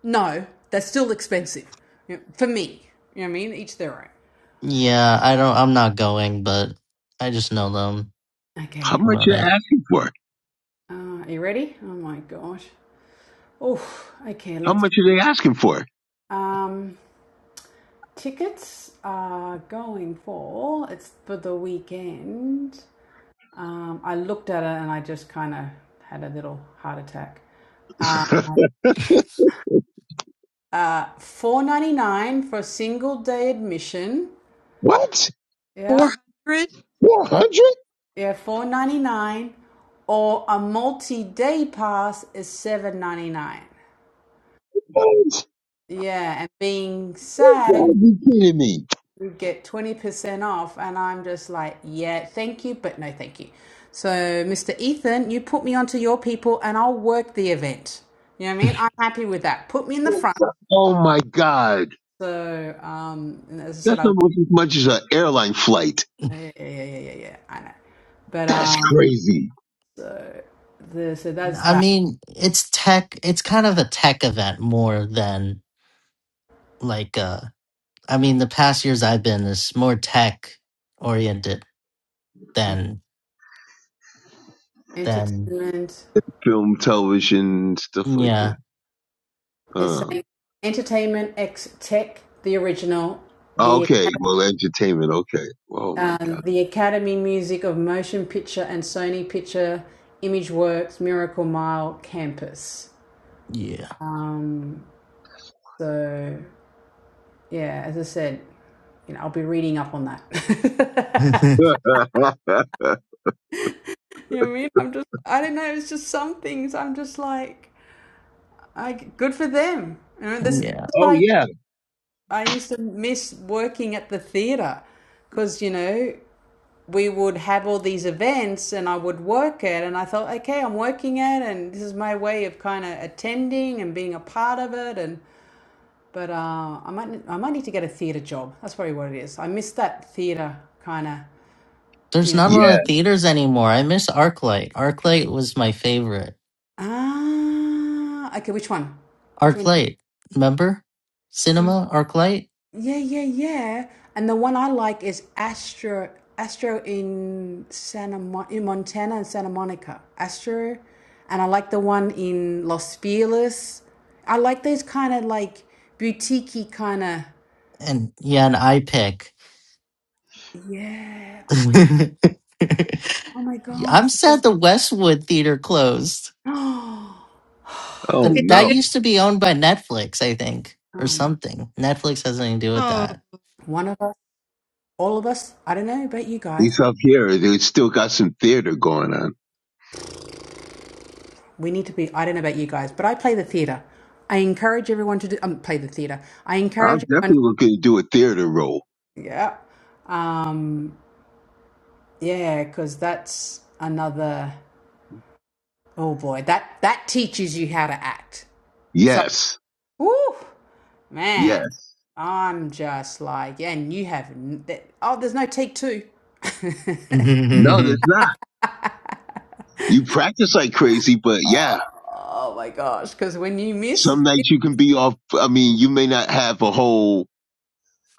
Speaker 1: No, that's still expensive You know, for me. You know what I mean? Each their
Speaker 3: yeah, I don't I'm not going, but I just know them
Speaker 1: own.
Speaker 4: How
Speaker 1: Okay.
Speaker 3: who
Speaker 4: much
Speaker 3: run
Speaker 4: are they
Speaker 3: it.
Speaker 4: asking for?
Speaker 1: Uh, are you ready? Oh my gosh. Oh, okay.
Speaker 4: How
Speaker 1: Let's.
Speaker 4: much are they asking for?
Speaker 1: go. Um, tickets are going for it's for the weekend. Um, I looked at it and I just kind of had a little heart attack. Uh,
Speaker 4: [laughs]
Speaker 1: uh, four ninety nine for a single day admission.
Speaker 4: What?
Speaker 1: Yeah,
Speaker 5: 400?
Speaker 4: 100?
Speaker 1: yeah, four ninety nine, or a multi day pass is seven ninety nine. Yeah, and being
Speaker 4: You
Speaker 1: SAG,
Speaker 4: gotta be kidding me.
Speaker 1: you get 20% off. And I'm just like, yeah, thank you, but no thank you. So, Mr. Ethan, you put me onto your people and I'll work the event. You know what I mean? I'm happy with that. Put me in the front.
Speaker 4: That's a- oh my god.
Speaker 1: So, um, and as I said,
Speaker 4: That's
Speaker 1: I
Speaker 4: almost as much as an airline flight.
Speaker 1: Yeah, yeah, yeah, yeah, yeah, yeah, I know. But,
Speaker 4: That's
Speaker 1: um,
Speaker 4: crazy.
Speaker 1: so, the, so that's
Speaker 3: I
Speaker 1: that.
Speaker 3: mean, it's tech it's kind of a tech event more than like uh I mean the past years I've been is more tech oriented
Speaker 1: Okay.
Speaker 3: than than
Speaker 1: Entertainment,
Speaker 4: Film, television, stuff like
Speaker 3: yeah.
Speaker 4: that.
Speaker 1: it's
Speaker 4: Uh,
Speaker 1: saying entertainment X tech, the original, the.
Speaker 4: okay. Well, entertainment. Okay. Oh my
Speaker 1: um,
Speaker 4: god.
Speaker 1: the Academy Music of Motion Picture and Sony Picture ImageWorks Miracle Mile campus.
Speaker 3: Yeah.
Speaker 1: Um, so yeah, as I said, you know, I'll be reading up on that.
Speaker 3: [laughs]
Speaker 4: [laughs]
Speaker 1: [laughs] you know what I mean? I'm just, I don't know. It's just some things. I'm just like, I good for them. You know, this, is- this
Speaker 3: yeah.
Speaker 4: oh
Speaker 1: what I
Speaker 4: yeah.
Speaker 1: I used to miss working at the theater because you know we would have all these events and I would work it. And I thought, okay, I'm working it, and this is my way of kind of attending and being a part of it. And but uh, I might I might need to get a theatre job. That's probably what it is. I miss that theatre kind of,
Speaker 3: There's
Speaker 1: you know.
Speaker 3: not a lot of
Speaker 4: Yes.
Speaker 3: theaters anymore. I miss ArcLight. ArcLight was my favorite.
Speaker 1: Ah, okay. Which one? Which one?
Speaker 3: ArcLight, remember?
Speaker 1: Yeah.
Speaker 3: Cinema, ArcLight,
Speaker 1: Yeah, yeah, yeah. And the one I like is Astro Astro in Santa Mon- in Montana and Santa Monica. Astro, and I like the one in Los Feliz. I like those kind of like boutiquey kind of
Speaker 3: and yeah, an iPic.
Speaker 1: yeah.
Speaker 3: [laughs]
Speaker 1: Oh my
Speaker 3: I'm
Speaker 1: gosh. [gasps]
Speaker 3: sad the Westwood Theater closed.
Speaker 1: Oh, I-
Speaker 4: Oh
Speaker 3: Then
Speaker 5: It
Speaker 3: that
Speaker 4: no.
Speaker 5: is?
Speaker 4: At
Speaker 3: used to be owned by Netflix, I think, or
Speaker 1: um,
Speaker 3: something. Netflix has nothing to do with
Speaker 5: Oh,
Speaker 3: that.
Speaker 1: one of us, all of us. I don't know about you guys.
Speaker 4: least up here, they still got some theater going on.
Speaker 1: We need to be. I don't know about you guys, but I play the theater. I encourage everyone to do, um, play the theater. I encourage
Speaker 4: I'm
Speaker 1: everyone
Speaker 4: definitely looking to do a theater role.
Speaker 1: Yeah. Um, yeah, because that's another. Oh boy, that that teaches you how to act. So,
Speaker 4: Yes.
Speaker 1: woo, man,
Speaker 4: Yes.
Speaker 1: I'm just like, yeah, and you have. n- that- Oh, there's no take two. [laughs]
Speaker 3: [laughs]
Speaker 4: No,
Speaker 3: well,
Speaker 4: there's not. You practice like crazy, but yeah,
Speaker 1: Oh my gosh, because when you miss,
Speaker 4: some nights you can be off. I mean, you may not have a whole,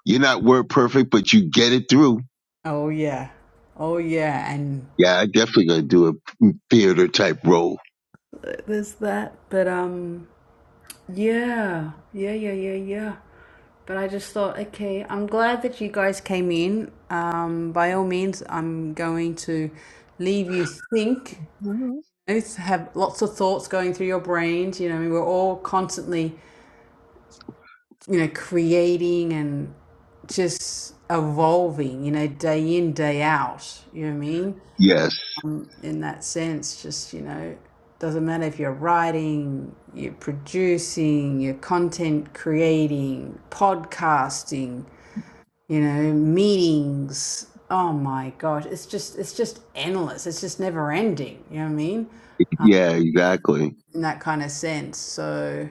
Speaker 4: you're not word perfect, but you get it through.
Speaker 1: oh yeah, oh yeah, and
Speaker 4: Yeah, I definitely gonna do a theater type role.
Speaker 1: there's that. But um, yeah, yeah, yeah, yeah, yeah. But I just thought, okay, I'm glad that you guys came in. Um, by all means, I'm going to leave you think.
Speaker 4: Mm-hmm.
Speaker 1: Both have lots of thoughts going through your brains. You know, we're all constantly, you know, creating and just evolving. You know, day in, day out. You know what I mean?
Speaker 4: Yes.
Speaker 1: In that sense, just you know, doesn't matter if you're writing, you're producing, you're content creating, podcasting, you know, meetings. Oh my gosh, it's just it's just endless. It's just never ending. You know what I mean?
Speaker 4: Yeah, exactly.
Speaker 1: In that kind of sense. So,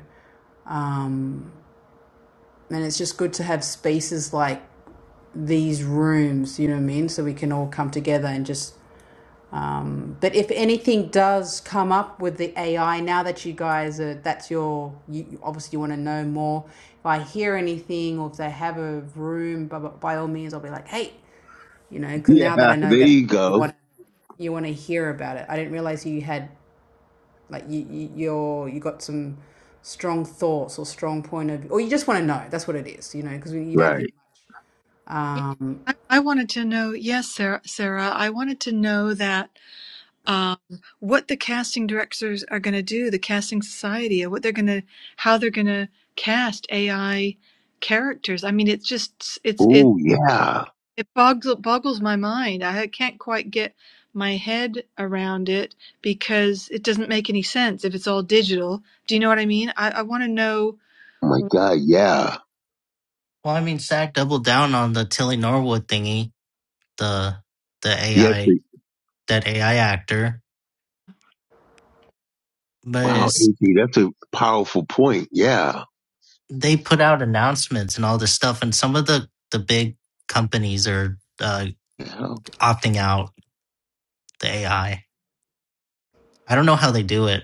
Speaker 1: um, and it's just good to have spaces like these rooms. You know what I mean? So we can all come together and just. But if anything does come up with the AI, now that you guys are, that's your, you you- obviously you want to know more. If I hear anything or if they have a room, by, by all means, I'll be like, hey, you know, because
Speaker 4: Yeah,
Speaker 1: now that I know
Speaker 4: there
Speaker 1: that's
Speaker 4: you
Speaker 1: what you
Speaker 4: go.
Speaker 1: want you want to hear about it. I didn't realize you had like you, you you're you got some strong thoughts or strong point of or you just want to know. That's what it is, you know, because you don't hear
Speaker 4: Right.
Speaker 5: yeah.
Speaker 1: um
Speaker 5: I, I wanted to know, yes, Sarah, Sarah, I wanted to know that um, what the casting directors are going to do, the casting society, or what they're going to, how they're going to cast AI characters. I mean, it's just, it's, it,
Speaker 4: Oh, yeah.
Speaker 5: it boggles, boggles my mind. I can't quite get my head around it because it doesn't make any sense if it's all digital. Do you know what I mean? I, I want to know.
Speaker 4: Oh my God. Yeah.
Speaker 3: I mean, Zach doubled down on the Tilly Norwood thingy. the the
Speaker 4: Yes.
Speaker 3: AI
Speaker 4: it-
Speaker 3: that AI actor, but
Speaker 4: Wow,
Speaker 3: it's,
Speaker 4: AC, that's a powerful point. Yeah.
Speaker 3: they put out announcements and all this stuff, and some of the the big companies are uh,
Speaker 4: yeah.
Speaker 3: opting out the AI. I I don't know how they do it.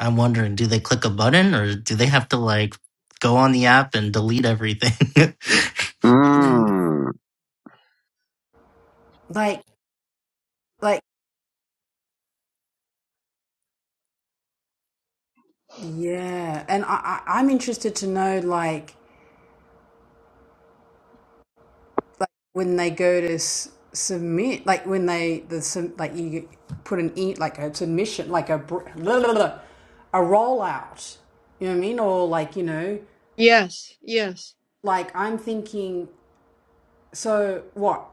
Speaker 3: I'm wondering, do they click a button or do they have to like go on the app and delete everything?
Speaker 1: mm,
Speaker 4: Mm.
Speaker 1: like like yeah, and I, I I'm interested to know like when they go to s- submit, like when they the sub- like you put an e like a submission like a br- blah, blah, blah, a rollout. You know what I mean? Or like you know,
Speaker 5: Yes, yes.
Speaker 1: like I'm thinking. So what?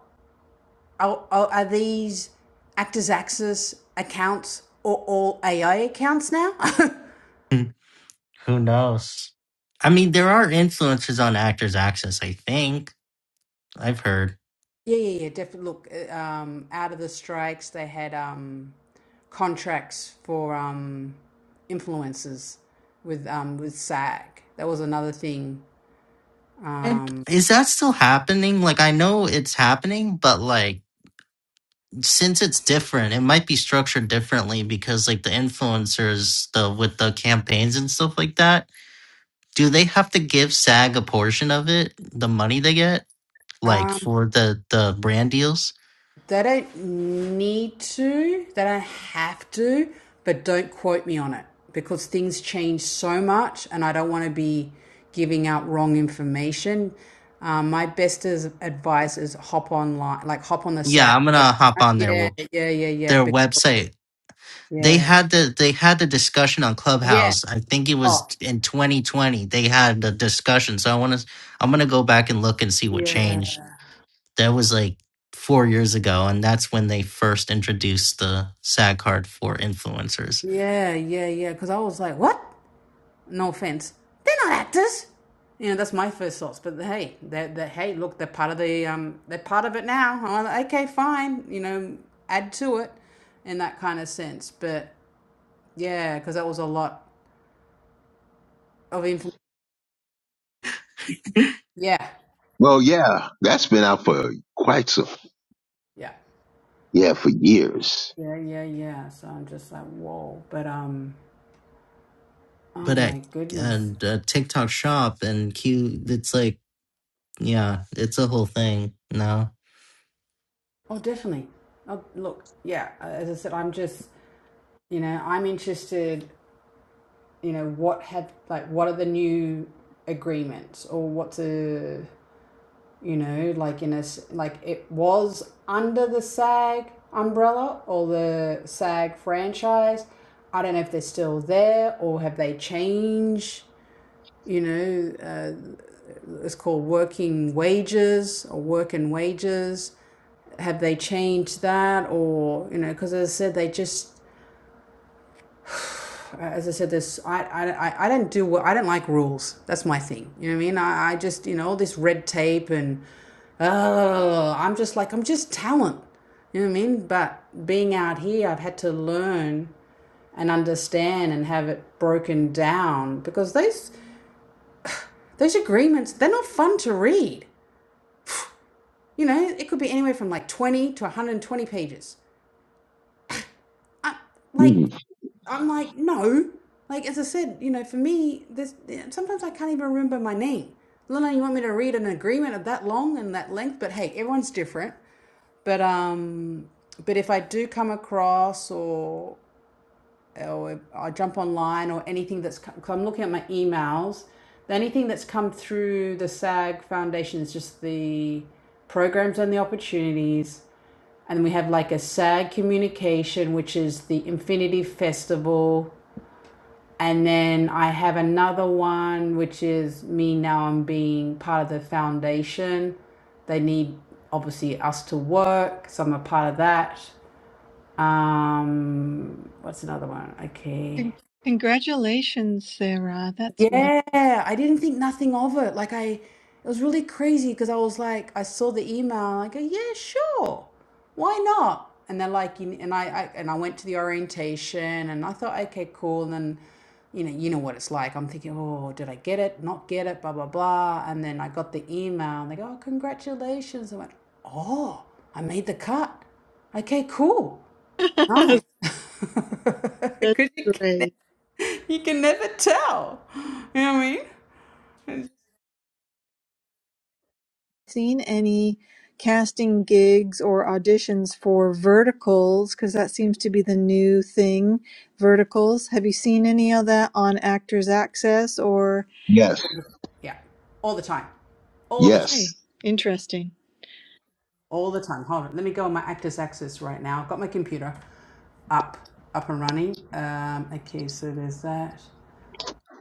Speaker 1: Are, are, are these Actors Access accounts or all AI accounts now? [laughs] yeah,
Speaker 3: [laughs] [laughs] Who knows? I mean, there are influences on Actors Access, I think. I've heard.
Speaker 1: yeah, yeah. Definitely. Look, uh, um, out of the strikes, they had um, contracts for um, influencers with um, with SAG. That was another thing.
Speaker 3: And
Speaker 1: Um,
Speaker 3: Is that still happening? Like, I know it's happening, but like, since it's different, it might be structured differently because, like, the influencers, the with the campaigns and stuff like that, do they have to give SAG a portion of it, the money they get, like for the the brand deals?
Speaker 1: They don't need to, they don't have to, but don't quote me on it because things change so much and I don't want to be giving out wrong information. Um, my best is, advice is hop online, like hop on the SAG.
Speaker 3: Yeah, I'm gonna hop on their
Speaker 1: Yeah,
Speaker 3: w-
Speaker 1: yeah, yeah, yeah.
Speaker 3: their
Speaker 1: Be-
Speaker 3: website They
Speaker 1: yeah,
Speaker 3: had the they had the discussion on
Speaker 1: yeah.
Speaker 3: Clubhouse. I think it was
Speaker 1: Oh,
Speaker 3: in 2020. They had the discussion. So I want to I'm gonna go back and look and see what
Speaker 1: yeah,
Speaker 3: changed. That was like four years ago, and that's when they first introduced the SAG card for influencers.
Speaker 1: yeah, yeah, yeah. Because I was like, what? No offense. They're not actors. You know, that's my first thoughts. But hey, they're, they're, hey, look, they're part of the um, they're part of it now. I'm like, okay, fine. You know, add to it in that kind of sense. But yeah, because that was a lot of information. Yeah,
Speaker 4: Well, yeah, that's been out for quite some,
Speaker 1: yeah,
Speaker 4: yeah, for years.
Speaker 1: yeah, yeah, yeah. So I'm just like, whoa. But um, oh
Speaker 3: But at
Speaker 1: my goodness.
Speaker 3: and uh, TikTok Shop and Q, it's like yeah, it's a whole thing. No,
Speaker 1: Oh, definitely. Oh, look, yeah. As I said, I'm just you know, I'm interested you know what have like what are the new agreements or what's a you know like in a like it was under the SAG umbrella or the SAG franchise. I don't know if they're still there or have they changed. You know, uh, it's called working wages or work and wages. Have they changed that or you know? Because as I said, they just Uh, as I said, this I I I don't do I don't like rules. That's my thing. You know what I mean? I, I just you know all this red tape and oh, I'm just like I'm just talent. You know what I mean? But being out here, I've had to learn and understand and have it broken down because those those agreements they're not fun to read. You know, it could be anywhere from like 20 to 120 pages. I, like I'm like, no. Like as I said, you know, for me, this sometimes I can't even remember my name. Luna, you want me to read an agreement of that long and that length? But hey, everyone's different. But um, but if I do come across or or I jump online or anything that's 'cause I'm looking at my emails, the anything that's come through the SAG Foundation is just the programs and the opportunities. And we have like a SAG communication, which is the Infinity Festival and then I have another one, which is me now. I'm being part of the foundation. They need obviously us to work, so I'm a part of that. Um, what's another one? Okay.
Speaker 5: Con- Congratulations, Sarah. That's wonderful.
Speaker 1: Yeah, I didn't think nothing of it. Like I, it was really crazy because I was like, I saw the email. And I go, yeah, sure, why not? And they're like, you- and I, I, and I went to the orientation, and I thought, okay, cool. And then, you know, you know what it's like. I'm thinking, oh, did I get it? Not get it? Blah blah blah. And then I got the email, and they go, oh, congratulations. I went, oh, I made the cut. Okay, cool, nice.
Speaker 5: [laughs]
Speaker 1: [laughs]
Speaker 5: That's
Speaker 1: Because
Speaker 5: great.
Speaker 1: you can never tell. You know what I mean?
Speaker 5: Seen any casting gigs or auditions for verticals? Because that seems to be the new thing. Verticals. Have you seen any of that on Actors Access or?
Speaker 4: Yes.
Speaker 1: Yeah. All the time. All the time.
Speaker 4: Yes.
Speaker 5: Hey, interesting.
Speaker 1: All the time. Hold on. Let me go on my Actors Access right now. I've got my computer up, up and running. Um, okay, so there's that.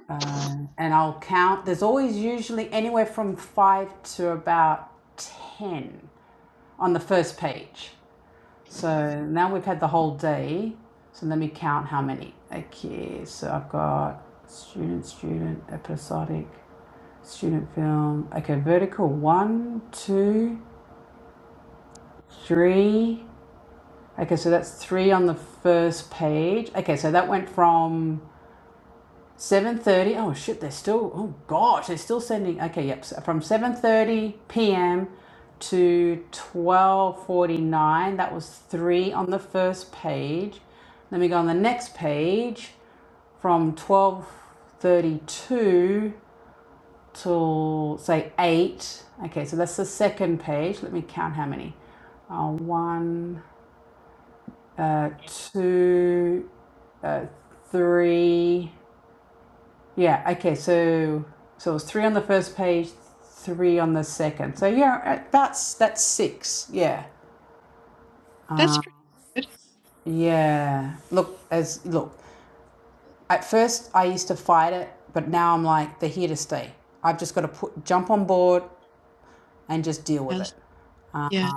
Speaker 1: Um, and I'll count. There's always usually anywhere from five to about 10 on the first page. So now we've had the whole day. So let me count how many. Okay, so I've got student, student, episodic. Student film. Okay, vertical one, two, three. Okay, so that's three on the first page. Okay, so that went from 7.30. Oh shit, they're still, oh gosh, they're still sending. Okay, yep, so from 7.30 p.m. to 12.49. That was three on the first page. Let me go on the next page from 12.32 till say eight. Okay, so that's the second page. Let me count how many. Uh, one, uh, two, uh, three. Yeah. Okay. So so it was three on the first page, three on the second. So yeah, uh, that's that's six. Yeah.
Speaker 5: That's pretty good.
Speaker 1: Yeah. Look, as look. At first, I used to fight it, but now I'm like, they're here to stay. I've just got to put jump on board and just deal with it.
Speaker 5: Yes. Yeah.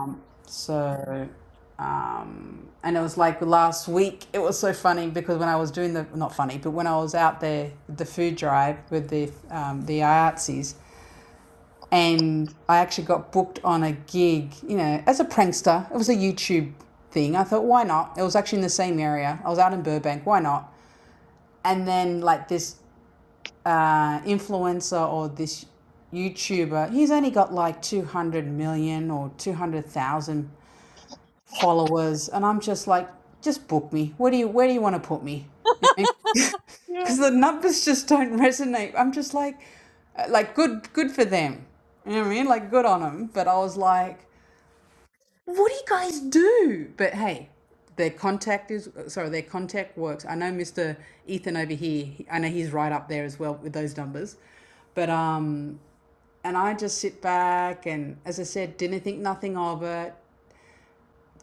Speaker 1: So, um, and it was like last week, it was so funny because when I was doing the, not funny, but when I was out there, with the food drive with the, um, the IATSEs, and I actually got booked on a gig, you know, as a prankster. It was a YouTube thing. I thought, why not? It was actually in the same area. I was out in Burbank. Why not? And then, like, this uh, influencer or this YouTuber, he's only got like 200 million or 200,000 followers, and I'm just like, just book me. Where do you where do you want to put me? You know, because [laughs] the numbers just don't [laughs] resonate. I'm just like, uh, like good good for them. You know what I mean? Like good on them. But I was like, what do you guys do? But hey, their contact is uh, sorry, their contact works. I know Mr. Ethan over here. I know he's right up there as well with those numbers. But um, and I just sit back and as I said, didn't think nothing of it.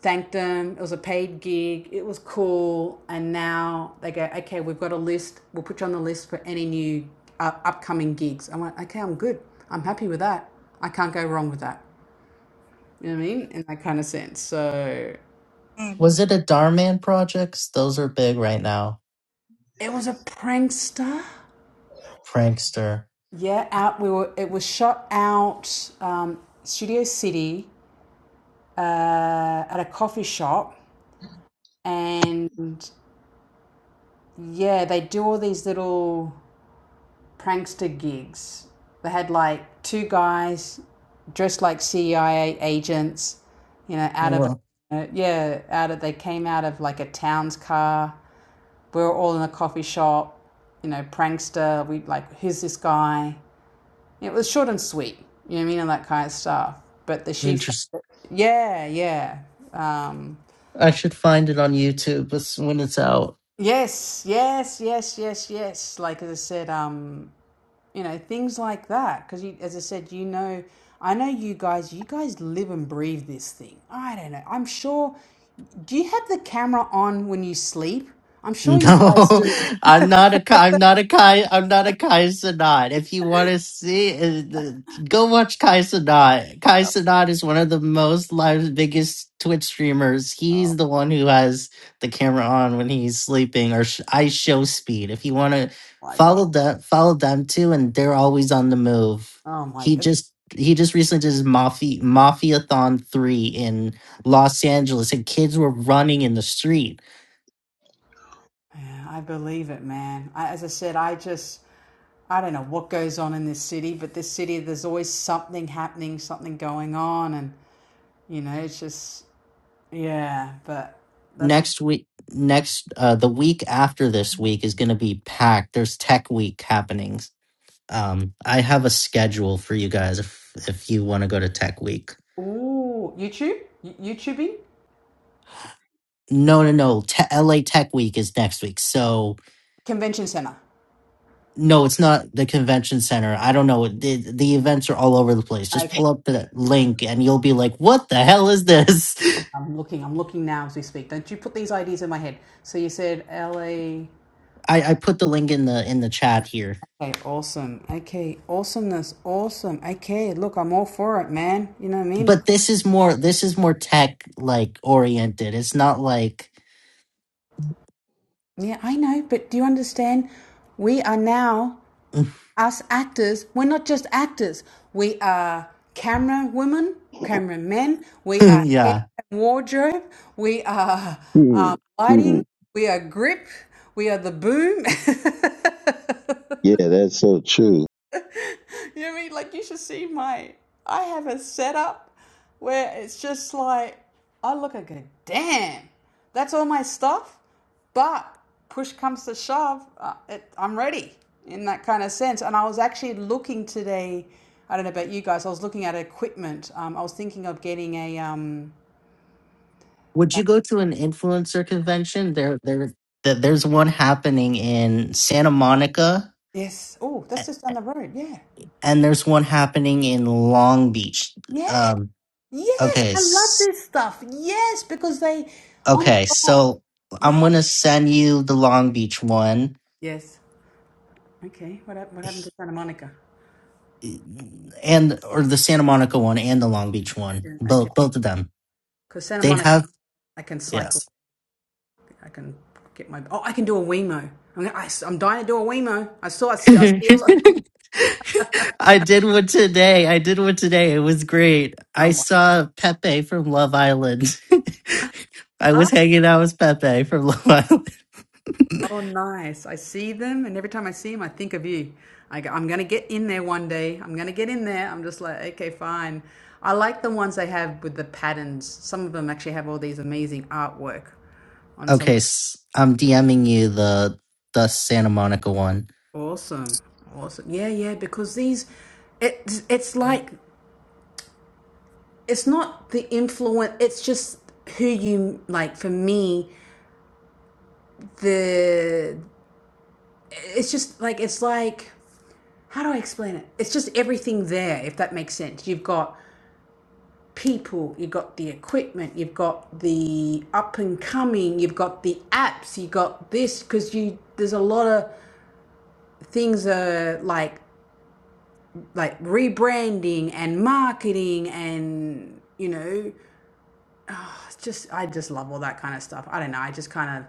Speaker 1: thanked them. It was a paid gig. It was cool. And now they go, okay, we've got a list. We'll put you on the list for any new uh, upcoming gigs. I went, okay, I'm good. I'm happy with that. I can't go wrong with that. You know what I mean? In that kind of sense. So
Speaker 3: was it a Darman projects? Those are big right now.
Speaker 1: it was a prankster.
Speaker 3: Prankster.
Speaker 1: Yeah, out. We were. It was shot out um, Studio City uh, at a coffee shop, and yeah, they do all these little prankster gigs. They had like two guys dressed like CIA agents, you know, out of
Speaker 3: Well,
Speaker 1: a, yeah, out of they came out of like a town's car. We were all in a coffee shop, you know, prankster. We like, who's this guy? It was short and sweet, you know what I mean, and that kind of stuff. But the she, yeah, yeah, um,
Speaker 3: I should find it on YouTube as- when it's out.
Speaker 1: yes, yes, yes, yes, yes. Like as I said, um, you know things like that because as i said you know i know you guys you guys live and breathe this thing i don't know i'm sure do you have the camera on when you sleep i'm sure you guys
Speaker 3: No,
Speaker 1: do [laughs]
Speaker 3: [laughs] I'm not a Kai. I'm not a Kai. I'm not a Kai Sanat. If you want to see, uh, the- go watch Kai Sanat. Kai Sanat is one of the most live, biggest Twitch streamers.
Speaker 1: Oh
Speaker 3: He's the one who has the camera on when he's sleeping, or sh- I show speed. If you want to
Speaker 1: my
Speaker 3: follow
Speaker 1: God.
Speaker 3: that, follow them too, and they're always on the move.
Speaker 1: oh my
Speaker 3: He
Speaker 1: god
Speaker 3: just he just recently did his mafia mafiathon three in Los Angeles, and kids were running in the street
Speaker 1: Yeah, i believe it man I, as i said i just i don't know what goes on in this city but this city there's always something happening something going on and you know it's just yeah but that's
Speaker 3: next week next uh the week after this week is going to be packed there's tech week happening um i have a schedule for you guys if if you want to go to tech week
Speaker 1: ooh youtube Y- youtubing
Speaker 3: no no no Te- la tech week is next week so
Speaker 1: convention center
Speaker 3: no it's not the convention center i don't know the, the events are all over the place just pull up the link and you'll be like what the hell is this [laughs]
Speaker 1: I'm looking. I'm looking now as we speak. Don't you put these ideas in my head. So you said LA.
Speaker 3: i i put the link in the in the chat here
Speaker 1: Okay, awesome. Okay, awesomeness. Awesome. Okay, look, I'm all for it, man. You know what I mean?
Speaker 3: but
Speaker 1: Because
Speaker 3: this is more this is more tech like oriented it's not like
Speaker 1: yeah, I know. But do you understand? We are now
Speaker 3: [laughs]
Speaker 1: us actors. We're not just actors. We are camera women, camera men. We
Speaker 3: [laughs]
Speaker 1: are hair
Speaker 3: yeah.
Speaker 1: and wardrobe. We are
Speaker 4: hmm
Speaker 1: um,
Speaker 4: hmm
Speaker 1: lighting. We are grip. We are the boom. [laughs]
Speaker 4: Yeah, that's so true.
Speaker 1: [laughs] You know what I mean? Like you should see my I have a setup where it's just like I look and go, damn, that's all my stuff. But push comes to shove, uh, it, I'm ready in that kind of sense. And I was actually looking today. I don't know about you guys. I was looking at equipment. Um, I was thinking of getting a um.
Speaker 3: Would you go to an influencer convention? There, there, th- there's one happening in Santa Monica,
Speaker 1: Yes. Oh,
Speaker 3: a-
Speaker 1: that's just down the road. Yeah.
Speaker 3: and there's one happening in Long Beach.
Speaker 1: Yeah.
Speaker 3: Um,
Speaker 1: Yes.
Speaker 3: okay,
Speaker 1: I love
Speaker 3: s-
Speaker 1: this stuff. Yes, because they. Oh
Speaker 3: okay.
Speaker 1: my god.
Speaker 3: So I'm
Speaker 1: Yeah.
Speaker 3: gonna send you the Long Beach one,
Speaker 1: Yes. Okay. What what happened to Santa Monica?
Speaker 3: and or the Santa Monica one and the Long
Speaker 1: Yeah.
Speaker 3: Beach one.
Speaker 1: yeah, Okay.
Speaker 3: Both, both of them.
Speaker 1: Because Santa
Speaker 3: They
Speaker 1: Monica,
Speaker 3: have.
Speaker 1: I can
Speaker 3: Yeah.
Speaker 1: cycle. I can get my. Oh, I can do a Wemo. I'm, gonna, I, am i am dying to do a Wemo. I saw. I,
Speaker 3: [laughs]
Speaker 1: st- I see. i
Speaker 3: I did one today. I did one today. It was great. I saw Pepe from Love Island. [laughs] I
Speaker 1: oh,
Speaker 3: was hanging out with Pepe from [laughs] Love Island.
Speaker 1: oh, nice. I see them, and every time I see them, I think of you. I go, I'm gonna get in there one day. I'm gonna get in there. I'm just like, okay, fine. I like the ones they have with the patterns. Some of them actually have all these amazing artwork on some.
Speaker 3: Okay, s- I'm DMing you the the Santa Monica one.
Speaker 1: Awesome. Awesome. Yeah, yeah. Because these, it's it's like it's not the influence it's just who you like for me the it's just like it's like how do i explain it it's just everything there if that makes sense you've got people you've got the equipment you've got the up and coming you've got the apps you got this because you there's a lot of things uh like like rebranding and marketing and you know just I just love all that kind of stuff. I don't know. I just kind of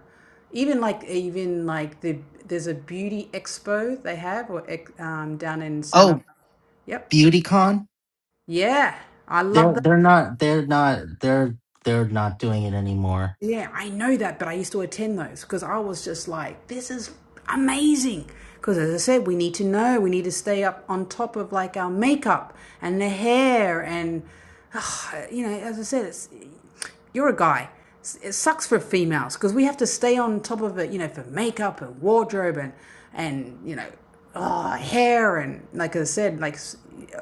Speaker 1: even like even like the there's a beauty expo they have or ex- um, down in Santa.
Speaker 3: Oh,
Speaker 1: Yep.
Speaker 3: BeautyCon?
Speaker 1: Yeah, I love
Speaker 3: They're
Speaker 1: that.
Speaker 3: they're not they're not they're they're not doing it anymore.
Speaker 1: Yeah, I know that, but I used to attend those because I was just like, this is amazing. Because as I said, we need to know, we need to stay up on top of like our makeup and the hair. And, [sighs] uh, you know, as I said, it's, you're a guy. It sucks for females because we have to stay on top of it, you know, for makeup and wardrobe and, and you know, oh, hair. And like I said, like,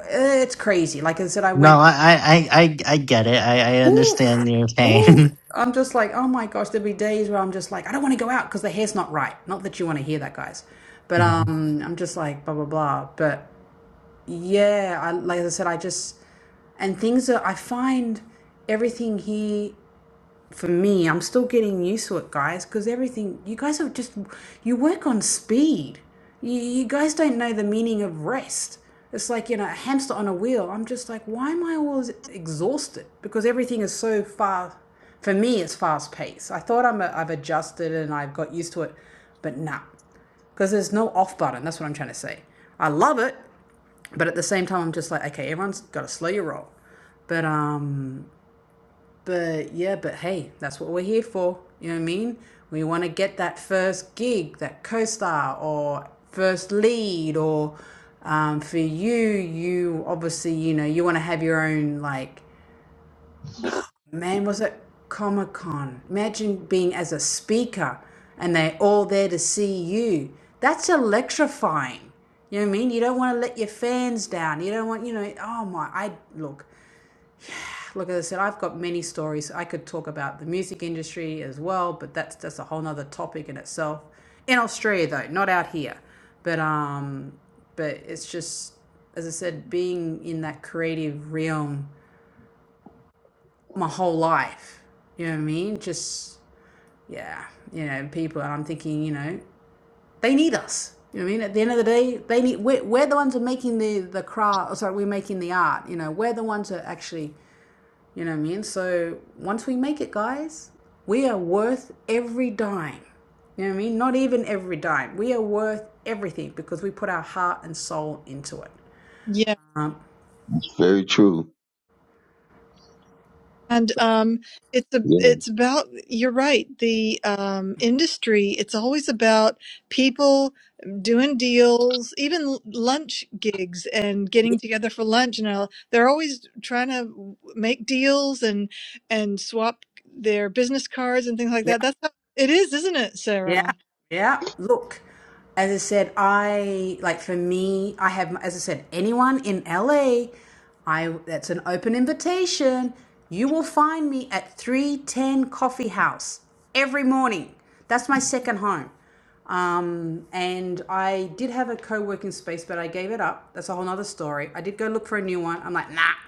Speaker 1: it's crazy. Like I said, I went
Speaker 3: No, I I I I I get it. I I
Speaker 1: Oof,
Speaker 3: understand your
Speaker 1: oof.
Speaker 3: pain.
Speaker 1: I'm just like, oh my gosh, there'll be days where I'm just like, I don't want to go out because the hair's not right. Not that you want to hear that, guys. But
Speaker 3: [laughs]
Speaker 1: um, I'm just like, blah, blah, blah. But yeah, I, like I said, I just, and things are, I find everything here for me, I'm still getting used to it, guys, because everything, you guys have just, you work on speed. You, you guys don't know the meaning of rest. It's like, you know, a hamster on a wheel. I'm just like, why am I always exhausted? Because everything is so far, for me, it's fast paced. I thought I'm a, I've adjusted and I've got used to it, but nah, because there's no off button. That's what I'm trying to say. I love it, but at the same time, I'm just like, okay, everyone's got to slow your roll. But um, but yeah, but hey, that's what we're here for. You know what I mean? We want to get that first gig, that co star, or first lead, or um, for you, you obviously, you know, you want to have your own, like, man, was it Comic Con? Imagine being as a speaker and they're all there to see you. That's electrifying. You know what I mean? You don't want to let your fans down. You don't want, you know, oh my, I look, Look, as I said, I've got many stories. I could talk about the music industry as well, but that's that's a whole nother topic in itself. In Australia, though, not out here. But um, but it's just as I said, being in that creative realm my whole life. You know what I mean? Just yeah, you know, people. And I'm thinking, you know, they need us. You know what I mean? At the end of the day, they need. We're, we're the ones who are making the the craft. or Sorry, we're making the art. You know, we're the ones who are actually You know what I mean? So once we make it, guys, we are worth every dime. You know what I mean? Not even every dime. We are worth everything because we put our heart and soul into it.
Speaker 5: Yeah.
Speaker 1: Um,
Speaker 4: Very true.
Speaker 5: And um, it's a, it's about, you're right, the um, industry, it's always about people doing deals, even l- lunch gigs and getting together for lunch. And all, they're always trying to make deals and, and swap their business cards and things like
Speaker 1: yeah.
Speaker 5: that. That's how it is, isn't it,
Speaker 1: Yeah,
Speaker 5: Sarah?
Speaker 1: yeah. Look, as I said, I like for me, I have, as I said, anyone in LA, I that's an open invitation. You will find me at 310 Coffee House every morning. That's my second home. Um, and I did have a co working space, but I gave it up. That's a whole nother story. I did go look for a new one. I'm like, nah.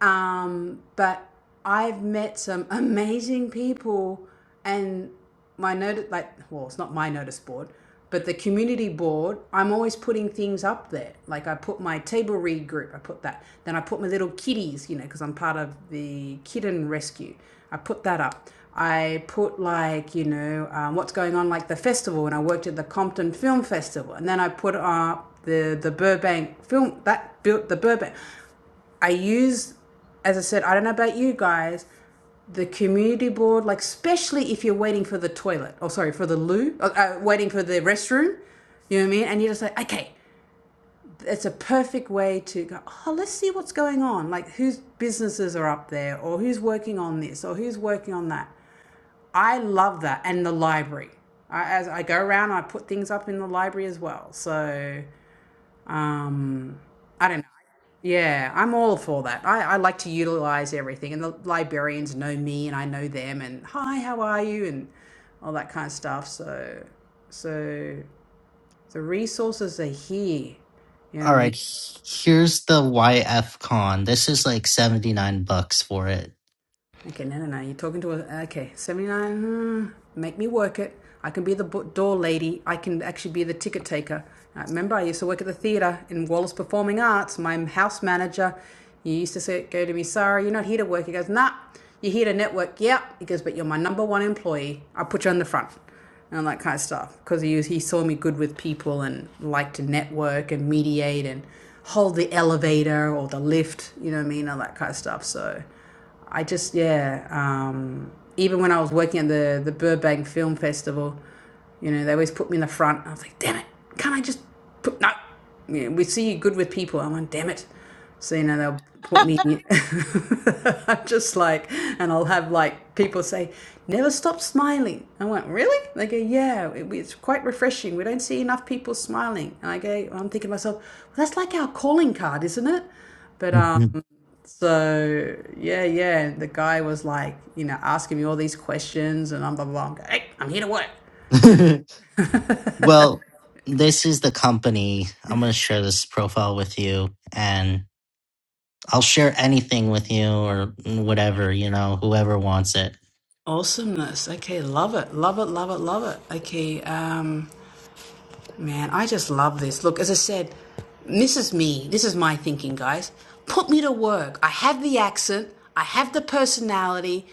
Speaker 1: Um, but I've met some [laughs] amazing people, and my notice, like, well, it's not my notice board, but the community board, I'm always putting things up there. Like, I put my table read group, I put that. Then I put my little kitties, you know, because I'm part of the kitten rescue. I put that up. I put, like, you know, um, what's going on, like the festival, and I worked at the Compton Film Festival. And then I put up the, the Burbank film, that built the Burbank. I use, as I said, I don't know about you guys, the community board, like especially if you're waiting for the toilet, or sorry, for the loo, uh, uh, waiting for the restroom, you know what I mean? And you're just like, okay, it's a perfect way to go, oh, let's see what's going on. Like whose businesses are up there, or who's working on this, or who's working on that. I love that. And the library. I, as I go around, I put things up in the library as well. So um, I don't know. Yeah, I'm all for that. I, I like to utilize everything, and the librarians know me, and I know them, and hi, how are you, and all that kind of stuff. So, so the resources are here. You know what
Speaker 3: All
Speaker 1: I
Speaker 3: right,
Speaker 1: mean?
Speaker 3: h- here's the YF Con. This is like 79 bucks for it.
Speaker 1: Okay, no, no, no. You're talking to a. Okay, 79. Hmm, make me work it. I can be the door lady. I can actually be the ticket taker. I remember, I used to work at the theatre in Wallace Performing Arts. My house manager he used to say, go to me, Sarah. you're not here to work. He goes, nah, you're here to network. Yep. He goes, but you're my number one employee. I'll put you on the front. And that kind of stuff. Because he, he saw me good with people and liked to network and mediate and hold the elevator or the lift, you know what I mean? All that kind of stuff. So. I just yeah. Um, even when I was working at the the Burbank Film Festival, you know, they always put me in the front. I was like, damn it, can't I just put no? Yeah, we see you good with people. I'm like, damn it. So you know they'll put me. [laughs] I'm just like, and I'll have like people say, never stop smiling. I went really? They go, yeah, it, it's quite refreshing. We don't see enough people smiling. And I go, I'm thinking to myself, well, that's like our calling card, isn't it? But um so yeah, yeah. and The guy was like, you know, asking me all these questions, and I'm blah blah. blah. I'm going, hey, I'm here to work.
Speaker 3: [laughs]
Speaker 1: [laughs]
Speaker 3: well, this is the company. I'm going to share this profile with you and I'll share anything with you or whatever, you know, whoever wants it.
Speaker 1: Awesomeness. Okay, love it. Love it, love it, love it. Okay, um man, I just love this. Look, as I said, this is me. This is my thinking, guys. Put me to work. I have the accent, I have the personality,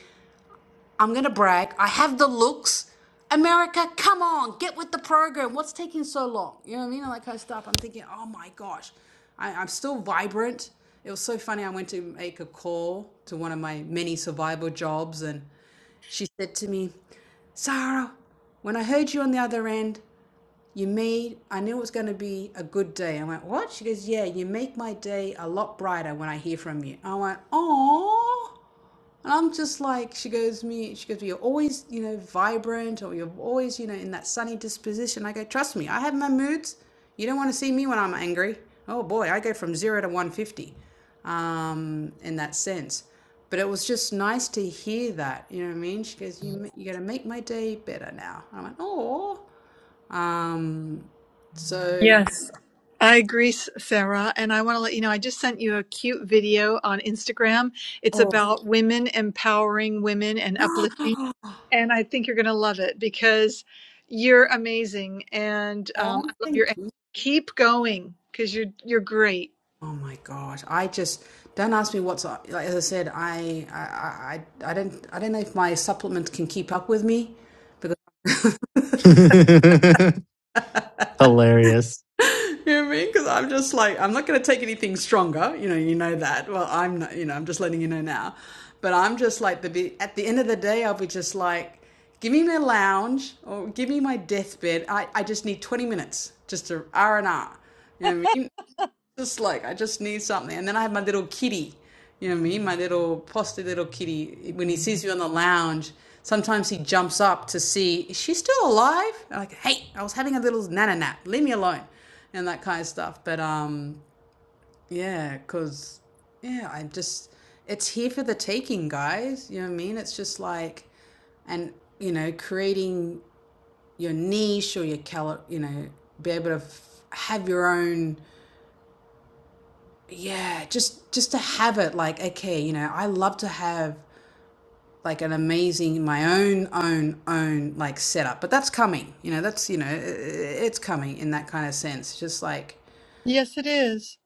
Speaker 1: I'm going to brag. I have the looks. America, come on, get with the program. What's taking so long? You know what I mean? Like that kind stuff. I'm thinking, oh my gosh, I, I'm still vibrant. It was so funny. I went to make a call to one of my many survival jobs, and she said to me, Sarah, when I heard you on the other end, you made, I knew it was going to be a good day. I went, what? She goes, yeah, you make my day a lot brighter when I hear from you. I went, oh. And I'm just like, she goes me, she goes, you're always, you know, vibrant or you're always, you know, in that sunny disposition. I go, trust me, I have my moods. You don't want to see me when I'm angry. Oh boy, I go from zero to 150 um, in that sense. But it was just nice to hear that. You know what I mean? She goes, you, you're going to make my day better now. I went, oh. Um, so
Speaker 5: Yes. I agree, S- Sarah. And I want to let you know, I just sent you a cute video on Instagram. It's
Speaker 1: Oh,
Speaker 5: about women empowering women and
Speaker 1: [gasps]
Speaker 5: uplifting and I think you're going to love it because you're amazing and um, I love your
Speaker 1: thank you.
Speaker 5: keep going because you're you're great.
Speaker 1: Oh my gosh! I just don't ask me what's up. Like as I said, I I I I don't I don't know if my supplement can keep up with me because
Speaker 3: [laughs] Hilarious.
Speaker 1: [laughs] you know what I mean. Because I'm just like I'm not going to take anything stronger. You know, you know that. Well, I'm not. You know, I'm just letting you know now. But I'm just like the be- at the end of the day, I'll be just like, give me my lounge or give me my deathbed. I I just need 20 minutes, just a R and R. You know what I mean? Just like I just need something. And then I have my little kitty. You know what I mean? My little posty little kitty. When he sees you on the lounge, sometimes he jumps up to see is she still alive? And I'm like, hey, I was having a little nana nap. Leave me alone, and that kind of stuff. But um, yeah, cause yeah, I'm just it's here for the taking, guys. You know what I mean? It's just like and you know creating your niche or your color. You know, be able to have your own yeah just just to have it like okay you know i love to have like an amazing my own own own like setup but that's coming you know that's you know i- i- it's coming in that kind of sense just like
Speaker 5: Yes, it is.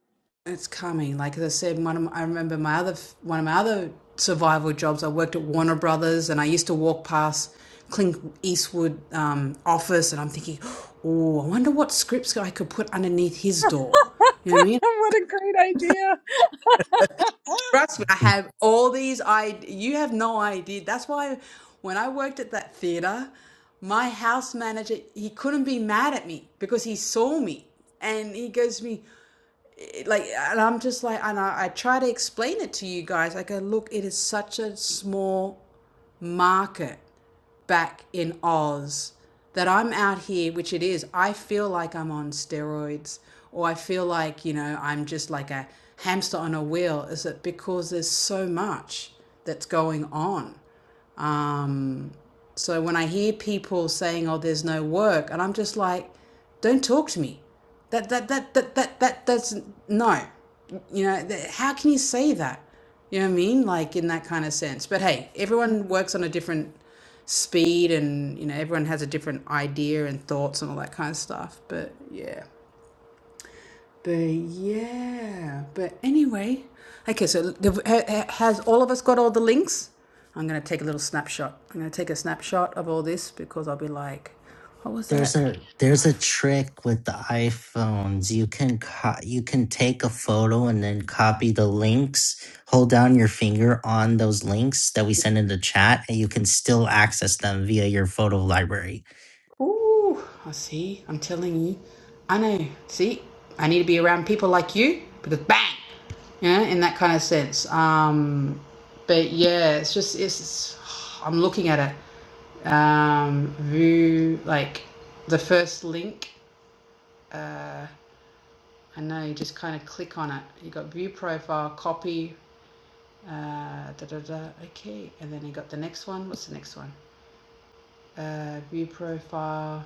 Speaker 1: it's coming like as i said one of my, i remember my other f- one of my other survival jobs i worked at warner brothers and i used to walk past Clint Eastwood um, office, and I'm thinking, oh, I wonder what scripts I could put underneath his door. You know what I
Speaker 5: [laughs]
Speaker 1: mean?
Speaker 5: what a great idea.
Speaker 1: Trust me, I have all these I you have no idea. That's why when I worked at that theater, my house manager, he couldn't be mad at me because he saw me. And he goes to me like and I'm just like and I, I try to explain it to you guys. I go, look, it is such a small market back in Oz that I'm out here, which it is, I feel like I'm on steroids or I feel like, you know, I'm just like a hamster on a wheel? Is it because there's so much that's going on? Um, so when I hear people saying, "Oh, there's no work," and I'm just like, "Don't talk to me." That that that that that that that's no. You know, th- how can you say that? You know what I mean? Like in that kind of sense. But hey, everyone works on a different speed, and you know, everyone has a different idea and thoughts and all that kind of stuff. But yeah. But yeah, but anyway, okay. So has all of us got all the links? I'm gonna take a little snapshot. I'm gonna take a snapshot of all this because I'll be like, what was that?
Speaker 3: There's a there's a trick with the iPhones. You can co- you can take a photo and then copy the links. Hold down your finger on those links that we send in the chat, and you can still access them via your photo library.
Speaker 1: Ooh, I see. I'm telling you, I know. See, I need to be around people like you because bang, yeah, in that kind of sense. Um, but yeah, it's just it's. it's I'm looking at it um, Vu, like the first link. Uh. and now you just kind of click on it. You got view profile, copy, uh, da da da. Okay, and then you got the next one. What's the next one? Uh, view profile.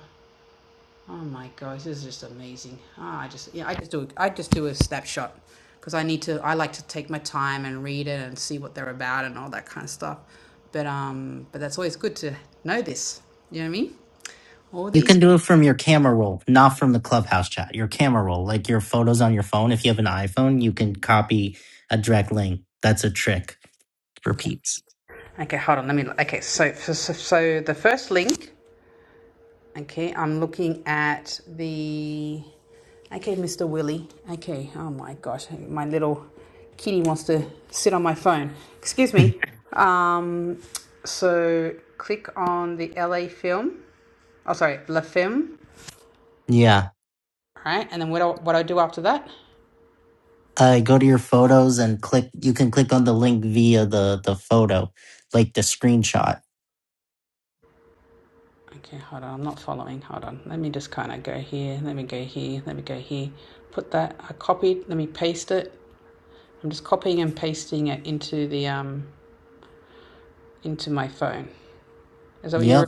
Speaker 1: Oh my gosh, this is just amazing. Ah, I just yeah, I just do I just do a snapshot because I need to. I like to take my time and read it and see what they're about and all that kind of stuff. But um, but that's always good to know this. You know what I mean? All
Speaker 3: You
Speaker 1: these.
Speaker 3: can do it from your camera roll, not from the Clubhouse chat. Your camera roll, like your photos on your phone. If you have an iPhone, you can copy a direct link. That's a trick for
Speaker 1: Okay.
Speaker 3: peeps. [laughs]
Speaker 1: Okay, hold on. Let me. Okay, so so, so so the first link Okay, I'm looking at the. Okay, Mr. Willie. Okay, oh my gosh, my little kitty wants to sit on my phone. Excuse me. Um, so click on the LA film. Oh, sorry, La Film.
Speaker 3: Yeah.
Speaker 1: All right, and then what do, what I do after that?
Speaker 3: Uh, go to your photos and click. You can click on the link via the the photo, like the screenshot.
Speaker 1: Okay, hold on, I'm not following. Hold on, let me just kind of go here. Let me go here. Let me go here. Put that. I copied. Let me paste it. I'm just copying and pasting it into the um into my phone. Is that what you were
Speaker 3: Yep.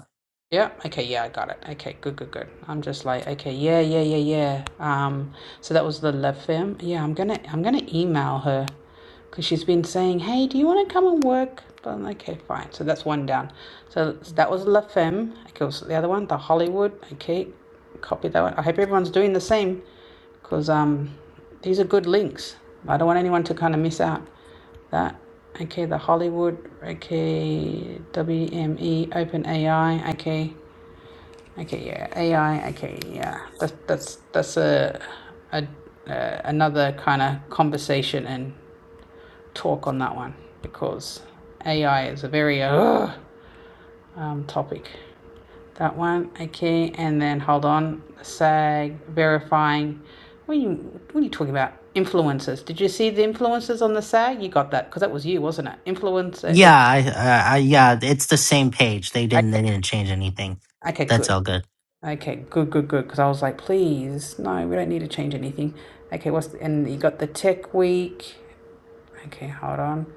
Speaker 1: Yeah. Okay. Yeah, I got it. Okay. Good. Good. Good. I'm just like, okay. Yeah. Yeah. Yeah. Yeah. Um. So that was the love firm. Yeah. I'm gonna. I'm gonna email her, cause she's been saying, hey, do you want to come and work? But I'm like, okay, fine. So that's one down. So that was La Femme. Okay. So the other one, the Hollywood. Okay. Copy that one. I hope everyone's doing the same, cause um, these are good links. I don't want anyone to kind of miss out. That. Okay. The Hollywood. Okay. WME. Open AI. Okay. Okay, yeah, AI. Okay, yeah, that's that's that's a, a uh, another kind of conversation and talk on that one because AI is a very uh, um, topic. That one, okay, and then hold on, SAG verifying. What are you what are you talking about? Influencers. Did you see the influencers on the SAG? You got that because that was you, wasn't it? Influencer.
Speaker 3: Yeah. I, I, I yeah. It's the same page. They
Speaker 1: eh,
Speaker 3: didn't. They didn't change anything.
Speaker 1: Okay, okay,
Speaker 3: That's
Speaker 1: good.
Speaker 3: all good.
Speaker 1: Okay, good, good, good. Because I was like, please, no, we don't need to change anything. Okay, what's the, and you got the tech week. Okay, hold on.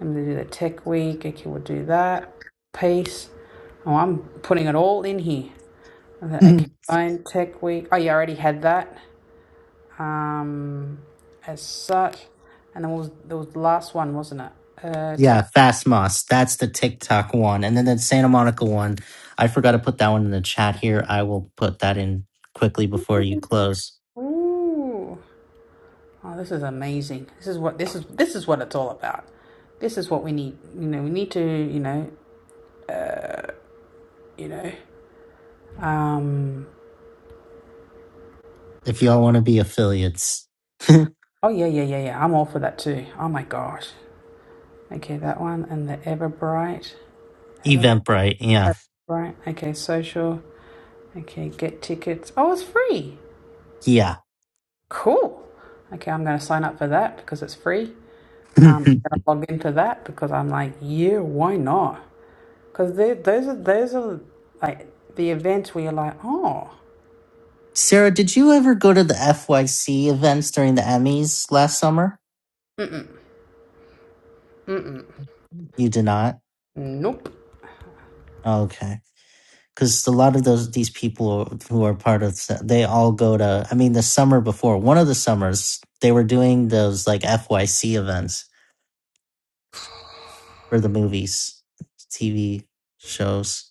Speaker 1: I'm gonna do the tech week. Okay, we'll do that. Peace. Oh, I'm putting it all in here. And then, Okay,
Speaker 3: Mhm.
Speaker 1: fine, tech week. Oh, you already had that. Um, as such, and then what was there was the last one, wasn't it? Uh,
Speaker 3: yeah.
Speaker 1: tech.
Speaker 3: Fast Moss. That's the TikTok one, and then the Santa Monica one. I forgot to put that one in the chat here. I will put that in quickly before you close.
Speaker 1: Ooh. Oh, this is amazing. This is what this is. This is what it's all about. This is what we need. You know, we need to. You know, you know. Um,
Speaker 3: If y'all want to be affiliates, [laughs]
Speaker 1: oh, yeah, yeah, yeah, yeah. I'm all for that too. Oh my gosh. Okay, that one and the Everbright. Everbright.
Speaker 3: Eventbrite. Yeah.
Speaker 1: Okay, social. Okay, get tickets. Oh, it's free.
Speaker 3: Yeah.
Speaker 1: Cool. Okay, I'm going to sign up for that because it's free. Um, I'm
Speaker 3: [laughs]
Speaker 1: going to log into that because I'm like, yeah, why not? Because those are, those are like the events where you're like, oh,
Speaker 3: Sarah, did you ever go to the FYC events during the Emmys last summer?
Speaker 1: Mm-mm. mm-mm,
Speaker 3: You did not.
Speaker 1: Nope.
Speaker 3: Okay, because a lot of those these people who are part of they all go to. I mean, the summer before, one of the summers, they were doing those like FYC events for the movies, TV shows.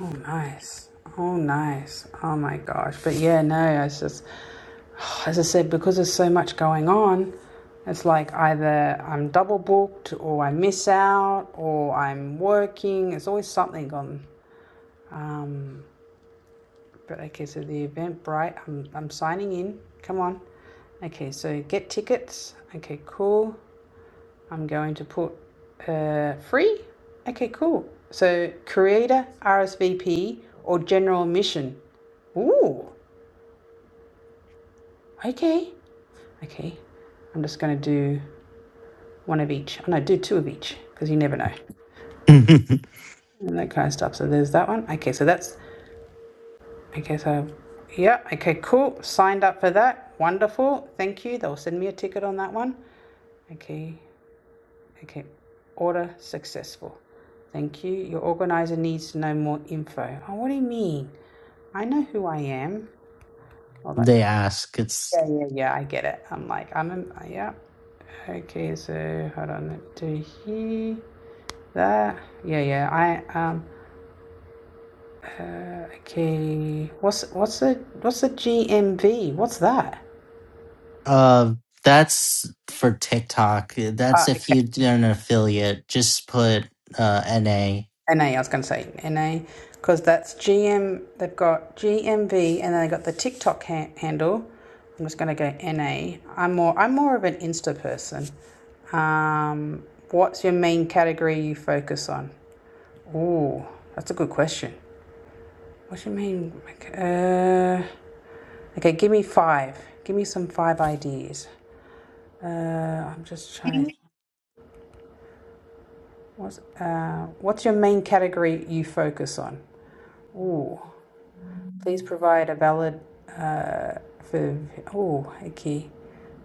Speaker 1: Oh, nice. Oh, nice. Oh my gosh. But yeah, no, it's just as I said, because there's so much going on, it's like either I'm double booked or I miss out or I'm working. There's always something on. But okay, so the event, bright. I'm, I'm signing in. Come on. Okay, so get tickets. Okay, cool. I'm going to put uh, free. Okay, cool. So creator, RSVP, or general admission. Ooh, okay. Okay, I'm just going to do. one of each. Oh, no, do two of each because you never know.
Speaker 3: [laughs] they
Speaker 1: And that kind of stuff. So there's that one. Okay, so that's okay. So yeah, okay, cool. Signed up for that. Wonderful. Thank you. They'll send me a ticket on that one. Okay, okay. Order successful. Thank you. Your organizer needs to know more info. Oh, what do you mean? I know who I am. All that.
Speaker 3: ask. It's
Speaker 1: Yeah, yeah, yeah. I get it. I'm like, I'm a yeah. Okay, so hold on. do here. That. Yeah, yeah. I um. Uh, okay. What's what's the what's the GMV? What's that?
Speaker 3: uh, that's for TikTok.
Speaker 1: Ah,
Speaker 3: That's if
Speaker 1: okay.
Speaker 3: you're an affiliate. Just put uh, NA
Speaker 1: N A. I was going to say NA because that's GM. They've got GMV, and then they got the TikTok ha- handle. I'm just going to go N am more I'm more of an Insta person. Um, what's your main category you focus on? Ooh, that's a good question. What do you mean? like, Uh, okay, give me five. Give me some five ideas. Uh, I'm just
Speaker 5: Yeah.
Speaker 1: trying to What's, uh, what's your main category you focus on? Ooh. Please provide a valid for. Oh, okay.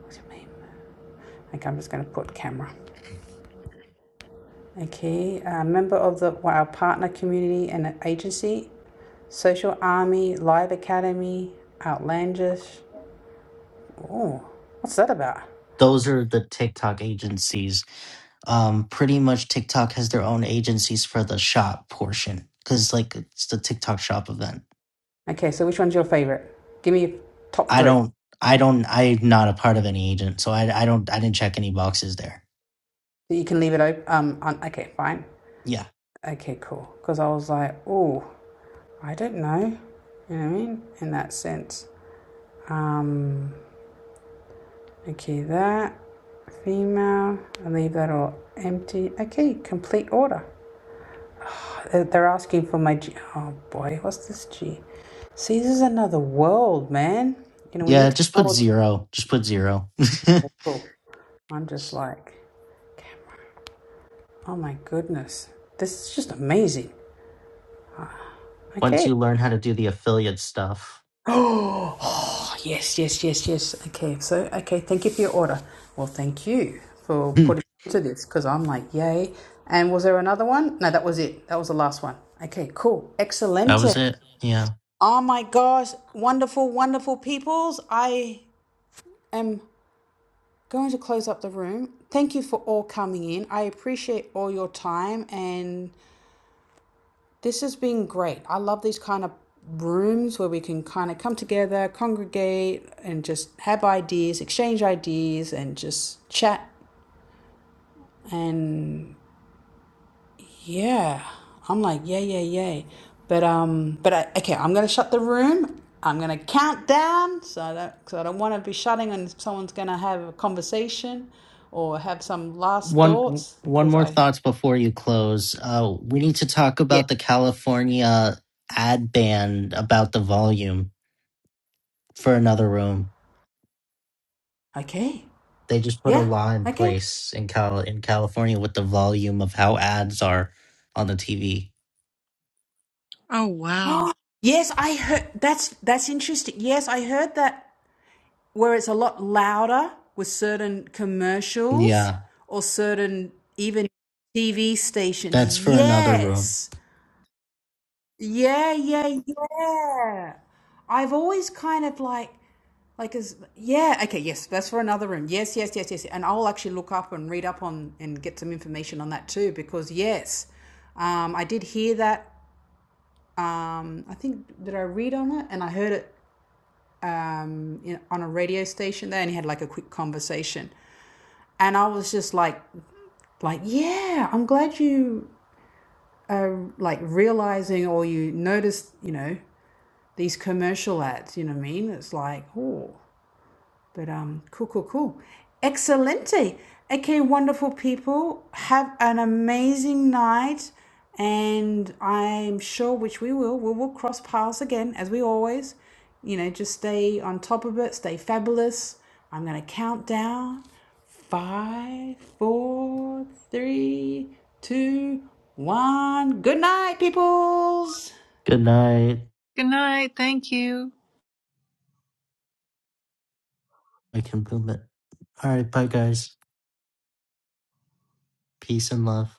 Speaker 1: What's your name? Okay, I'm just going to put camera. Okay, a member of the well, our partner community and agency, Social Army, Live Academy, Outlandish. What's that about?
Speaker 3: those are the TikTok agencies. Um, pretty much TikTok has their own agencies for the shop portion because like it's the TikTok shop event.
Speaker 1: Okay, so which one's your favorite? Give me your top
Speaker 3: I
Speaker 1: three.
Speaker 3: don't, I don't, I'm not a part of any agent, so I, I don't, I didn't check any boxes there.
Speaker 1: So You can leave it open. Um, un- okay, fine.
Speaker 3: Yeah,
Speaker 1: Okay, cool. Because I was like, oh, I don't know. You know what I mean? In that sense. Um, okay, that female. I leave that all empty. Okay, complete order. Uh, They're asking for my G. Oh boy, what's this G? See, this is another world, man. You know, we
Speaker 3: yeah,
Speaker 1: need to
Speaker 3: just
Speaker 1: know
Speaker 3: put
Speaker 1: what's
Speaker 3: zero, just put zero.
Speaker 1: cool. I'm just like, "Okay, oh my goodness, this is just amazing.
Speaker 3: [laughs] Once
Speaker 1: Okay.
Speaker 3: you learn how to do the affiliate stuff,
Speaker 1: [gasps] Oh, oh, yes, yes, yes, yes. Okay, so, okay, thank you for your order. Well, thank you
Speaker 3: [clears throat]
Speaker 1: for
Speaker 3: that
Speaker 1: putting into this because I'm like, yay. And was there another one? No, that was it. That was the last one. Okay, cool. Excellent.
Speaker 3: was it. Yeah.
Speaker 1: Oh my gosh, wonderful, wonderful peoples. I am going to close up the room. Thank you for all coming in. I appreciate all your time and This has been great. I love these kind of rooms where we can kind of come together, congregate, and just have ideas, exchange ideas, and just chat. And yeah, I'm like, yeah, yeah, yeah. But um, but I, okay, I'm gonna shut the room. I'm gonna count down, so I don't, so I don't want to be shutting, and someone's gonna have a conversation or have some last
Speaker 3: One
Speaker 1: thoughts,
Speaker 3: one
Speaker 1: because
Speaker 3: more
Speaker 1: I
Speaker 3: thoughts before you close. Uh, we need to talk
Speaker 1: yeah
Speaker 3: about the California ad ban about the volume for another room.
Speaker 1: okay,
Speaker 3: They just put a
Speaker 1: yeah,
Speaker 3: law in
Speaker 1: okay.
Speaker 3: place in Cal in California with the volume of how ads are on the TV.
Speaker 5: Oh, wow.
Speaker 1: Yes, I heard that's that's interesting. Yes, I heard that where it's a lot louder with certain commercials
Speaker 3: Yeah,
Speaker 1: or certain even TV stations.
Speaker 3: that's for another room.
Speaker 1: Yes. Yeah, yeah, yeah. I've always kind of like like as yeah, okay, yes, that's for another room. Yes, yes, yes, yes. And I'll actually look up and read up on and get some information on that too because yes. Um I did hear that I think did I read on it and I heard it um, in, on a radio station there, and he had like a quick conversation. And I was just like, like, yeah, I'm glad you are like realizing or you noticed, you know, these commercial ads. You know what I mean? It's like, oh, But um, cool, cool, cool. Excelente. Okay, wonderful people. Have an amazing night. And I'm sure, which we will, we will cross paths again as we always. You know, just stay on top of it, stay fabulous. I'm going to count down five, four, three, two, one. Good night, peoples.
Speaker 3: Good night.
Speaker 5: Good night. Thank you.
Speaker 3: I can boom it. All right, bye guys. Peace and love.